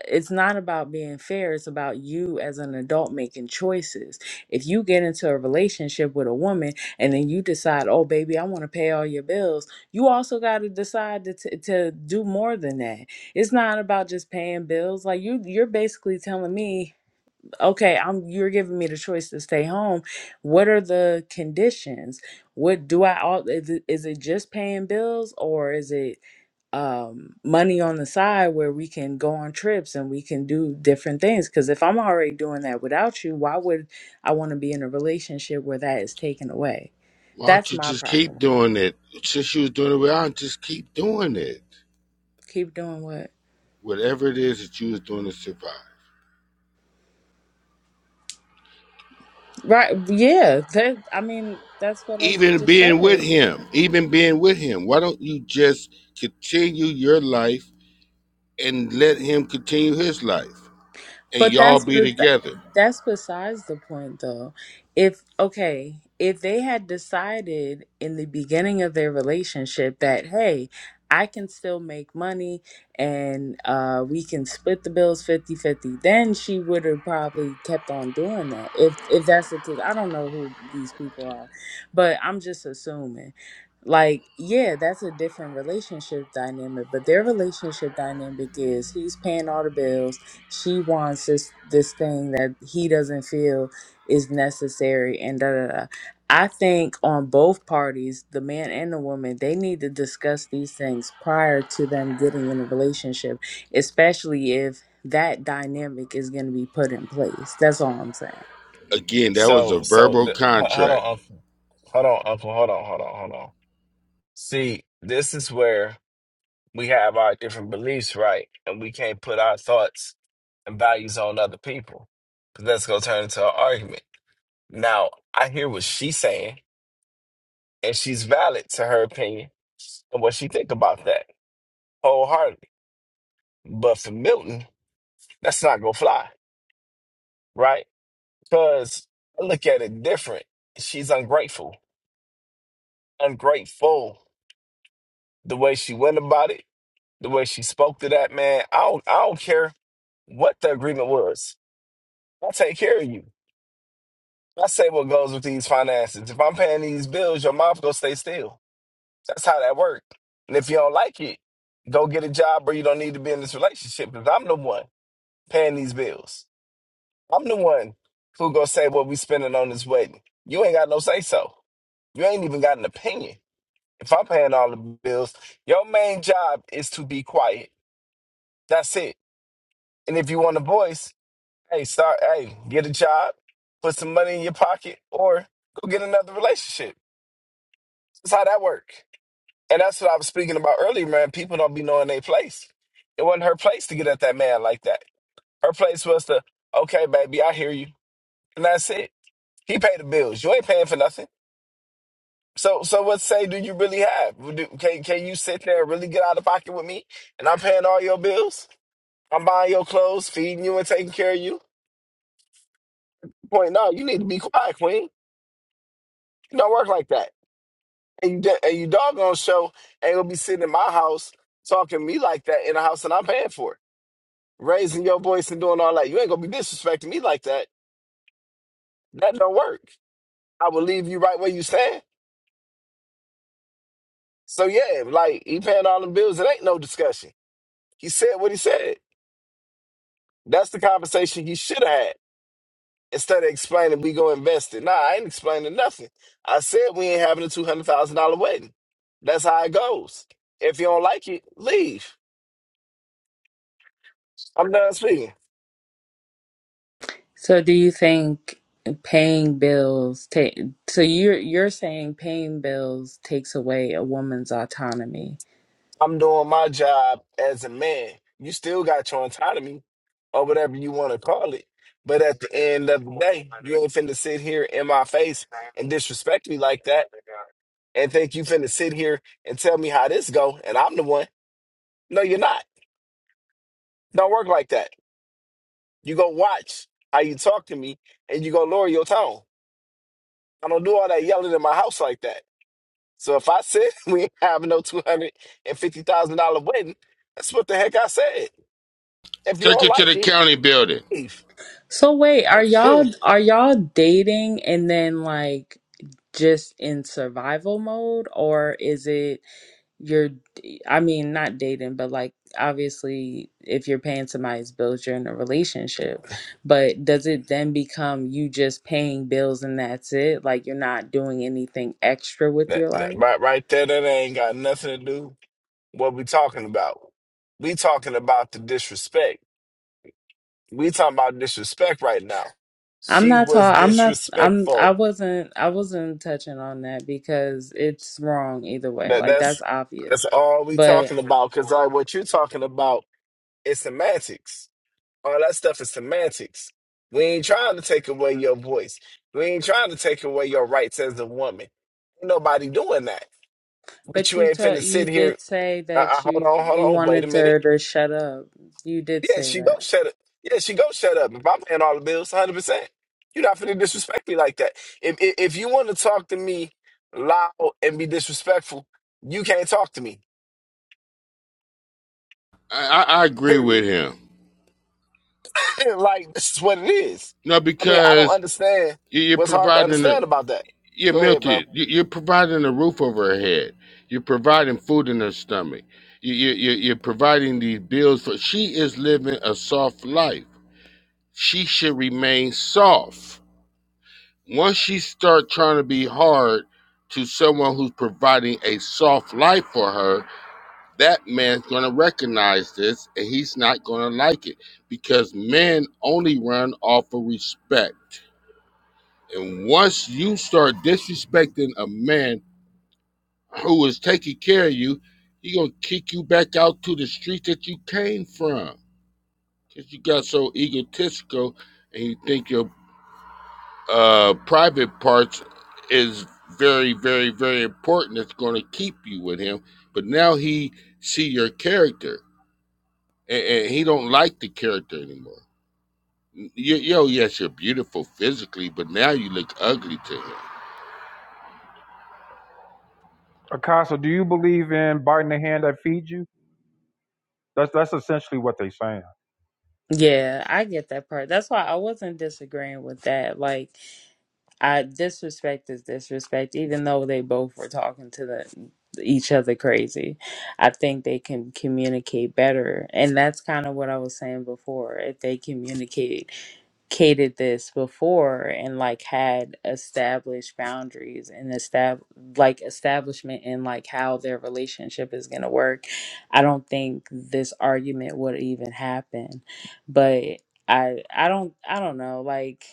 N: it's not about being fair. It's about you as an adult making choices. If you get into a relationship with a woman and then you decide, oh baby, I want to pay all your bills, you also got to decide to t- to do more than that. It's not about just paying bills. Like you, you're basically telling me okay i'm you're giving me the choice to stay home what are the conditions what do i all is it, is it just paying bills or is it um money on the side where we can go on trips and we can do different things because if i'm already doing that without you why would i want to be in a relationship where that is taken away
P: Why don't
N: that's
P: you
N: my
P: just keep
N: problem with it
P: doing it? Since you was doing it without, just keep doing it.
N: keep doing what
P: Whatever it is that you was doing to survive.
N: right yeah that i mean that's what i s-
P: even
N: just
P: being with
N: said
P: him, even being with him. Why don't you just continue your life and let him continue his life and
N: But
P: y'all
N: that's
P: be
N: bes-
P: together?
N: that's besides the point, though. If okay, if they had decided in the beginning of their relationship that hey, I can still make money and uh, we can split the bills fifty-fifty, then she would have probably kept on doing that. If if that's the case, I don't know who these people are, but I'm just assuming. Like, yeah, that's a different relationship dynamic, but their relationship dynamic is he's paying all the bills she wants this this thing that he doesn't feel is necessary and da da da. I think on both parties, the man and the woman, they need to discuss these things prior to them getting in a relationship, especially if that dynamic is going to be put in place. That's all I'm saying.
P: Again, that was a
K: So, so th-
P: verbal
K: h- hold
P: contract.
K: on, Uncle. Hold on, Uncle. Hold on, hold on, hold on. See, this is where we have our different beliefs, right? And we can't put our thoughts and values on other people. Because that's going to turn into an argument. Now, I hear what she's saying and she's valid to her opinion and what she think about that wholeheartedly. But for Milton, that's not gonna fly, right? Because I look at it different. She's ungrateful, ungrateful. The way she went about it, the way she spoke to that man. I don't, I don't care what the agreement was. I take care of you. I say what goes with these finances. If I'm paying these bills, your mouth gonna stay still. That's how that works. And if you don't like it, go get a job where you don't need to be in this relationship. Because I'm the one. paying these bills. I'm the one who gonna say what we spending on this wedding. You ain't got no say so. You ain't even got an opinion. If I'm paying all the bills, your main job is to be quiet. That's it. And if you want a voice, hey, start hey, get a job, put some money in your pocket, or go get another relationship. That's how that work. And that's what I was speaking about earlier, man. People don't be knowing their place. It wasn't her place to get at that man like that. Her place was to, okay, baby, I hear you. And that's it He paid the bills. You ain't paying for nothing. So, so what say do you really have? Do, can can you sit there and really get out of pocket with me? And I'm paying all your bills. I'm buying your clothes, feeding you, and taking care of you. Point no, you need to be quiet, Queen. You don't work like that. And you de- and you doggone show ain't gonna be sitting in my house talking to me like that in a house that I'm paying for, raising your voice and doing all that. You ain't gonna be disrespecting me like that. That don't work. I will leave you right where you stand. So yeah, like he paying all the bills. It ain't no discussion. He said what he said. That's the conversation he should have had. Instead of explaining we go invest it. Nah, I ain't explaining nothing. I said we ain't having a two hundred thousand dollar wedding. That's how it goes. If you don't like it, leave. I'm done speaking.
N: So, do you think paying bills take? So you're you're saying paying bills takes away a woman's autonomy?
K: I'm doing my job as a man. You still got your autonomy or whatever you want to call it. But at the end of the day, you ain't finna sit here in my face and disrespect me like that and think you finna sit here and tell me how this go and I'm the one. No, you're not. Don't work like that. You go watch how you talk to me and you go lower your tone. I don't do all that yelling in my house like that. So if I said we ain't having no two hundred and fifty thousand dollar wedding, that's what the heck I said. If you
P: Take
K: don't
P: it to
K: like
P: the
K: it,
P: county building.
K: leave.
N: So wait, are
K: that,
N: y'all are y'all dating and then like just in survival mode or is it you're I mean not dating but like obviously if you're paying somebody's bills you're in a relationship but does it then become you just paying bills and that's it like you're not doing anything extra with your
K: that,
N: life?
K: right, right there, that ain't got nothing to do with what we talking about. We talking about the disrespect. We talking about disrespect right now.
N: I'm
K: She
N: not
K: was
N: talking I'm not I'm I
K: disrespectful
N: wasn't I wasn't touching on that because it's wrong either way
K: That
N: like
K: that's
N: that's obvious.
K: that's all we
N: But
K: talking about. Cause like what you're talking about is semantics. All that stuff is semantics. We ain't trying to take away your voice. We ain't trying to take away your rights as a woman. Ain't nobody doing that. But
N: But
K: you
N: you
K: ain't
N: told
K: finna
N: you
K: sit here.
N: did say
K: Uh, uh,
N: that
K: hold
N: you
K: on, hold
N: you
K: on. Wait a
N: wanted
K: minute.
N: her to shut up. You did
K: Yeah,
N: say
K: she go
N: that.
K: shut up. Yeah, she go shut up. If I'm paying all the bills, hundred percent. You're not finna disrespect me like that. If if, if you want to talk to me loud and be disrespectful, you can't talk to me.
P: I, I, I agree with
K: Period.
P: him.
K: like this is what it is.
P: No,
K: I mean, I don't
P: because
K: understand
P: you- are
K: what's hard to
P: providing a,
K: understand about that.
P: you're
K: Go ahead,
P: Milton,
K: bro.
P: you- are providing a roof over her head. You're providing food in her stomach. You, you, you- you're providing these bills for, she is living a soft life she should remain soft. Once she start trying to be hard to someone who's providing a soft life for her, that man's going to recognize this and he's not going to like it because men only run off of respect. And once you start disrespecting a man who is taking care of you, he going to kick you back out to the street that you came from because you got so egotistical and you think your uh, private parts is very, very, very important. It's going to keep you with him. But now he see your character, and, and he don't like the character anymore. Yo, yo, yes, you're beautiful physically, but now you look ugly to him.
A: Apostle, do you believe in biting the hand that feeds you? That's that's essentially what they're saying.
N: Yeah, I get that part. That's why I wasn't disagreeing with that. Like I disrespect is disrespect, even though they both were talking to the each other crazy. I think they can communicate better, and that's kind of what I was saying before. If they communicate cated this before and like had established boundaries and estab- like establishment in like how their relationship is going to work i don't think this argument would even happen but i i don't i don't know like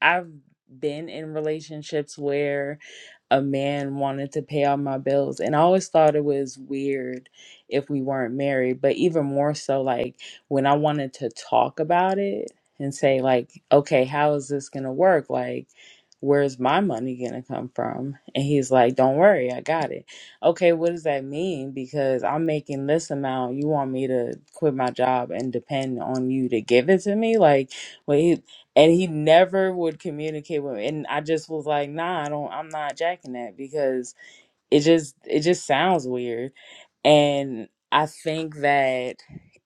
N: I've been in relationships where a man wanted to pay all my bills and I always thought it was weird if we weren't married, but even more so like when I wanted to talk about it and say like, "Okay, how is this going to work? Like where's my money going to come from?" And he's like, "Don't worry, I got it." Okay, what does that mean? Because I'm making this amount, you want me to quit my job and depend on you to give it to me? Like well, and he never would communicate with me and i just was like nah i don't i'm not jacking that because it just it just sounds weird and i think that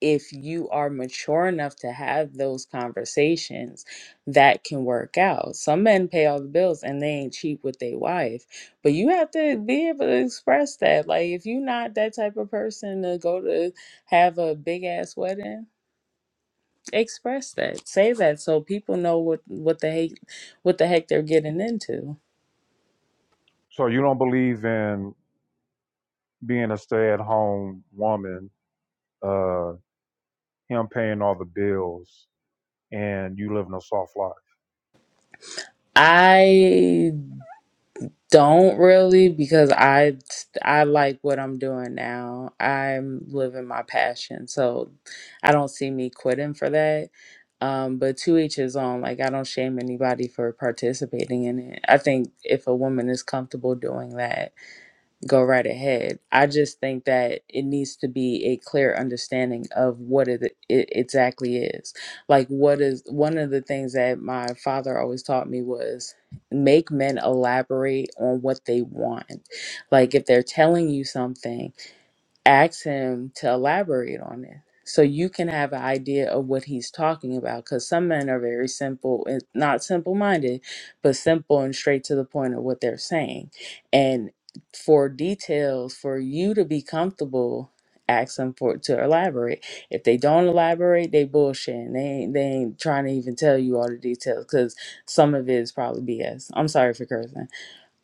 N: if you are mature enough to have those conversations that can work out some men pay all the bills and they ain't cheap with their wife but you have to be able to express that like if you're not that type of person to go to have a big ass wedding express that say that so people know what what the heck what the heck they're getting into
A: So you don't believe in being a stay-at-home woman, uh, him paying all the bills, and you living a soft life.
N: i don't really because i i like what i'm doing now i'm living my passion so i don't see me quitting for that um but to each his own like i don't shame anybody for participating in it i think if a woman is comfortable doing that go right ahead. I just think that it needs to be a clear understanding of what it, it exactly is. Like, what is one of the things that my father always taught me was make men elaborate on what they want. Like, if they're telling you something, ask him to elaborate on it so you can have an idea of what he's talking about because some men are very simple and not simple minded but simple and straight to the point of what they're saying and for details for you to be comfortable ask them for to elaborate if they don't elaborate they bullshit they ain't they ain't trying to even tell you all the details because some of it is probably bs i'm sorry for cursing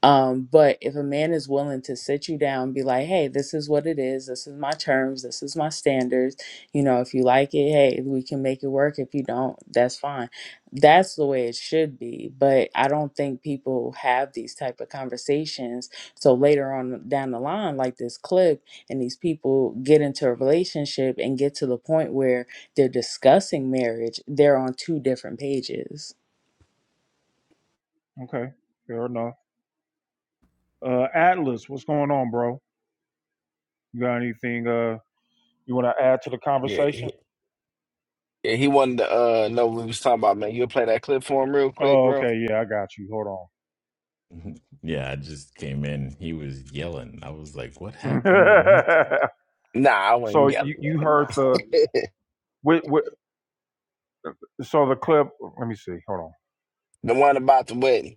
N: um, but if a man is willing to sit you down and be like, hey, this is what it is, this is my terms, this is my standards, you know, if you like it, hey, we can make it work. If you don't, that's fine. That's the way it should be. But I don't think people have these type of conversations. So later on down the line, like this clip, and these people get into a relationship and get to the point where they're discussing marriage, they're on two different pages.
A: Okay, fair enough. Uh, Atlas, what's going on, bro? You got anything uh you want to add to the
K: Yeah, he,
A: conversation?
K: yeah, he wanted to uh, know what we was talking about, man. You'll play that clip for him real quick,
A: Oh,
K: bro.
A: okay, yeah, I got you. Hold
R: Mhm. Yeah, I just came in. He was yelling. I was like, "What
A: on.
R: happened with Milton?
K: Nah, I
A: so
K: wasn't yelling.
A: you
K: Man.
A: you heard the with, with, so the clip. Let me see. Hold on.
K: The one about the wedding.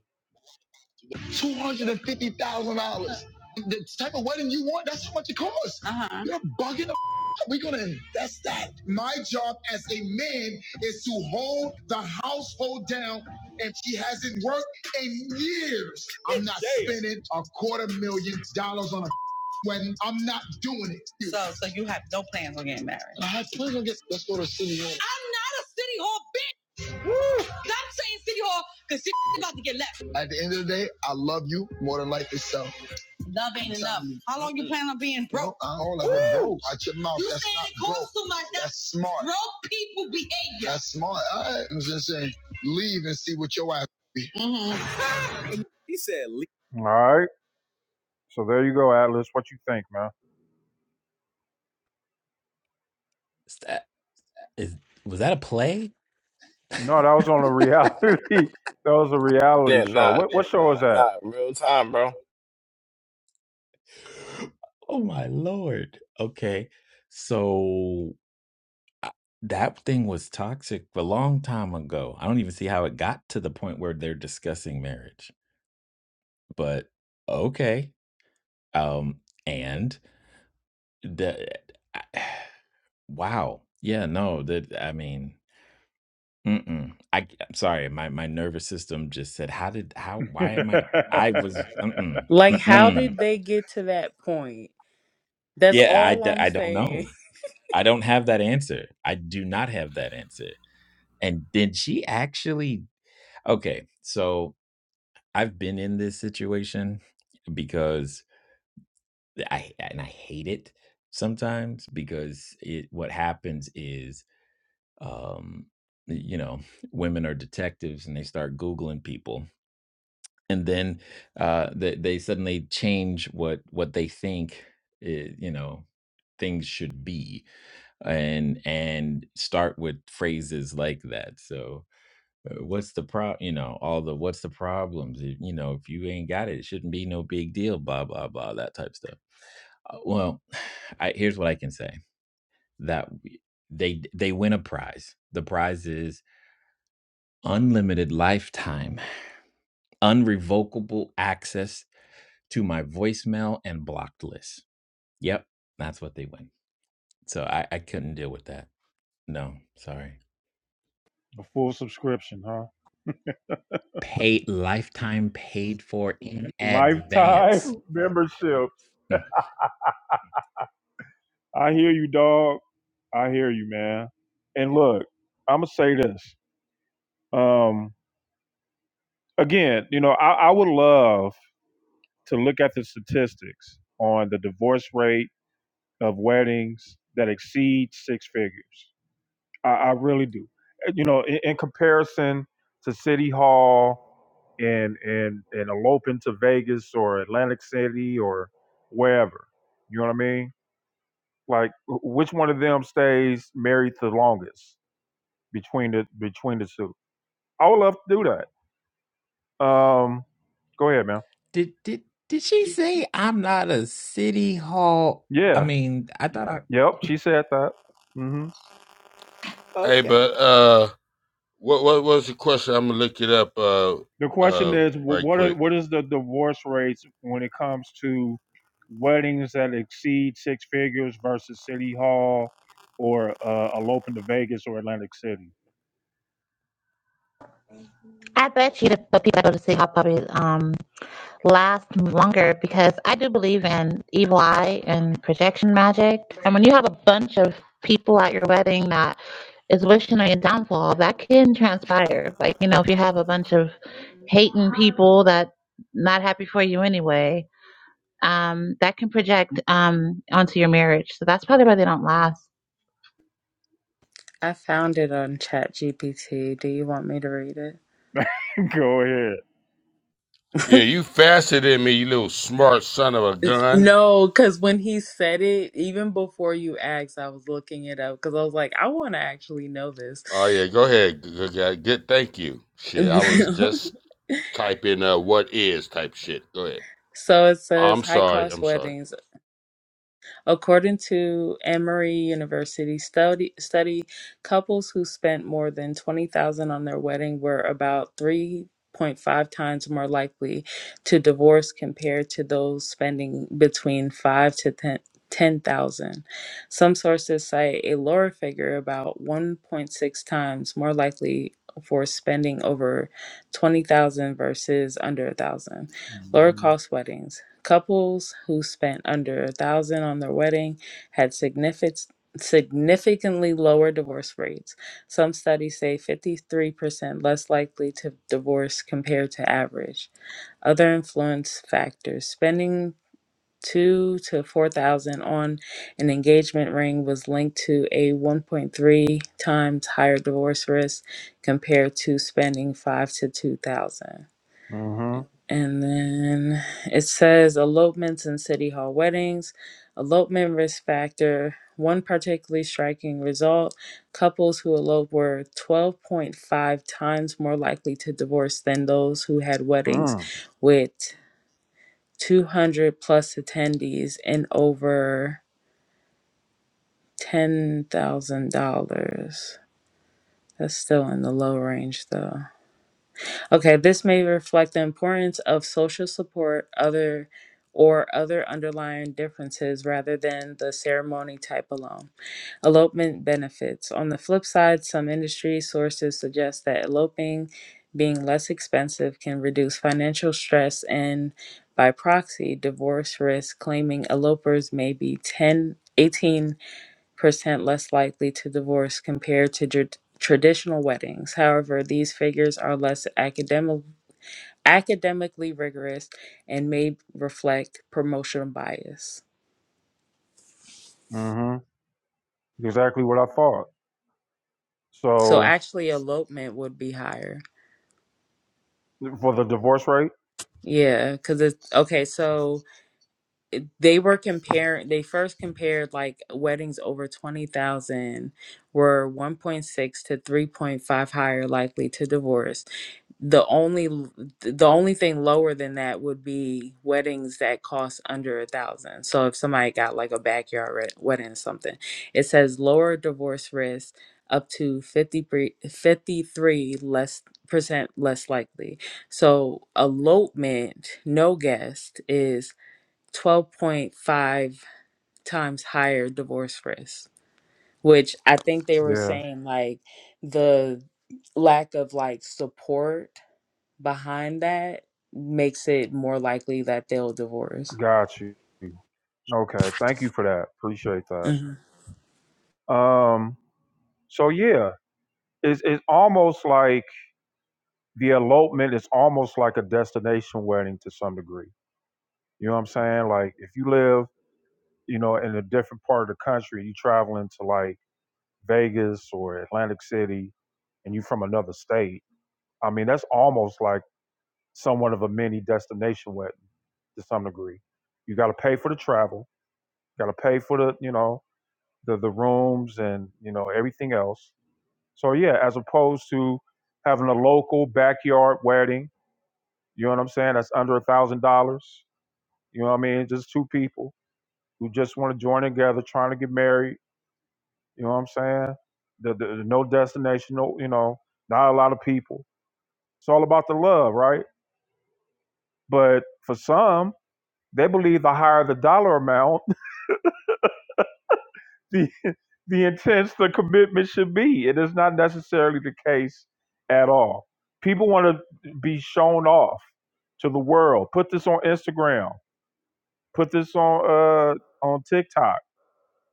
A: Two hundred and fifty thousand dollars. The type of wedding you want, that's how much it costs. You're bugging the f- We're going to invest that. My job as a man is to hold the household down, and she hasn't worked in years. I'm not Damn. spending a quarter million dollars on a f- wedding. I'm not doing it. And I had plans on get. Let's go to City At the end of the day, I love you more than life itself. I don't like that, bro. Out your mouth. That's smart. That's smart. I am just saying, leave and see what your ass be. All right. So there you go, Atlas. What you think, man?
R: Is that is was that a play?
A: No, that was on a reality. That was a reality
K: Yeah,
A: show.
K: nah,
A: What what show is that?
K: nah, real time, bro.
R: Oh my lord! Okay, so uh, that thing was toxic a long time ago. I don't even see how it got to the point where they're discussing marriage. But okay, um, and the wow, yeah, no, that I mean." Mm-mm. I c I'm sorry, my my nervous system just said, "How did how why am I" I
A: a
R: was mm-mm,
N: Like, how
R: mm-mm.
N: did they get to that point? That's
R: Yeah, I
N: all
R: d
N: I'm
R: I don't
N: saying.
R: know. I don't have that answer. I do not have that answer. And did she actually Okay, so I've been in this situation because I and I hate it sometimes because it what happens is um you know, women are detectives and they start googling people and then uh, they, they suddenly change what what they think i- you know things should be and and start with phrases like that so uh, what's the pro you know all the what's the problems If- you know if you ain't got it it shouldn't be no big deal blah blah blah that type stuff Uh, well I, here's what i can say that w- they they win a prize the prize is unlimited lifetime unrevocable access to my voicemail and blocked list. Yep, that's what they went. So I, I couldn't deal with that. No, sorry.
A: full subscription, huh?
R: Paid lifetime paid for in advance.
A: Lifetime Membership.
R: Mm.
A: I hear you, dog. I hear you, man. And look, I'm gonna say this. Um, again, you know, I, I would love to look at the statistics on the divorce rate of weddings that exceed six figures. I, I really do. Uh, You know, in, in comparison to City Hall and and and eloping to Vegas or Atlantic City or wherever, you know what I mean? Like, wh- which one of them stays married the longest between the between the two? I would love to do that. Um, go ahead, man.
R: Did did did she say I'm not a city hall? I
A: Yeah.
R: mean, I thought I
A: Yep. She said that. Mm-hmm.
P: Hey,
R: okay.
P: but uh, what what was the question? I'm gonna look it up uh
A: the question
P: uh
A: is wh-
P: right
A: what are,
P: quick.
A: what is the divorce rates when it comes to weddings that exceed six figures versus city hall or uh, eloping to Vegas or Atlantic City?
D: I bet you the the people that go to City Hall probably um last longer because I do believe in evil eye and projection magic. And when you have a bunch of people at your wedding that is wishing on your downfall, that can transpire. Like, you know, if you have a bunch of hating people that not happy for you anyway, um, that can project um onto your marriage. So that's probably why they don't last.
N: I found it on ChatGPT. Do you want me to read it?
A: Go ahead.
P: Yeah, you faster than me, you little smart son of a gun.
N: No, because when he said it, even before you asked, I was looking it up because I was like, I want to actually know this.
P: Oh yeah, go ahead. good, guy. good. Thank you. Shit, I was just Type in uh, what is type shit. Go ahead.
N: so it says
P: I'm
N: high
P: sorry.
N: cost
P: I'm sorry.
N: weddings. According to Emory University study, study, couples who spent more than 20000 on their wedding were about 3.5 times more likely to divorce compared to those spending between 5 to 10 10,000. Some sources cite a lower figure about 1.6 times more likely for spending over 20,000 versus under 1,000. Lower cost weddings. Couples who spent under a thousand on their wedding had significant significantly lower divorce rates. Some studies say 53% less likely to divorce compared to average. Other influence factors: spending 2 to 4,000 on an engagement ring was linked to a 1.3 times higher divorce risk compared to spending 5 to 2,000.
A: Mm-hmm.
N: And then it says elopements and city hall weddings, elopement risk factor. One particularly striking result couples who eloped were 12.5 times more likely to divorce than those who had weddings
A: Mm.
N: with 200 plus attendees and over $10,000. That's still in the low range though. Okay, this may reflect the importance of social support other or other underlying differences rather than the ceremony type alone. Elopement benefits. On the flip side, some industry sources suggest that eloping being less expensive can reduce financial stress and by proxy divorce risk claiming elopers may be ten eighteen percent less likely to divorce compared to tr- traditional weddings. However, these figures are less academic academically rigorous, and may reflect promotion bias.
A: Mm-hmm. Exactly what I thought.
N: So
A: So
N: actually, elopement would be higher.
A: for the divorce rate?
N: Yeah, because it's okay. So they were comparing, they first compared like weddings over 20,000 were 1.6 to 3.5 higher likely to divorce the only the only thing lower than that would be weddings that cost under a thousand so if somebody got like a backyard re- wedding or something it says lower divorce risk up to 53, fifty-three less percent less likely so elopement no guest is 12.5 times higher divorce risk which i think they were
A: Yeah.
N: saying like the lack of like support behind that makes it more likely that they'll divorce.
A: Got you. Okay. Thank you for that. Appreciate that.
N: hmm
A: Um, so yeah, it's it's almost like the elopement is almost like a destination wedding to some degree. You know what I'm saying? Like if you live, you know, in a different part of the country, you traveling to like Vegas or Atlantic City and you from another state. I mean, that's almost like somewhat of a mini destination wedding to some degree. You gotta pay for the travel, gotta pay for the, you know, the the rooms and, you know, everything else. So yeah, as opposed to having a local backyard wedding, you know what I'm saying? That's under a thousand dollars. You know what I mean? Just two people who just want to join together, trying to get married. You know what I'm saying? The, the, the no destination, no, you know, not a lot of people. It's all about the love, right? But for some, they believe the higher the dollar amount, the the intense the commitment should be. It is not necessarily the case at all. People want to be shown off to the world. Put this on Instagram. Put this on uh on TikTok.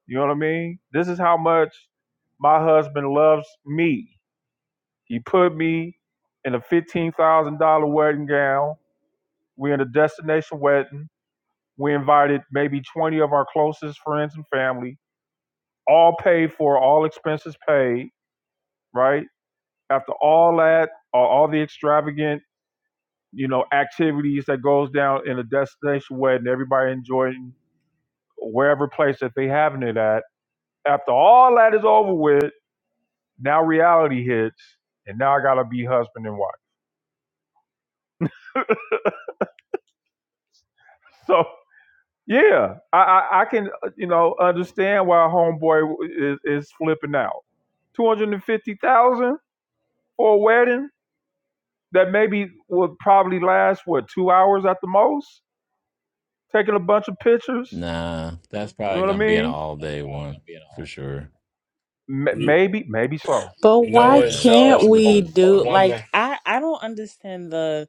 A: You know what I mean? This is how much my husband loves me. He put me in a fifteen thousand dollar wedding gown. We're in a destination wedding. We invited maybe twenty of our closest friends and family, all paid for, all expenses paid. Right after all that, all the extravagant, you know, activities that goes down in a destination wedding, everybody enjoying wherever place that they having it at. After all that is over with, now reality hits, and now I gotta be husband and wife. So. Yeah, I, I, I can uh, you know understand why homeboy is, is flipping out. Two hundred and fifty thousand for a wedding that maybe would probably last what two hours at the most. Taking a bunch of pictures,
R: Nah, that's
A: you
R: probably
A: know what I
R: gonna be
A: Yeah.
R: an
A: mean?
R: all day one for sure.
A: M-
K: You,
A: maybe, maybe so.
N: But
K: you know
N: why
R: Yeah,
K: what,
N: can't
K: y'all?
R: especially with
K: A,
N: we
R: the
K: a
N: do like
K: woman
N: I I don't understand the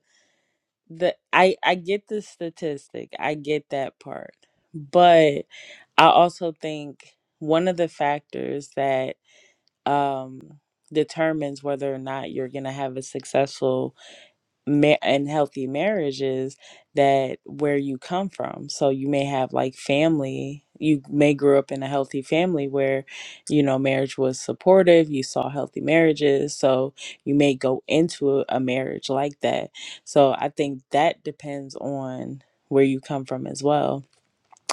N: the I I get the statistic. I get that part. But I also think one of the factors that um determines whether or not you're going to have a successful ma- and healthy marriages that where you come from so you may have like family you may grow up in a healthy family where you know marriage was supportive you saw healthy marriages so you may go into a a marriage like that so i think that depends on where you come from as well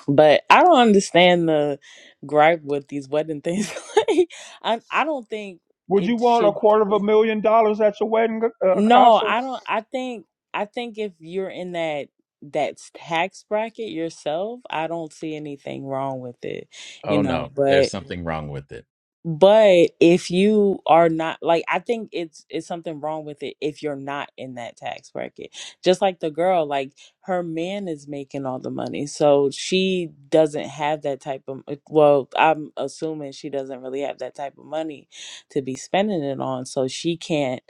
N: but i don't understand the gripe with these wedding things like I, I don't think
A: Would you
N: it
A: want a
N: should
A: quarter of a million dollars at your wedding, uh, uh,
N: no,
A: Casa?
N: I don't. I think I think if you're in that that tax bracket yourself, I don't see anything wrong with it, you
R: Oh no,
N: know. But
R: there's something wrong with it.
N: but if you are not like I think it's it's something wrong with it if you're not in that tax bracket. Just like the girl, like her man is making all the money. So she doesn't have that type of uh, well, I'm assuming she doesn't really have that type of money to be spending it on. So she can't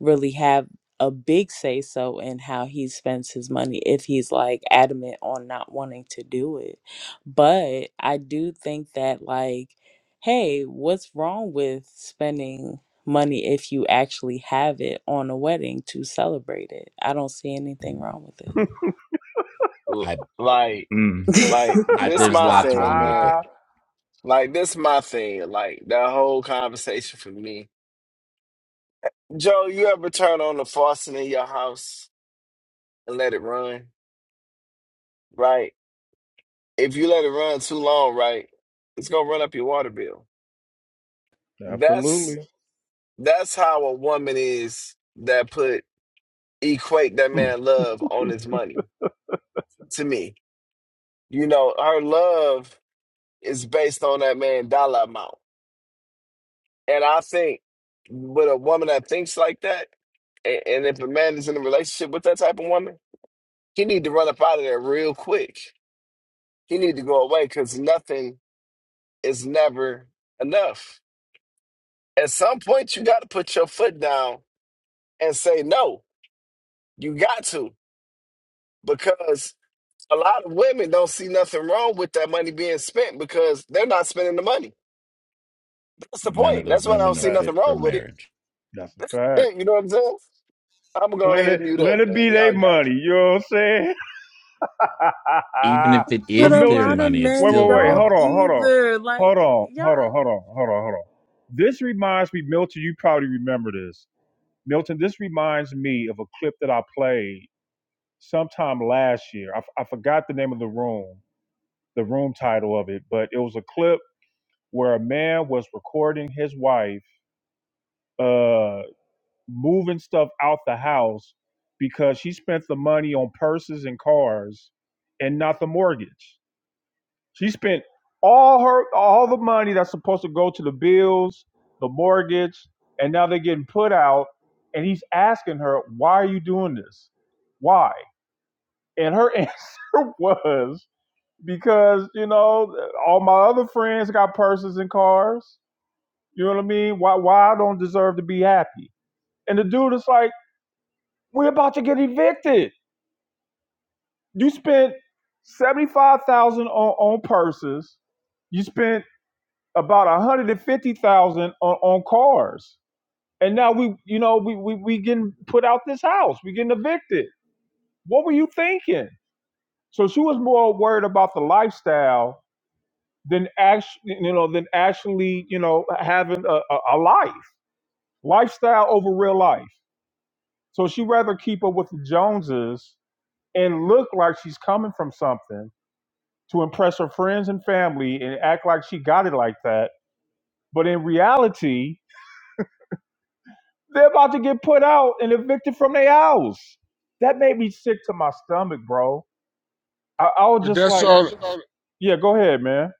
N: really have a big say so in how he spends his money if he's like adamant on not wanting to do it. But I do think that like hey, what's wrong with spending money if you actually have it on a wedding to celebrate it? I don't see anything wrong
K: l-
R: I
K: like,
R: Mm.
N: with
K: like
N: it.
R: I
K: this
R: there's
K: my
R: lots
K: thing,
R: wrong with it.
K: man. Like this my thing. Like that whole conversation for me. Joe, you ever turn on the faucet in your house and let it run, right? If you let it run too long, right, it's gonna run up your water bill.
A: Absolutely,
K: That's that's how a woman is that put equate that man love on his money. To me, you know, her love is based on that man dollar amount, and I think with a woman that thinks like that, and, and if a man is in a relationship with that type of woman, he need to run up out of there real quick. He need to go away because nothing is never enough At some point, you got to put your foot down and say no. You got to because a lot of women don't see nothing wrong with that money being spent because they're not spending the money. That's the
R: None of
K: point.
R: those
K: That's why I
A: that's a
R: women
K: don't
R: are
K: see
R: fit
K: nothing
A: fact.
R: for
K: wrong with it.
R: marriage.
A: That's a fact.
K: you know what I'm saying? I'm gonna go
A: Let
K: ahead
A: it
K: and mute
A: let
K: up,
A: it be
K: man.
A: their
K: Y'all got it.
A: money. You know what I'm saying?
R: Even if it
N: but
A: but
R: is
N: a
R: their
N: lot
A: Milton,
N: of
R: money, it's
A: wait,
N: men
R: still
A: wait, wait,
N: don't
A: hold
R: wrong.
A: on, hold on,
N: either. Like,
A: hold on,
N: y'all,
A: hold on, hold on, hold on, hold on. This reminds me, Milton, you probably remember this. Milton, this reminds me of a clip that I played sometime last year. I, f- I forgot the name of the room, the room title of it, but it was a clip where a man was recording his wife uh, moving stuff out the house because she spent the money on purses and cars and not the mortgage. She spent all her all the money that's supposed to go to the bills, the mortgage, and now they're getting put out. And he's asking her, "Why are you doing this? Why?" And her answer was, "Because you know all my other friends got purses and cars. You know what I mean? Why why I don't deserve to be happy?" And the dude is like, "We're about to get evicted. You spent seventy five thousand on on purses. You spent." about 150,000 on, on cars. And now we, you know, we, we we getting put out this house. We getting evicted. What were you thinking? So she was more worried about the lifestyle than actually, you know, than actually, you know, having a, a, a life. Lifestyle over real life. So she rather keep up with the Joneses and look like she's coming from something to impress her friends and family and act like she got it like that. But in reality, They're about to get put out and evicted from their house. That made me sick to my stomach, bro. I, I was
P: But
A: just
P: that's
A: like, That's
P: all.
A: all. yeah, go ahead, man.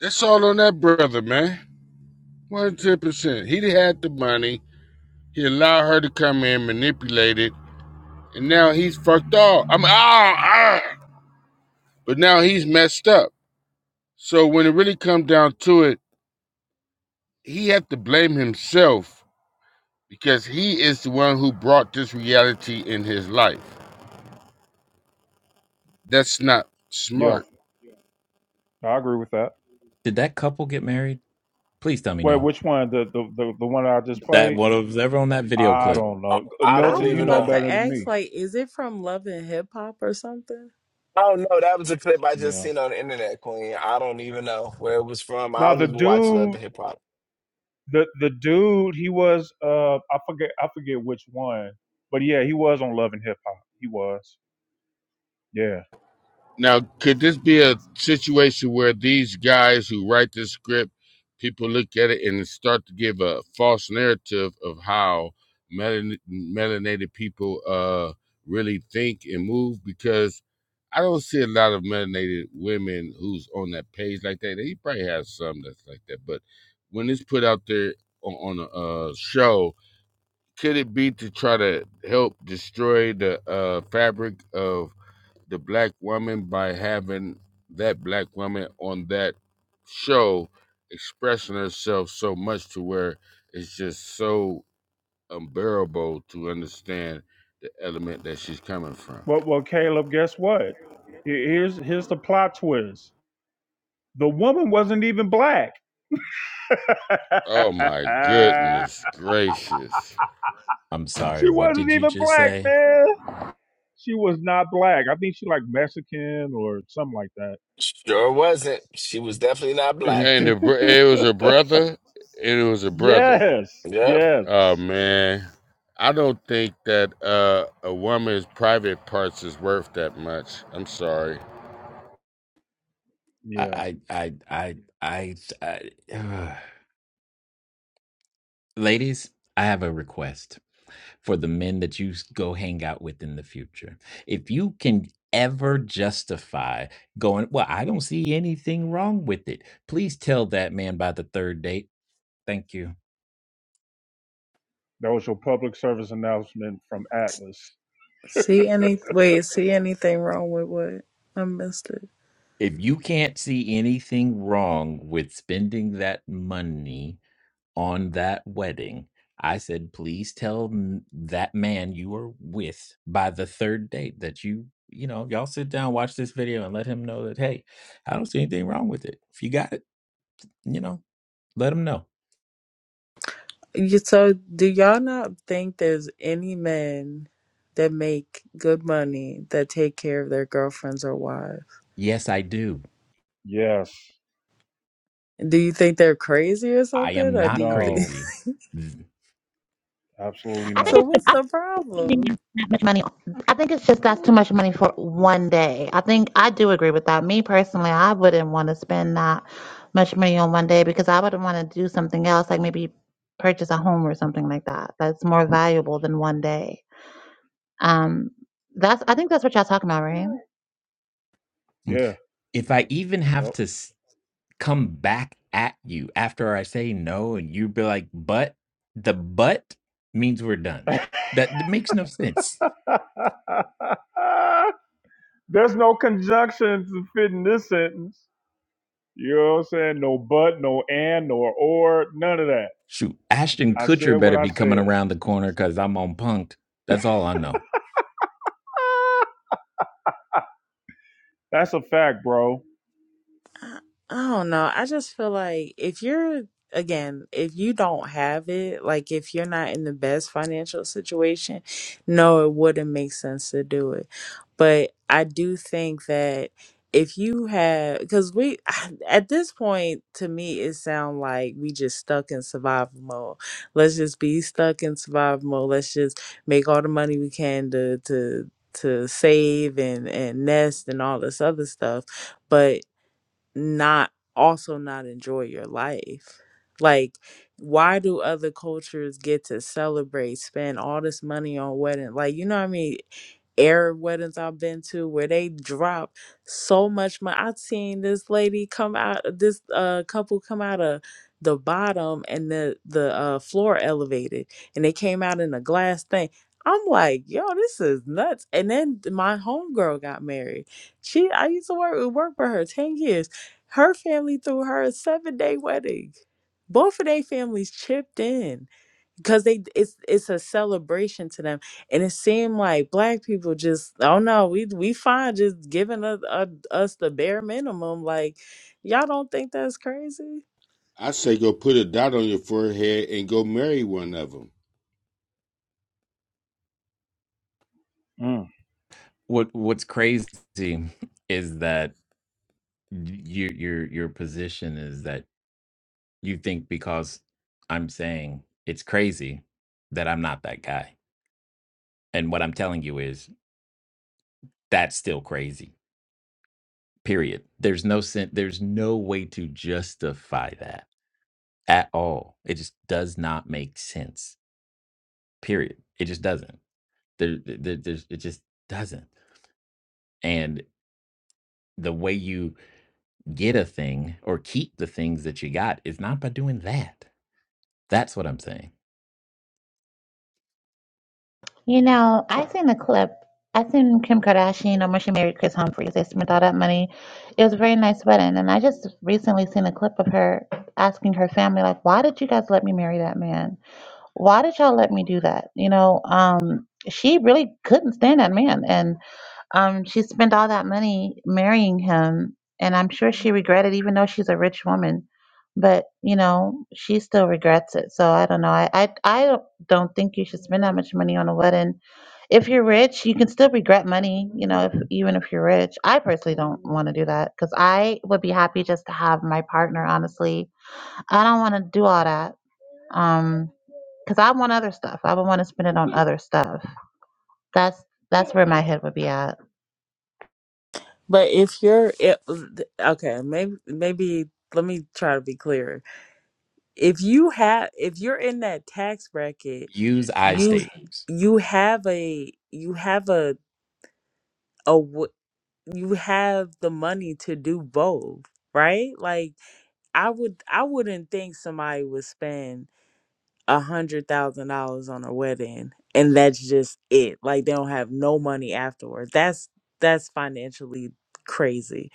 P: That's all on that brother, man. One hundred ten percent. He had the money. He allowed her to come in, manipulate it, and now he's fucked off. I'm ah, ah. But now he's messed up. So when it really comes down to it, he had to blame himself because he is the one who brought this reality in his life. That's not
A: Yeah,
P: smart.
A: I agree with that.
R: Did that couple get married? Please tell me
A: Wait,
R: no.
A: which one? The the the, the one I just
R: That
A: played?
R: what was ever on that video
A: I
R: clip.
A: don't
K: I
A: know. Uh,
K: I
N: I
K: don't
A: Milton,
N: was
A: you
K: even
A: know
N: about
K: know.
N: to
A: better than
N: ask,
A: me.
N: like, is it from Love and Hip Hop or something?
K: I don't know. That was a clip I just
A: Yeah.
K: seen on the internet, Queen. I don't even know where it was from. I
A: Now
K: don't
A: the
K: even watch Love
A: dude,
K: and Hip Hop.
A: the the dude, he was uh, I forget I forget which one, but yeah, he was on Love and Hip Hop. He was. Yeah.
P: Now, could this be a situation where these guys who write this script, people look at it and start to give a false narrative of how melan- melanated people uh, really think and move? Because I don't see a lot of melanated women who's on that page like that. They probably have some that's like that, but when it's put out there on, on a uh, show, could it be to try to help destroy the uh, fabric of the black woman by having that black woman on that show expressing herself so much to where it's just so unbearable to understand the element that she's coming from.
A: Well, well, Caleb, guess what? Here- Here's here's the plot twist. The woman wasn't even black.
P: Oh my goodness gracious.
R: I'm sorry.
A: she
R: What
A: wasn't
R: did you
A: even
R: just
A: black,
R: say?
A: man. She was not black. I think she like Mexican or something like
K: Sure wasn't. She was definitely not black.
P: And
A: that.
P: the, br- it was a brother, and it was a brother.
A: yes,
K: Yep.
A: yes,
P: Oh man. I don't think that uh, a woman's private parts is worth that much. I'm sorry.
A: yeah.
R: I I I I I. I ugh. ladies, I have a request for the men that you s- go hang out with in the future. If you can ever justify going, well, I don't see anything wrong with it. Please tell that man by the third date. Thank you.
A: That was your public service announcement from Atlas.
N: See any? Wait, see anything wrong with what? I missed it.
R: If you can't see anything wrong with spending that money on that wedding, I said, please tell m- that man you are with by the third date that you, you know, y'all sit down, watch this video, and let him know that, hey, I don't see anything wrong with it. If you got it, you know, let him know.
N: You, so, do y'all not think there's any men that make good money that take care of their girlfriends or wives?
R: Yes, I do.
A: Yes,
N: Do you think they're crazy or
R: I am
N: something? Or do
R: not
N: you think
A: no,
R: crazy. Th-
A: absolutely
D: I think
N: so?
A: not.
N: What's the problem?
D: that much money. I think it's just that's too much money for one day. I think I do agree with that. Me personally, I wouldn't want to spend that much money on one day because I would want to do something else, like maybe purchase a home or something like that. That's more valuable than one day. Um, that's I think that's what y'all talking about, right?
R: mm,
A: Yeah,
R: If I even have
A: yep.
R: to come back at you after I say no, and you be like, but the but means we're done. That, that makes no sense.
A: There's no conjunction to fit in this sentence. You know what I'm saying? No but, no and, nor or, none of that.
R: Shoot, Ashton
A: I
R: Kutcher
A: said what
R: better
A: I
R: be coming
A: said.
R: around the corner because I'm on punked. That's all I know.
A: Ah, That's a fact, bro.
N: I, I don't know. I just feel like if you're again, if you don't have it, like if you're not in the best financial situation, no, it wouldn't make sense to do it. But I do think that if you have because we at this point to me it sound like we just stuck in survival mode let's just be stuck in survival mode let's just make all the money we can to to to save and and nest and all this other stuff but not also not enjoy your life like why do other cultures get to celebrate spend all this money on wedding like you know what i mean Arab weddings I've been to where they drop so much money. I've seen this lady come out, this uh couple come out of the bottom and the the uh, floor elevated, and they came out in a glass thing. I'm like, yo, this is nuts. And then my homegirl got married. She, I used to work work for her ten years. Her family threw her a seven day wedding. Both of their families chipped in because they it's it's a celebration to them, and it seemed like black people just oh no we we fine just giving us uh, us the bare minimum like y'all don't think that's crazy.
P: I say go put a dot on your forehead and go marry one of them.
A: Mm.
R: What What's crazy is that your your your position is that you think because I'm saying it's crazy that I'm not that guy, and what I'm telling you is that's still crazy period there's no sen- there's no way to justify that at all it just does not make sense period it just doesn't there, there there's it just doesn't and the way you get a thing or keep the things that you got is not by doing that that's what i'm saying
D: You know, I seen the clip. I seen Kim Kardashian um, when she married Chris Humphries. They spent all that money. It was a very nice wedding, and I just recently seen a clip of her asking her family, like, "Why did you guys let me marry that man?" why did y'all let me do that? You know, um, she really couldn't stand that man. And um, she spent all that money marrying him. And I'm sure she regretted, even though she's a rich woman. But, you know, she still regrets it. So I don't know. I, I, I don't don't think you should spend that much money on a wedding. If you're rich, you can still regret money, you know, if, even if you're rich. I personally don't want to do that because I would be happy just to have my partner, honestly. I don't want to do all that. Um, because I want other stuff. I would want to spend it on other stuff. That's that's where my head would be at.
N: But if you're it, okay, maybe maybe let me try to be clearer. If you have if you're in that tax bracket,
R: use i
N: you
R: statements
N: you have a you have a a, w- you have the money to do both right like i would i wouldn't think somebody would spend a hundred thousand dollars on a wedding and that's just it like they don't have no money afterwards that's that's financially crazy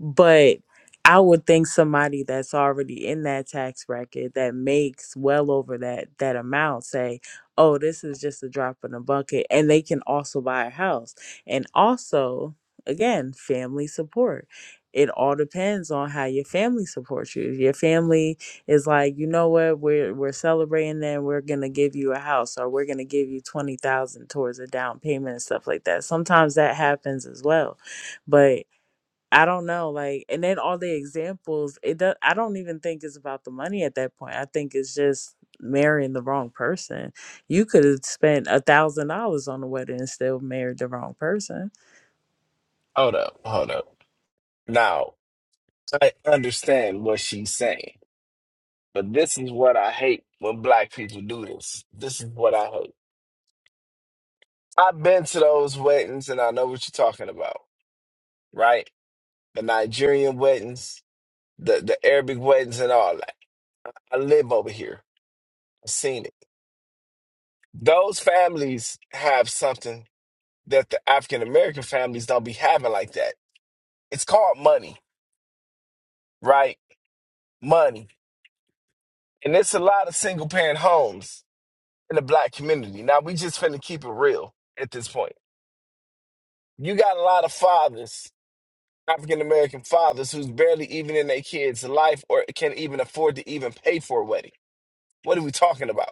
N: but I would think somebody that's already in that tax bracket that makes well over that that amount say, "Oh, this is just a drop in the bucket," and they can also buy a house. And also, again, family support. It all depends on how your family supports you. If your family is like, you know what, we're we're celebrating and we're gonna give you a house or we're gonna give you twenty thousand towards a down payment and stuff like that. Sometimes that happens as well. But I don't know, like, and then all the examples. It does. I don't even think it's about the money at that point. I think it's just marrying the wrong person. You could have spent a thousand dollars on the wedding and still married the wrong person.
K: Hold up. Hold up. Now I understand what she's saying, but this is what I hate when black people do this. This is what I hate. I've been to those weddings and I know what you're talking about, right? The Nigerian weddings, the, the Arabic weddings, and all that. I live over here. I've seen it. Those families have something that the African American families don't be having like that. It's called money, right? Money. And it's a lot of single parent homes in the black community. Now, we just finna keep it real at this point You got a lot of fathers, African American fathers, who's barely even in their kids' life or can't even afford to even pay for a wedding. What are we talking about?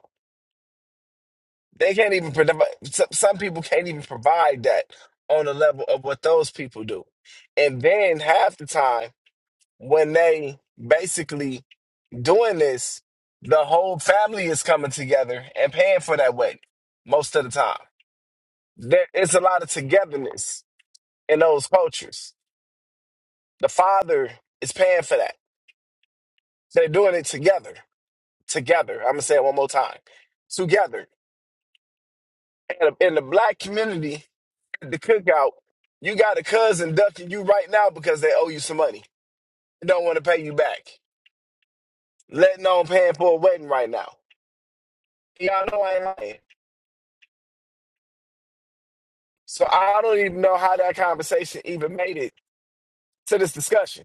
K: They can't even provide. Some some people can't even provide that on the level of what those people do. And then half the time, when they basically doing this, the whole family is coming together and paying for that wedding most of the time. There, it's a lot of togetherness in those cultures. The father is paying for that They're doing it together. Together. I'm going to say it one more time. Together. And in the black community, at the cookout, you got a cousin ducking you right now because they owe you some money. They don't want to pay you back. Letting on paying for a wedding right now. Y'all know I ain't lying. So I don't even know how that conversation even made it to this discussion.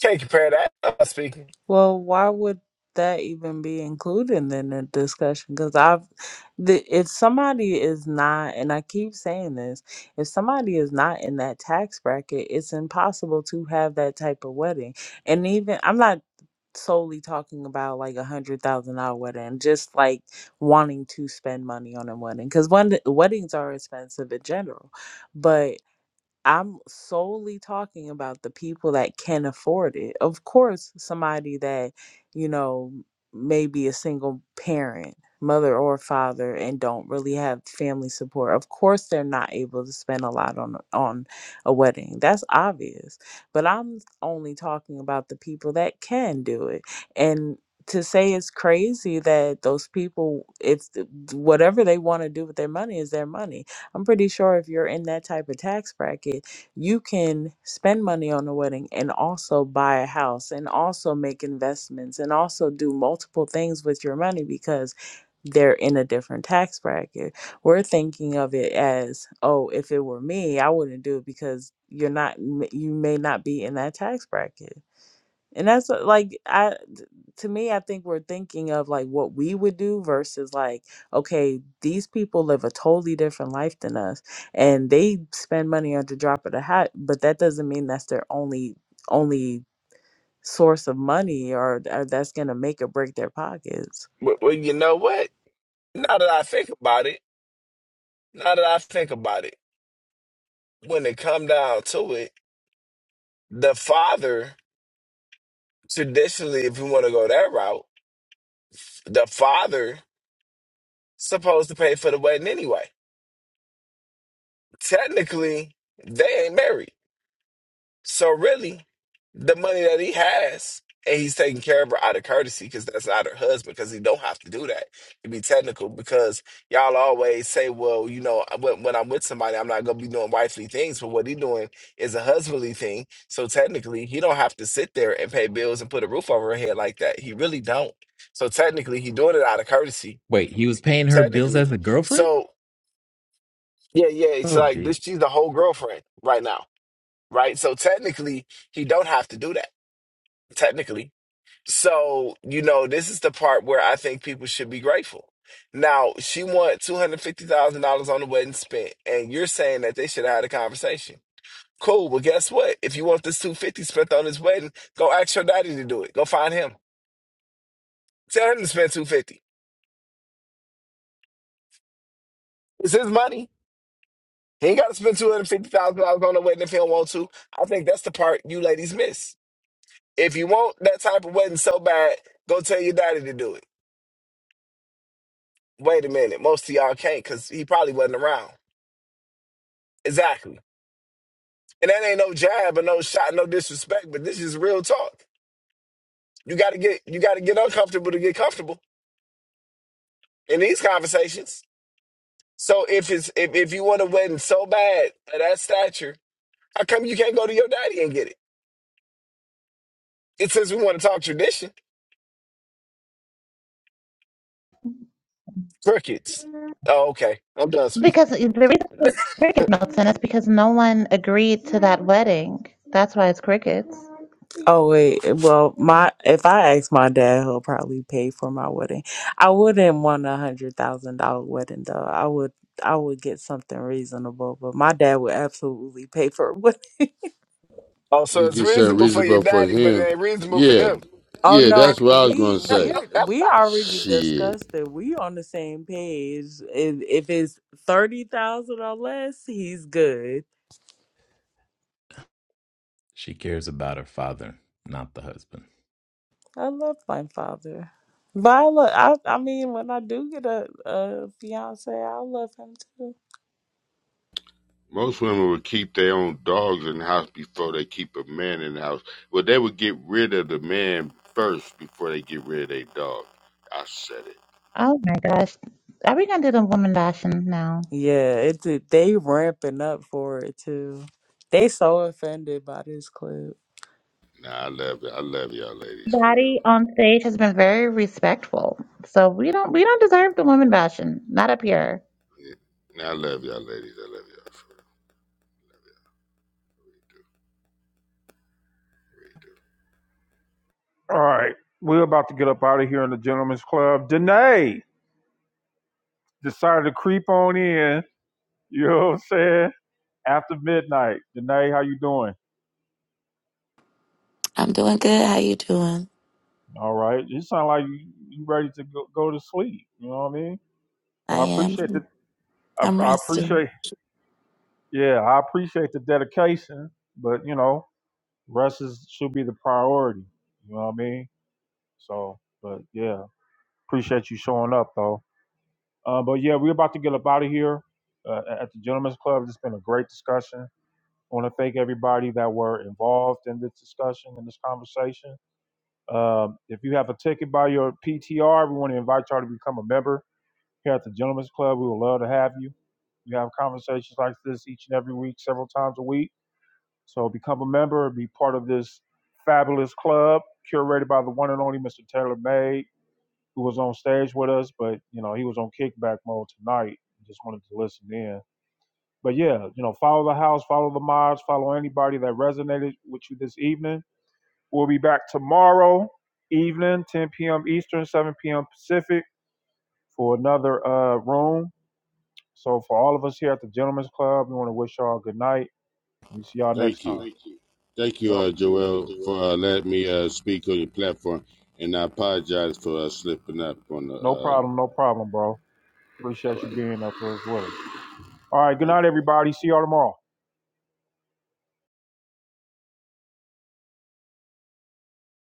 K: Can't compare that. I'm speaking.
N: Well, why would that even be included in the discussion? Because I've, the, if somebody is not, and I keep saying this, if somebody is not in that tax bracket, it's impossible to have that type of wedding. And even I'm not solely talking about like a hundred thousand dollar wedding, just like wanting to spend money on a wedding because weddings are expensive in general. But I'm solely talking about the people that can afford it. Of course, somebody that, you know, may be a single parent, mother or father, and don't really have family support. Of course, they're not able to spend a lot on on a wedding. That's obvious. But I'm only talking about the people that can do it. And to say it's crazy that those people, it's whatever they want to do with their money is their money I'm pretty sure if you're in that type of tax bracket, you can spend money on a wedding and also buy a house and also make investments and also do multiple things with your money because they're in a different tax bracket. We're thinking of it as, oh, if it were me, I wouldn't do it because you're not, you may not be in that tax bracket and that's what, like I, to me I think we're thinking of like what we would do versus like okay, these people live a totally different life than us and they spend money on the drop of the hat, but that doesn't mean that's their only only source of money or, or that's going to make or break their pockets.
K: Well, well, you know what? Now that I think about it, now that I think about it, when it come down to it, the father traditionally, if you want to go that route, the father supposed to pay for the wedding anyway. Technically, they ain't married. So really, the money that he has, and he's taking care of her out of courtesy because that's not her husband. Because he don't have to do that to be technical. Because y'all always say, well, you know, I- when, when I'm with somebody, I'm not gonna be doing wifely things. But what he doing is a husbandly thing. So technically, he don't have to sit there and pay bills and put a roof over her head like that. He really don't. So technically, he doing it out of courtesy.
R: Wait, he was paying her bills
K: Technically,
R: as a girlfriend?
K: so yeah, yeah. It's
R: Oh,
K: like this.
R: jeez.
K: She's the whole girlfriend right now, right? So technically, he don't have to do that technically. So, you know, this is the part where I think people should be grateful. Now, she want $250,000 on the wedding spent, and you're saying that they should have had a conversation. Cool. Well, guess what? If you want this 250 spent on this wedding, go ask your daddy to do it. Go find him. Tell him to spend 250. It's his money. He ain't got to spend $250,000 on the wedding if he don't want to. I think that's the part you ladies miss. If you want that type of wedding so bad, go tell your daddy to do it. Wait a minute. Most of y'all can't because he probably wasn't around. Exactly. And that ain't no jab or no shot, no disrespect, but this is real talk. You gotta get you gotta get uncomfortable to get comfortable in these conversations. So if it's if, if you want a wedding so bad at that stature, how come you can't go to your daddy and get it? It says we want to talk tradition. Crickets. Oh, okay. I'm done speaking.
D: Because the reason it's cricket Milton is because no one agreed to that wedding. That's why it's crickets.
N: Oh wait, eh, well, my if I ask my dad, he'll probably pay for my wedding. I wouldn't want a hundred thousand dollar wedding though. I would, I would get something reasonable, but my dad would absolutely pay for a wedding.
K: Oh, so
P: You
K: it's
P: get something
K: reasonable for your
P: reasonable for
K: daddy, but it
P: him.
K: ain't reasonable for
P: Yeah,
K: him.
N: Oh
P: yeah,
N: no,
P: that's what I was
N: we
P: gonna say.
N: we're we already
P: Shit.
N: discussed it. we on the same page. If if it's thirty thousand or less, he's good.
R: She cares about her father, not the husband.
N: I love my father, Viola. I I mean, when I do get a a fiance, I love him too.
P: Most women would keep their own dogs in the house before they keep a man in the house. Well, they would get rid of the man first before they get rid of their dog. I said it.
D: Oh my gosh. Are we gonna do the woman bashing now?
N: Yeah, it they ramping up for it too. They so offended by this clip.
P: Nah, I love it. I love y'all ladies for
D: Daddy
P: real.
D: on stage has been very respectful. So we don't we don't deserve the woman bashing. Not up here.
P: Yeah. Nah, I love y'all ladies. I love y'all for
A: All right. We're about to get up out of here in the gentleman's club. Danae decided to creep on in. You know what I'm saying? After midnight. Danae, how you doing?
S: I'm doing good. How you doing?
A: All right. You sound like you, you ready to go, go to sleep. You know what I mean?
S: I
A: So I appreciate
S: am.
A: the I,
S: I'm
A: I
S: resting.
A: appreciate yeah, I appreciate the dedication, but you know, rest is should be the priority. You know what I mean? So, but yeah, appreciate you showing up though. Uh, but yeah, we're about to get up out of here uh, at the Gentlemen's Club. It's been a great discussion. I want to thank everybody that were involved in this discussion and this conversation. Um, if you have a ticket by your PTR, we want to invite y'all to become a member here at the Gentlemen's Club. We would love to have you. We have conversations like this each and every week, several times a week. So become a member, be part of this fabulous club curated by the one and only Mr. Taylor May who was on stage with us, but you know he was on kickback mode tonight. Just wanted to listen in. But yeah, you know, follow the house, follow the mods, follow anybody that resonated with you this evening. We'll be back tomorrow evening, 10 p.m. Eastern, 7 p.m. Pacific, for another uh, room. So for all of us here at the Gentlemen's Club, we want to wish y'all good night. We see y'all
P: real.
A: next
P: Thank you.
A: time. Thank you.
P: Thank you,
A: Yep.
P: uh,
A: Thank you, uh,
P: Joel, for
A: Joel.
P: uh, letting me uh, speak on your platform, and I apologize for uh, slipping up on the.
A: No
P: Uh,
A: problem, no problem, bro.
P: all
A: Appreciate you
P: right,
A: being up with us. With us. All right. Good
P: thank
A: night,
P: you.
A: everybody. See y'all tomorrow.